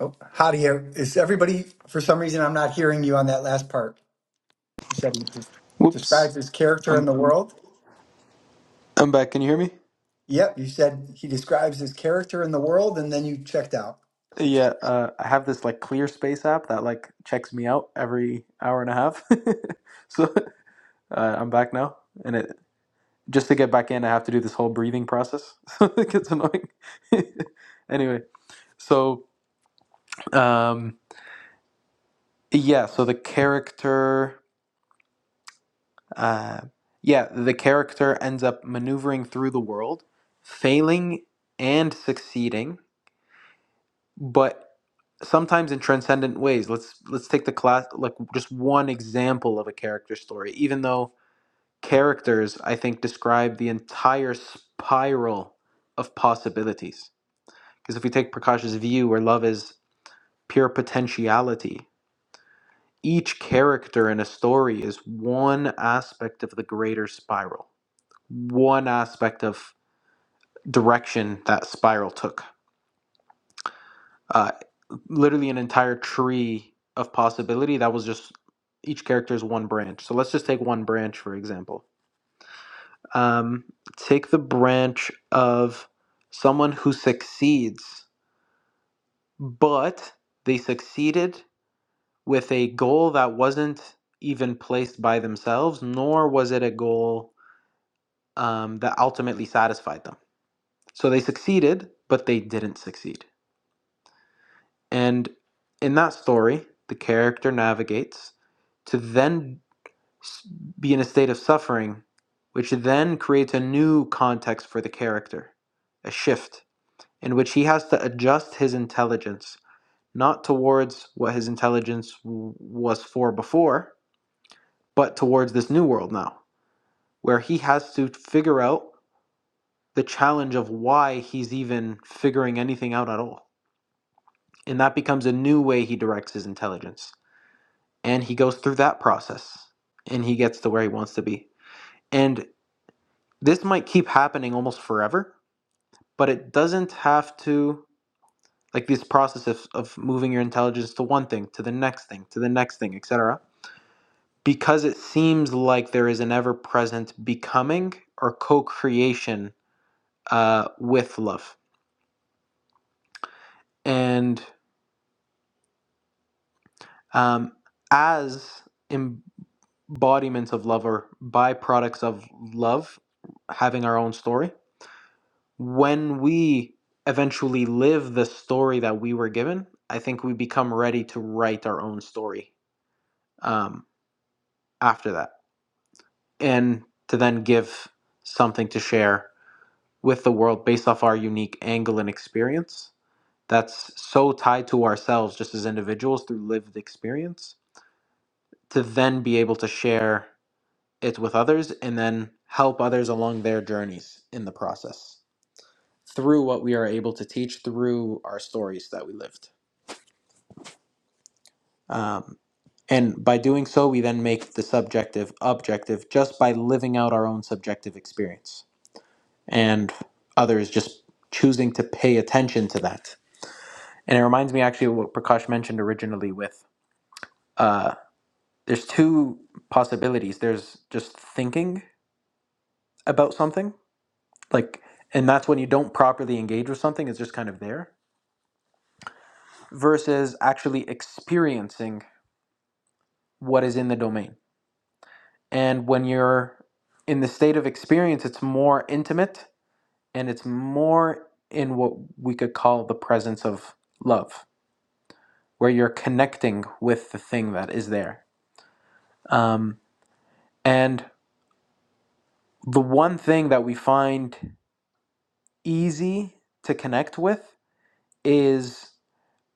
Speaker 1: Oh, Hadia, is everybody for some reason I'm not hearing you on that last part? You said he des-
Speaker 3: whoops,
Speaker 1: describes his character
Speaker 3: I'm,
Speaker 1: in the world.
Speaker 3: I'm back. Can you hear me?
Speaker 1: Yep, you said he describes his character in the world, and then you checked out.
Speaker 3: Yeah, uh, I have this like clear space app that like checks me out every hour and a half. [laughs] so Uh, I'm back now, and it just to get back in, I have to do this whole breathing process. [laughs] So it gets annoying. [laughs] anyway, so um, yeah, so the character, uh, yeah, the character ends up maneuvering through the world, failing and succeeding, but sometimes in transcendent ways. Let's let's take the class like just one example of a character story, even though characters i think describe the entire spiral of possibilities because if we take prakash's view where love is pure potentiality each character in a story is one aspect of the greater spiral one aspect of direction that spiral took uh, literally an entire tree of possibility that was just each character is one branch so let's just take one branch for example um, take the branch of someone who succeeds, but they succeeded with a goal that wasn't even placed by themselves, nor was it a goal um, that ultimately satisfied them. So they succeeded, but they didn't succeed. And in that story, the character navigates to then be in a state of suffering, which then creates a new context for the character, a shift in which he has to adjust his intelligence, not towards what his intelligence w- was for before, but towards this new world now, where he has to figure out the challenge of why he's even figuring anything out at all. And that becomes a new way he directs his intelligence. And he goes through that process and he gets to where he wants to be. And this might keep happening almost forever, but it doesn't have to like this process of, of moving your intelligence to one thing to the next thing to the next thing etc because it seems like there is an ever-present becoming or co-creation uh, with love and um, as embodiments of love or byproducts of love having our own story when we eventually live the story that we were given i think we become ready to write our own story um, after that and to then give something to share with the world based off our unique angle and experience that's so tied to ourselves just as individuals through lived experience to then be able to share it with others and then help others along their journeys in the process through what we are able to teach through our stories that we lived um, and by doing so we then make the subjective objective just by living out our own subjective experience and others just choosing to pay attention to that. And it reminds me actually of what Prakash mentioned originally with uh, there's two possibilities. There's just thinking about something, like, and that's when you don't properly engage with something, it's just kind of there, versus actually experiencing what is in the domain. And when you're in the state of experience, it's more intimate and it's more in what we could call the presence of love where you're connecting with the thing that is there. Um, and the one thing that we find easy to connect with is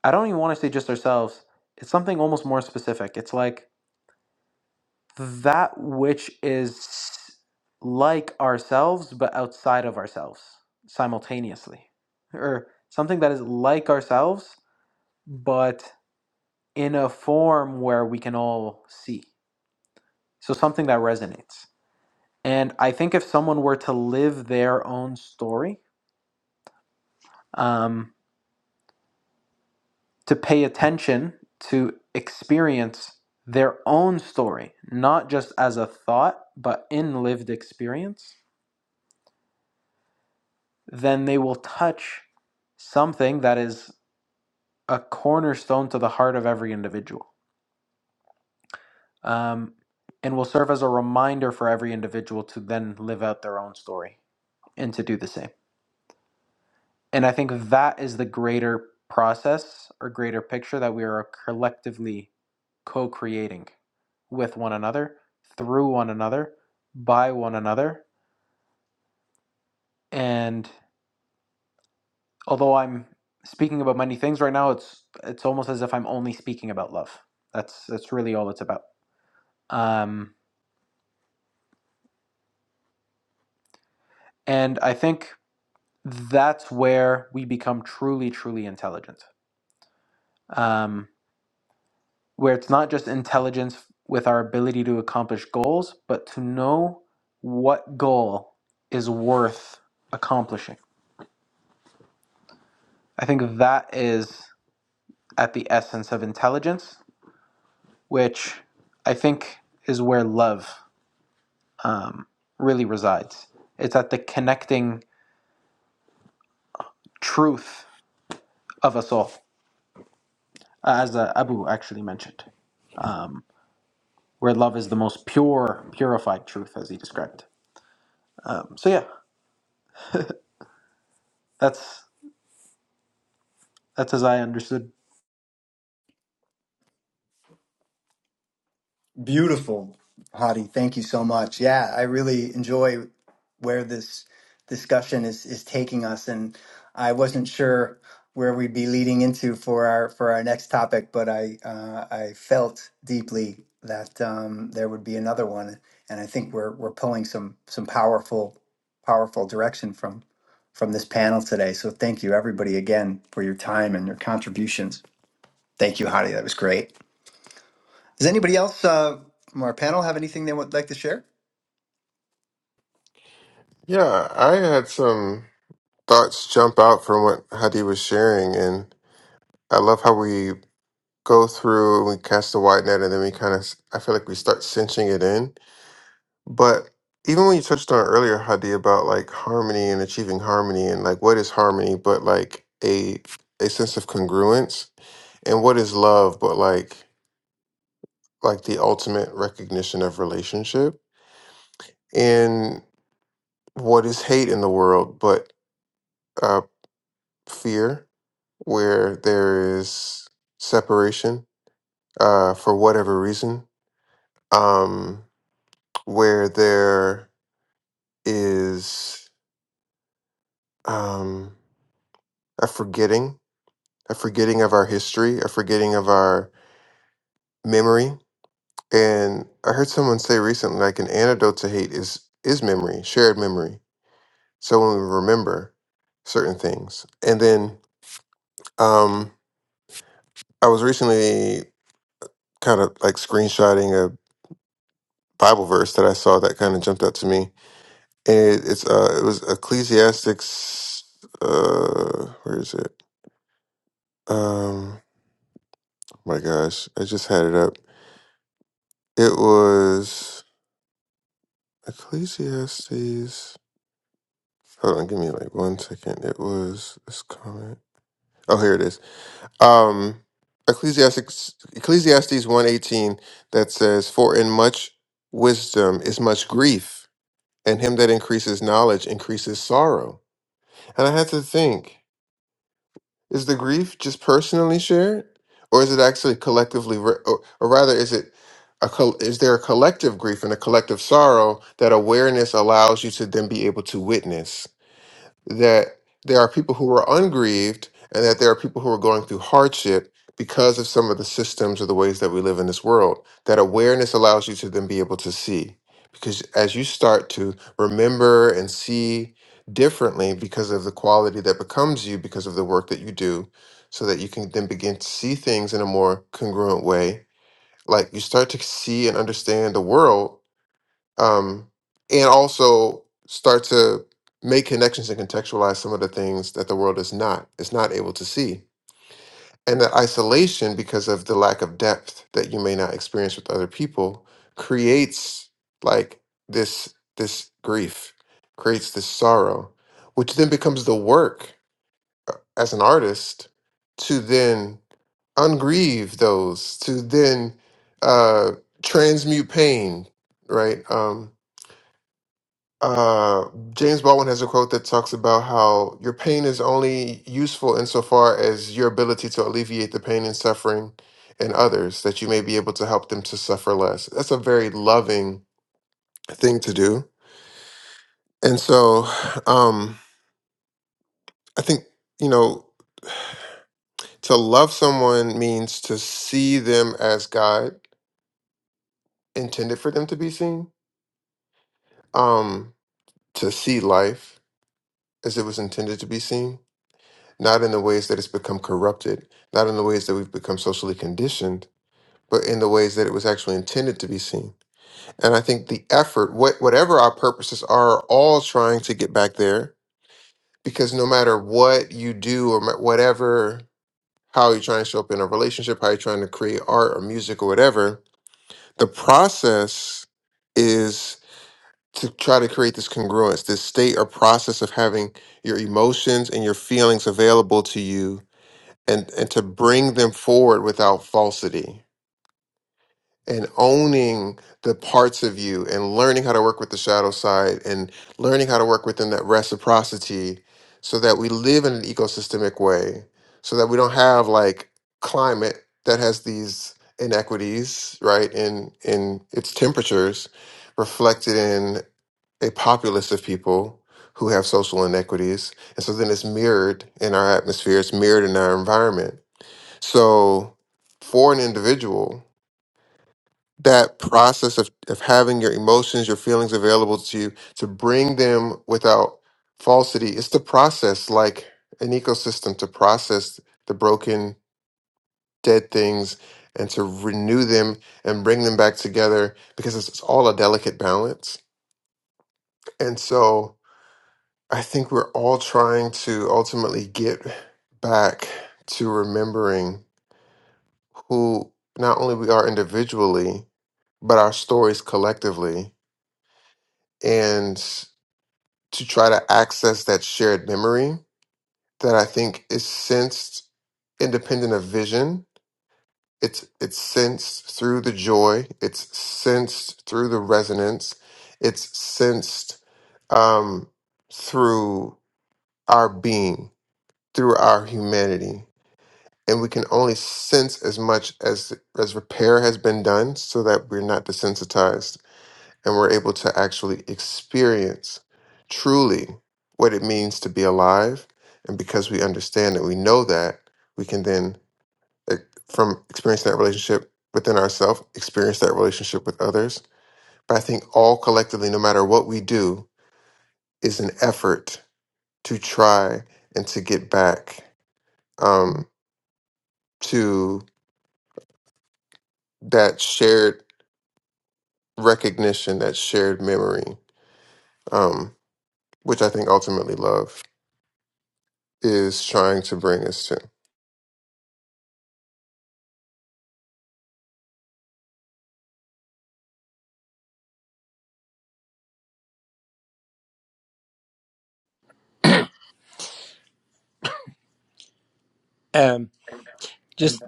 Speaker 3: I don't even want to say just ourselves, it's something almost more specific. It's like that which is like ourselves, but outside of ourselves simultaneously, or something that is like ourselves, but in a form where we can all see. So something that resonates. And I think if someone were to live their own story, um, to pay attention, to experience their own story, not just as a thought, but in lived experience, then they will touch something that is a cornerstone to the heart of every individual um, and will serve as a reminder for every individual to then live out their own story and to do the same. And I think that is the greater process or greater picture that we are collectively co creating with one another, through one another, by one another. And although I'm speaking about many things right now, it's it's almost as if I'm only speaking about love. That's that's really all it's about. Um, and I think that's where we become truly, truly intelligent. Um, where it's not just intelligence with our ability to accomplish goals, but to know what goal is worth accomplishing. I think that is at the essence of intelligence, which I think is where love um, really resides. It's at the connecting truth of us all, uh, as uh, Abu actually mentioned, um, where love is the most pure, purified truth, as he described. Um, so yeah, that's that's as I understood
Speaker 1: Beautiful, Hadi. Thank you so much. Yeah, I really enjoy where this discussion is is taking us, and I wasn't sure where we'd be leading into for our for our next topic, but I uh, I felt deeply that um, there would be another one, and I think we're we're pulling some some powerful powerful direction from from this panel today. So thank you everybody again for your time and your contributions. Thank you, Hadi. That was great. Does anybody else uh, from our panel have anything they would like to share?
Speaker 7: Yeah, I had some thoughts jump out from what Hadi was sharing, and I love how we go through we cast the wide net and then we kind of i feel like we start cinching it in but even when you touched on earlier hadi about like harmony and achieving harmony and like what is harmony but like a a sense of congruence and what is love but like like the ultimate recognition of relationship and what is hate in the world but uh fear where there is separation uh for whatever reason um. where there is um, a forgetting, a forgetting of our history, a forgetting of our memory. And I heard someone say recently, like an antidote to hate is is memory, shared memory. So when we remember certain things, and then um, I was recently kind of like screenshotting a Bible verse that I saw that kind of jumped out to me. And it, it's uh, it was Ecclesiastics. Uh, where is it? Um, My gosh, I just had it up. It was Ecclesiastes. Hold on, give me like one second. It was this comment. Oh, here it is. Um, Ecclesiastes Ecclesiastes one eighteen that says, "For in much wisdom is much grief, and him that increases knowledge increases sorrow." And I had to think. Is the grief just personally shared, or is it actually collectively, re- or, or rather, is it a col- is there a collective grief and a collective sorrow that awareness allows you to then be able to witness? that there are people who are ungrieved and that there are people who are going through hardship because of some of the systems or the ways that we live in this world. That awareness allows you to then be able to see. Because as you start to remember and see differently because of the quality that becomes you, because of the work that you do, so that you can then begin to see things in a more congruent way, like you start to see and understand the world um, and also start to make connections and contextualize some of the things that the world is not is not able to see and that isolation because of the lack of depth that you may not experience with other people creates like this this grief creates this sorrow which then becomes the work as an artist to then ungrieve those to then uh transmute pain right um. Uh, James Baldwin has a quote that talks about how your pain is only useful insofar as your ability to alleviate the pain and suffering in others, that you may be able to help them to suffer less. That's a very loving thing to do. And so um, I think, you know, to love someone means to see them as God intended for them to be seen, um, to see life as it was intended to be seen not in the ways that it's become corrupted, not in the ways that we've become socially conditioned, but in the ways that it was actually intended to be seen. And I think the effort, what, whatever our purposes are, are all trying to get back there because no matter what you do or ma- whatever, how you're trying to show up in a relationship, how you're trying to create art or music or whatever, the process is to try to create this congruence, this state or process of having your emotions and your feelings available to you and, and to bring them forward without falsity and owning the parts of you and learning how to work with the shadow side and learning how to work within that reciprocity so that we live in an ecosystemic way so that we don't have like climate that has these inequities right in in its temperatures reflected in a populace of people who have social inequities and so then it's mirrored in our atmosphere it's mirrored in our environment so, for an individual, that process of, of having your emotions, your feelings available to you, to bring them without falsity, it's the process like an ecosystem to process the broken, dead things and to renew them and bring them back together because it's, it's all a delicate balance. And so, I think we're all trying to ultimately get back to remembering who not only we are individually, but our stories collectively and to try to access that shared memory that I think is sensed independent of vision. It's it's sensed through the joy. It's sensed through the resonance. It's sensed um, through our being, through our humanity, and we can only sense as much as as repair has been done, so that we're not desensitized and we're able to actually experience truly what it means to be alive. And because we understand it, we know that, we can then, eh, from experiencing that relationship within ourselves, experience that relationship with others. But I think all collectively, no matter what we do, is an effort to try and to get back um, to that shared recognition, that shared memory, um, which I think ultimately love is trying to bring us to.
Speaker 6: Um, just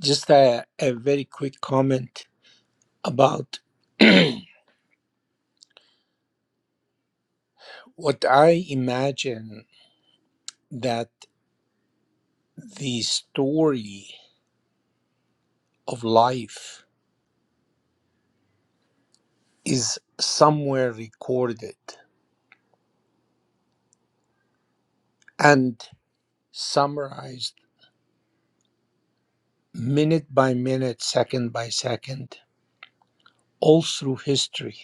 Speaker 6: just a, a very quick comment about [clears throat] what I imagine that the story of life is somewhere recorded and summarized minute by minute, second by second all through history,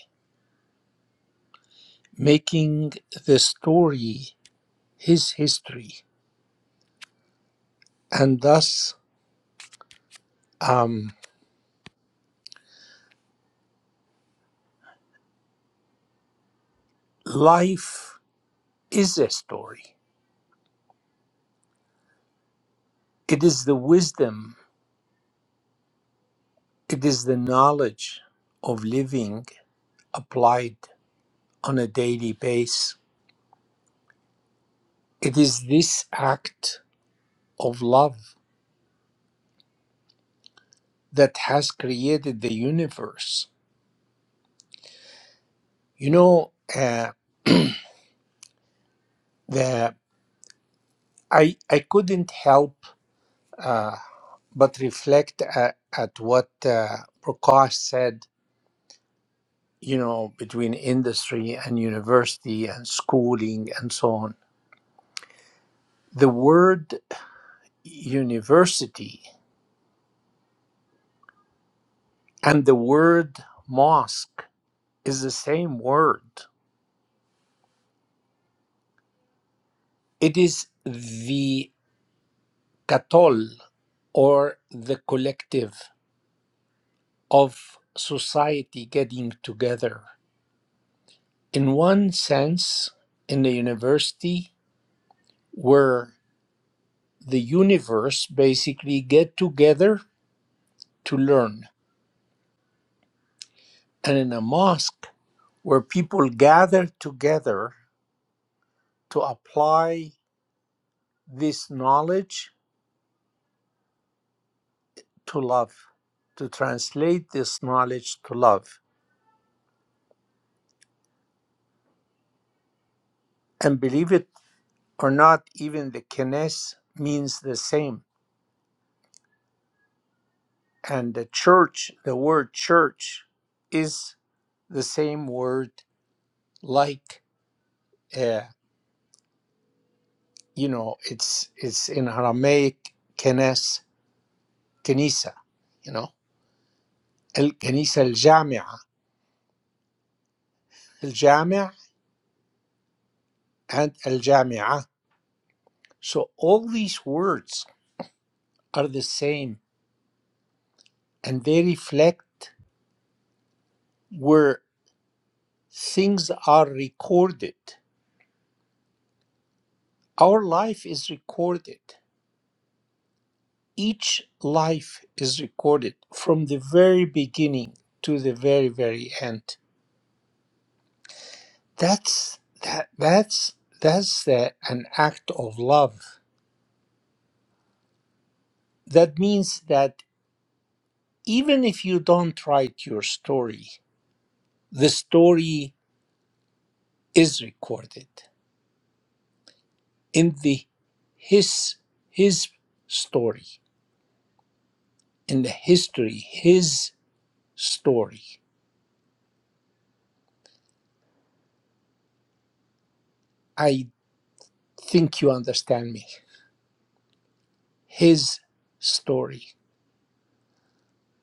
Speaker 6: making the story his history. And thus, um, life is a story. It is the wisdom, it is the knowledge of living applied on a daily basis. It is this act of love that has created the universe. You know, uh, the, I, I couldn't help. uh, but reflect at, at what uh, Prakash said, you know, between industry and university and schooling and so on. The word university and the word mosque is the same word. It is the katol or the collective of society getting together. In one sense, in the university, were the universe basically get together to learn. And in a mosque where people gather together to apply this knowledge to love, to translate this knowledge to love. And believe it or not, even the kenes means the same. And the church, the word church, is the same word like, uh, you know, it's, it's in Aramaic, kenes كنيسة you know الكنيسة الجامعة الجامع and الجامعة so all these words are the same and they reflect where things are recorded our life is recorded each life is recorded from the very beginning to the very very end that's that that's that's uh, an act of love that means that even if you don't write your story, the story is recorded in the his his story, in the history, his story. I think you understand me. His story.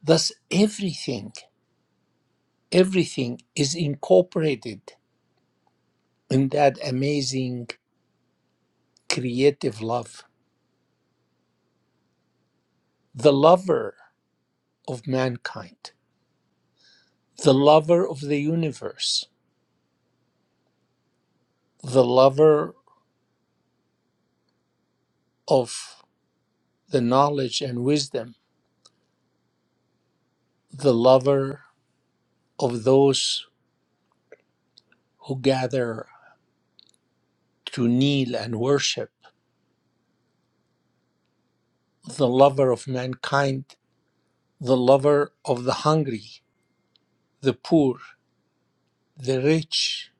Speaker 6: Thus everything, everything is incorporated in that amazing creative love. The lover of mankind, the lover of the universe, the lover of the knowledge and wisdom, the lover of those who gather to kneel and worship, the lover of mankind, the lover of the hungry, the poor, the rich,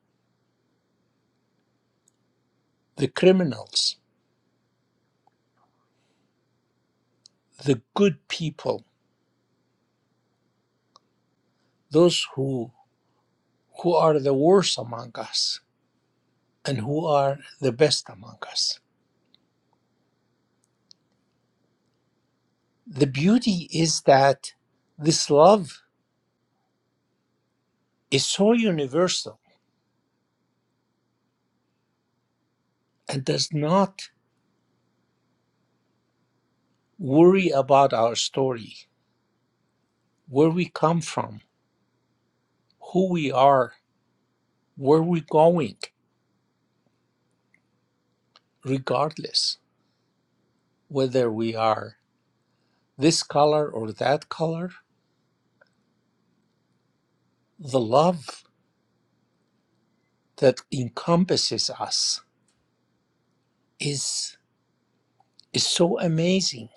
Speaker 6: the criminals, the good people, those who who are the worst among us and who are the best among us. The beauty is that this love is so universal and does not worry about our story, where we come from, who we are, where we're going, regardless whether we are this color or that color. The love that encompasses us is, is so amazing.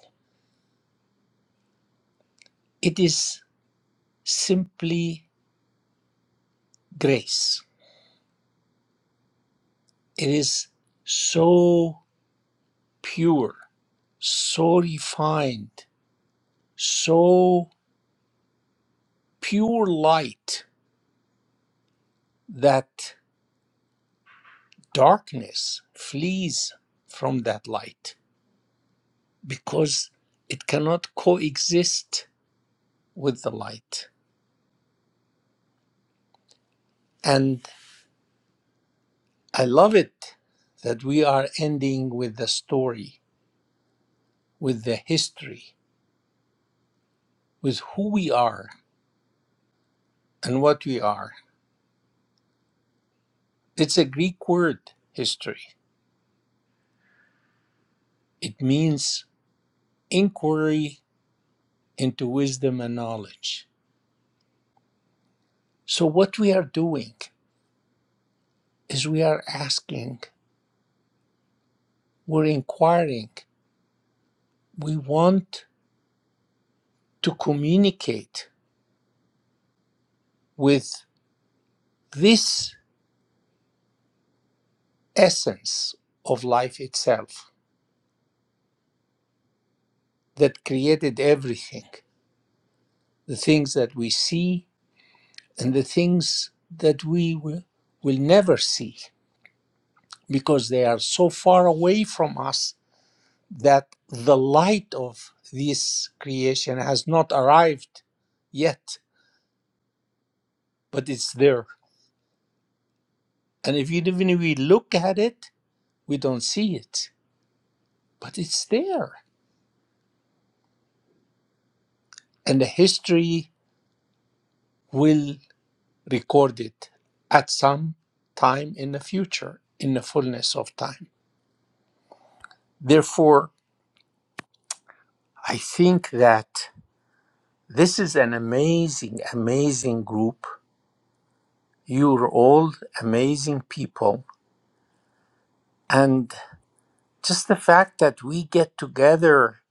Speaker 6: It is simply grace. It is so pure, so refined, so pure light that darkness flees from that light because it cannot coexist with the light. And I love it that we are ending with the story, with the history, with who we are and what we are. It's a Greek word, history. It means inquiry into wisdom and knowledge. So, what we are doing is we are asking, we're inquiring, we want to communicate with this essence of life itself that created everything, the things that we see and the things that we will, will never see because they are so far away from us that the light of this creation has not arrived yet, but it's there. And if even if we look at it, we don't see it, but it's there. And the history will recorded at some time in the future, in the fullness of time. Therefore, I think that this is an amazing, amazing group. You're all amazing people. And just the fact that we get together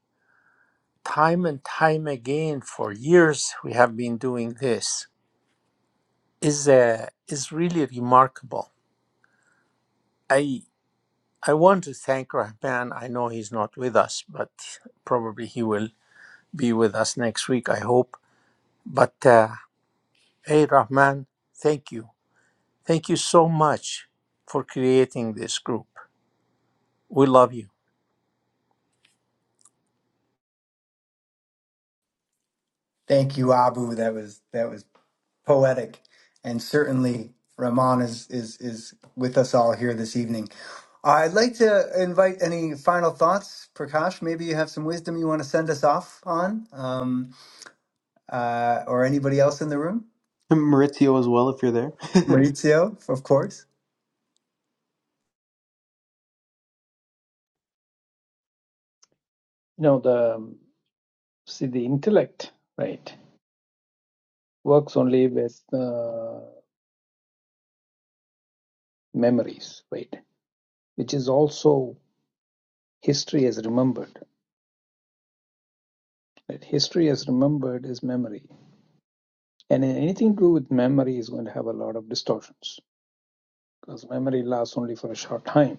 Speaker 6: time and time again for years, we have been doing this is uh, is really remarkable. I I want to thank Rahman. I know he's not with us, but probably he will be with us next week, I hope. But uh, hey, Rahman, thank you. Thank you so much for creating this group. We love you.
Speaker 1: Thank you, Abu. That was that was poetic, and certainly Rahman is is is with us all here this evening. I'd like to invite any final thoughts, Prakash. Maybe you have some wisdom you want to send us off on, um, uh, or anybody else in the room.
Speaker 3: [laughs] Maurizio as well if you're there. [laughs]
Speaker 1: Maurizio, of course.
Speaker 4: You know, the see the intellect, right, works only with uh, memories, right, which is also history as remembered. Right? History as remembered is memory, and anything to do with memory is going to have a lot of distortions because memory lasts only for a short time.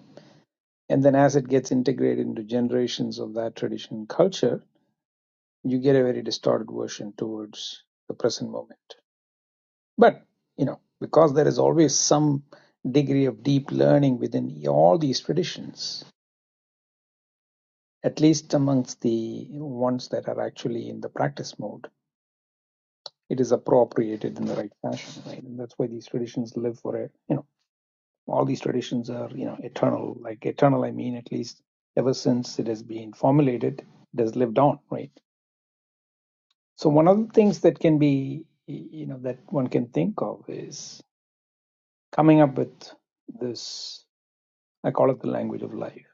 Speaker 4: And then as it gets integrated into generations of that tradition and culture, you get a very distorted version towards the present moment. But, you know, because there is always some degree of deep learning within all these traditions, at least amongst the ones that are actually in the practice mode, it is appropriated in the right fashion, right? And that's why these traditions live for a, you know, all these traditions are, you know, eternal. Like eternal, I mean, at least ever since it has been formulated, it has lived on, right? So one of the things that can be, you know, that one can think of is coming up with this. I call it the language of life,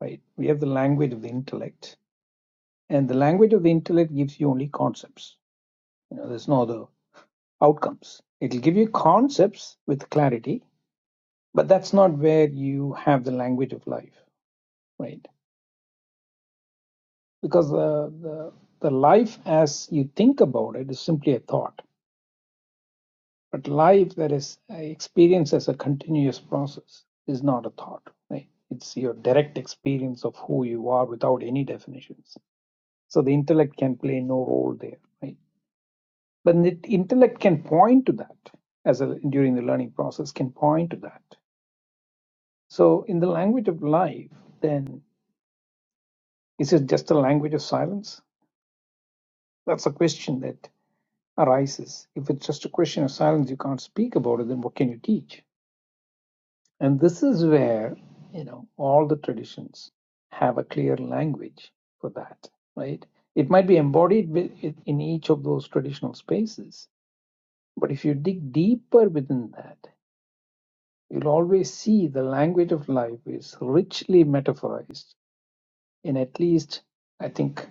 Speaker 4: right? We have the language of the intellect, and the language of the intellect gives you only concepts. You know, there's no other outcomes. It'll give you concepts with clarity, but that's not where you have the language of life, right? Because the the, the life as you think about it is simply a thought But life that is uh, experienced as a continuous process is not a thought, right? It's your direct experience of who you are without any definitions. So the intellect can play no role there, right? But the intellect can point to that as a, during the learning process can point to that. So in the language of life, then is it just a language of silence? That's a question that arises. If it's just a question of silence, you can't speak about it, then what can you teach? And this is where, you know, all the traditions have a clear language for that, right? It might be embodied with- in each of those traditional spaces, but if you dig deeper within that, you'll always see the language of life is richly metaphorized in at least, I think,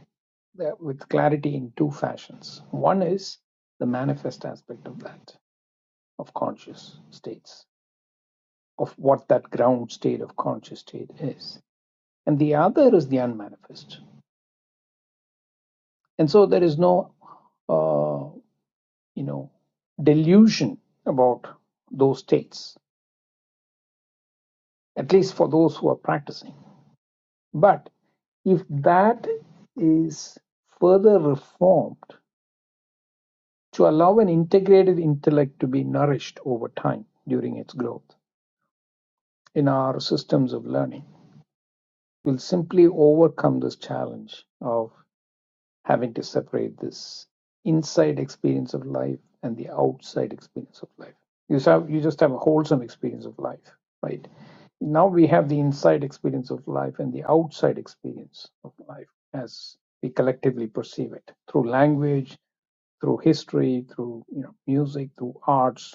Speaker 4: that- with clarity in two fashions. One is the manifest aspect of that, of conscious states, of what that ground state of conscious state is and the other is the unmanifest. And so there is no, uh, you know, delusion about those states, at least for those who are practicing. But if that is further reformed to allow an integrated intellect to be nourished over time during its growth in our systems of learning, will simply overcome this challenge of having to separate this inside experience of life and the outside experience of life. You have you just have a wholesome experience of life, right? Now we have the inside experience of life and the outside experience of life as we collectively perceive it through language, through history, through you know music, through arts,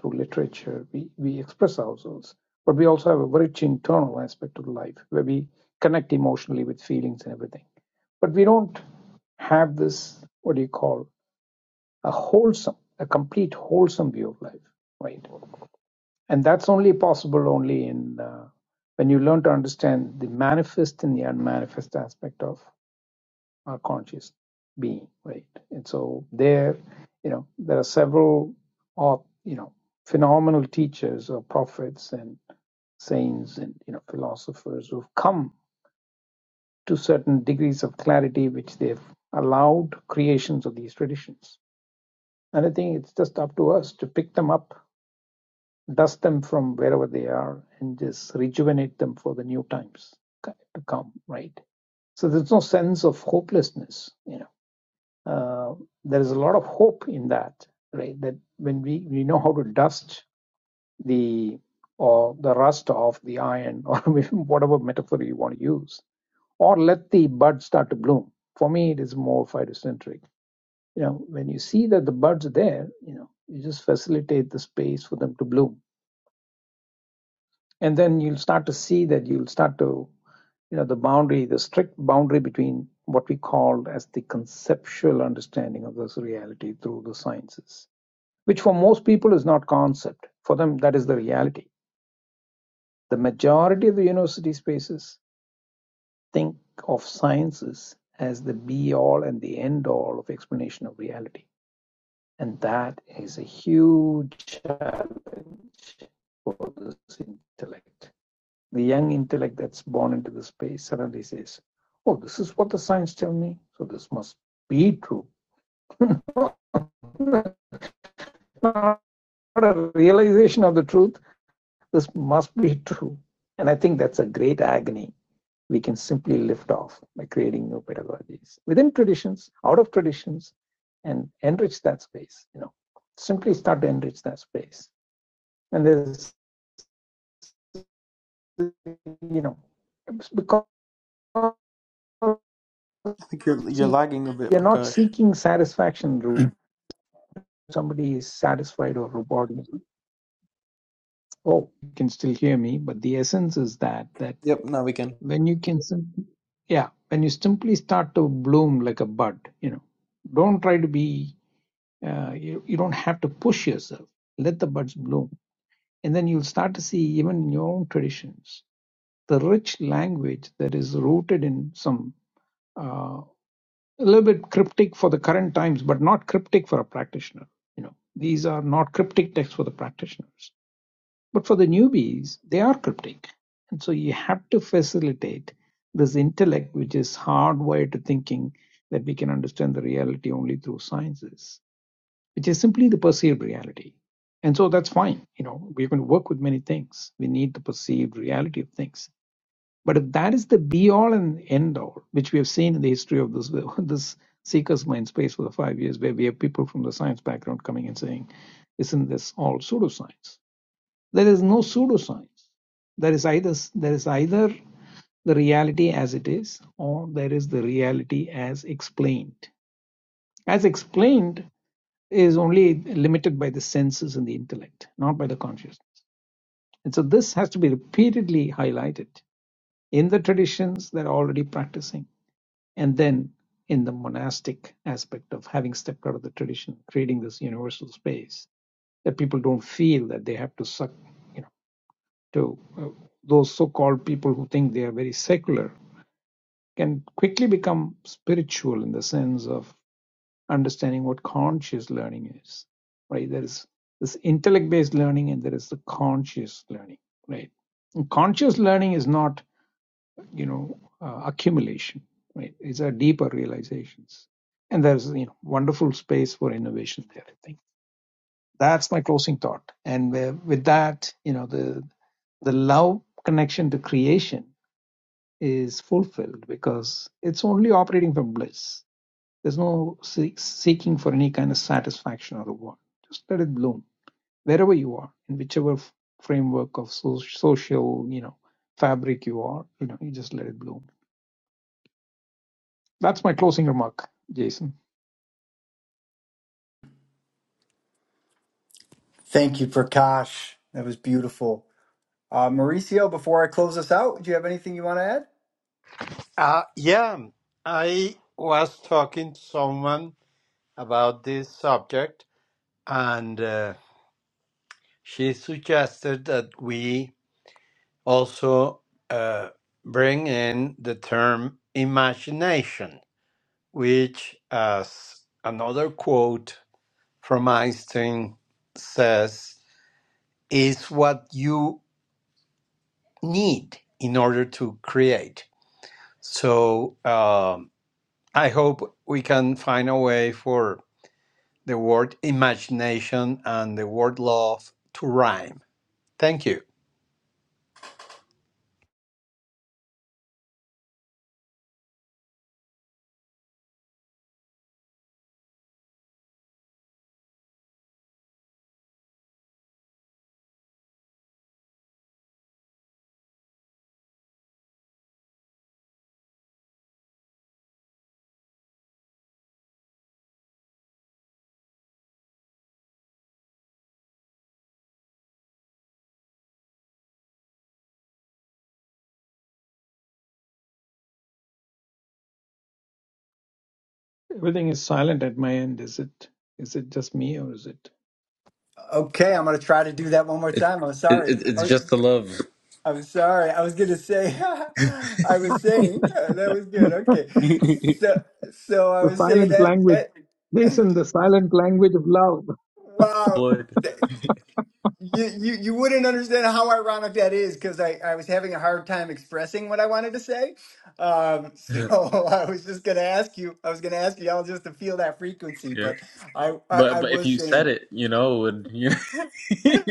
Speaker 4: through literature. We, we express ourselves, but we also have a rich internal aspect of life where we connect emotionally with feelings and everything. But we don't have this, what do you call, a wholesome, a complete wholesome view of life, right? And that's only possible only in uh, when you learn to understand the manifest and the unmanifest aspect of our conscious being, right? And so there, you know, there are several, uh, you know, phenomenal teachers or prophets and saints and you know philosophers who've come to certain degrees of clarity which they've allowed creations of these traditions. And I think it's just up to us to pick them up, dust them from wherever they are, and just rejuvenate them for the new times to come, right? So there's no sense of hopelessness, you know uh, there is a lot of hope in that, right? That when we, we know how to dust the or the rust off the iron or [laughs] whatever metaphor you want to use, or let the bud start to bloom. For me, it is more phytocentric. You know, when you see that the buds are there, you know, you just facilitate the space for them to bloom, and then you'll start to see that you'll start to, you know, the boundary, the strict boundary between what we call as the conceptual understanding of this reality through the sciences which for most people is not concept for them that is the reality the majority of the university spaces think of sciences as the be all and the end all of explanation of reality and that is a huge challenge for this intellect the young intellect that's born into the space suddenly says oh this is what the science tell me so this must be true [laughs] not a realization of the truth This must be true. And I think that's a great agony. We can simply lift off by creating new pedagogies within traditions, out of traditions, and enrich that space, you know. Simply start to enrich that space. And there's you know, because
Speaker 3: I think you're you're lagging a bit,
Speaker 4: you're not
Speaker 3: Prakash.
Speaker 4: seeking satisfaction. Somebody is satisfied or rewarded. Oh, you can still hear me, but the essence is that that
Speaker 3: Yep, now we can.
Speaker 4: when you can simply yeah when you simply start to bloom like a bud you know don't try to be uh, you, you don't have to push yourself let the buds bloom and then you'll start to see even in your own traditions the rich language that is rooted in some uh, a little bit cryptic for the current times but not cryptic for a practitioner you know these are not cryptic texts for the practitioners but for the newbies, they are cryptic. And so you have to facilitate this intellect, which is hardwired to thinking that we can understand the reality only through sciences, which is simply the perceived reality. And so that's fine. You know, we're going to work with many things. We need the perceived reality of things. But if that is the be all and end all, which we have seen in the history of this [laughs] this seeker's mind space for the five years, where we have people from the science background coming and saying, isn't this all pseudoscience? There is no pseudoscience. There is either there is either the reality as it is, or there is the reality as explained. As explained is only limited by the senses and the intellect, not by the consciousness. And so this has to be repeatedly highlighted in the traditions that are already practicing, and then in the monastic aspect of having stepped out of the tradition, creating this universal space that people don't feel that they have to suck, you know, to uh, those so-called people who think they are very secular can quickly become spiritual in the sense of understanding what conscious learning is right there is this intellect based learning and there is the conscious learning right And conscious learning is not you know uh, accumulation right it's a deeper realizations and there's you know wonderful space for innovation there i think that's my closing thought and uh, with that you know the the love connection to creation is fulfilled because it's only operating from bliss there's no seeking for any kind of satisfaction or reward. Just let it bloom wherever you are, in whichever framework of so, social, you know, fabric you are. You know, you just let it bloom. That's my closing remark, Jason.
Speaker 1: Thank you, Prakash. That was beautiful. Uh, Mauricio, before I close us out, do you have anything you want to add?
Speaker 2: Uh, yeah, I was talking to someone about this subject, and uh, she suggested that we also uh, bring in the term imagination, which, as another quote from Einstein says, is what you need in order to create. So um, I hope we can find a way for the word imagination and the word love to rhyme. Thank you.
Speaker 4: Everything is silent at my end. Is it? Is it just me or is it?
Speaker 1: Okay, I'm going to try to do that one more time. I'm
Speaker 3: It
Speaker 1: sorry. I-
Speaker 3: [laughs]
Speaker 1: I'm sorry. I was going to say, [laughs] I was saying [laughs] uh, that was
Speaker 4: [laughs]
Speaker 1: good. Okay,
Speaker 3: it
Speaker 1: so so I
Speaker 4: the
Speaker 1: was saying
Speaker 4: silent
Speaker 1: that.
Speaker 4: language.
Speaker 1: that [laughs]
Speaker 4: listen. the silent language of love.
Speaker 1: wow,
Speaker 3: would.
Speaker 1: that- you, you you wouldn't understand how ironic that is because I I was having a hard time expressing what I wanted to say. Um, so
Speaker 3: Yeah.
Speaker 1: [laughs] I was just going to ask you. I was going to ask you all just to feel that frequency, but I I,
Speaker 3: But
Speaker 1: I
Speaker 3: but if
Speaker 1: was
Speaker 3: you said
Speaker 1: saying.
Speaker 3: it, you know, it would [laughs] you
Speaker 1: [laughs]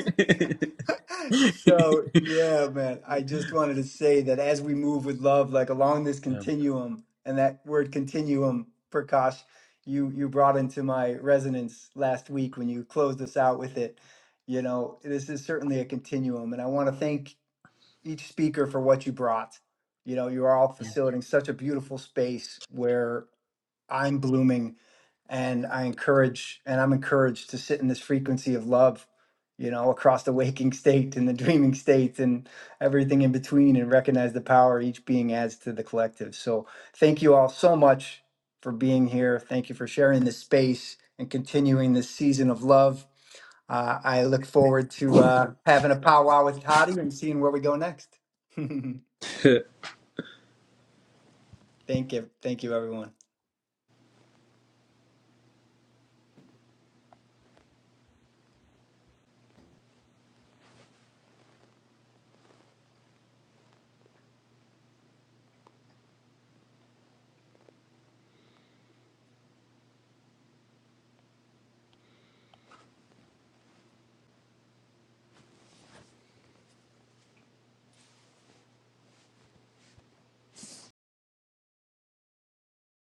Speaker 1: So, yeah, man, I just wanted to say that as we move with love, like along this
Speaker 3: Yeah.
Speaker 1: continuum, and that word continuum, Prakash, you you brought into my resonance last week when you closed us out with it. You know, this is certainly a continuum, and I want to thank each speaker for what you brought. You know, you are all
Speaker 3: Yeah.
Speaker 1: facilitating such a beautiful space where. I'm blooming and I encourage and I'm encouraged to sit in this frequency of love, you know, across the waking [laughs] state and the dreaming state and everything in between and recognize the power each being adds to the collective. So thank you all so much for being here. Thank you for sharing this space and continuing this season of love. Uh, I look forward to uh, having a powwow with Toddy and seeing where we go next. [laughs] thank
Speaker 3: [laughs]
Speaker 1: you. Thank you, everyone.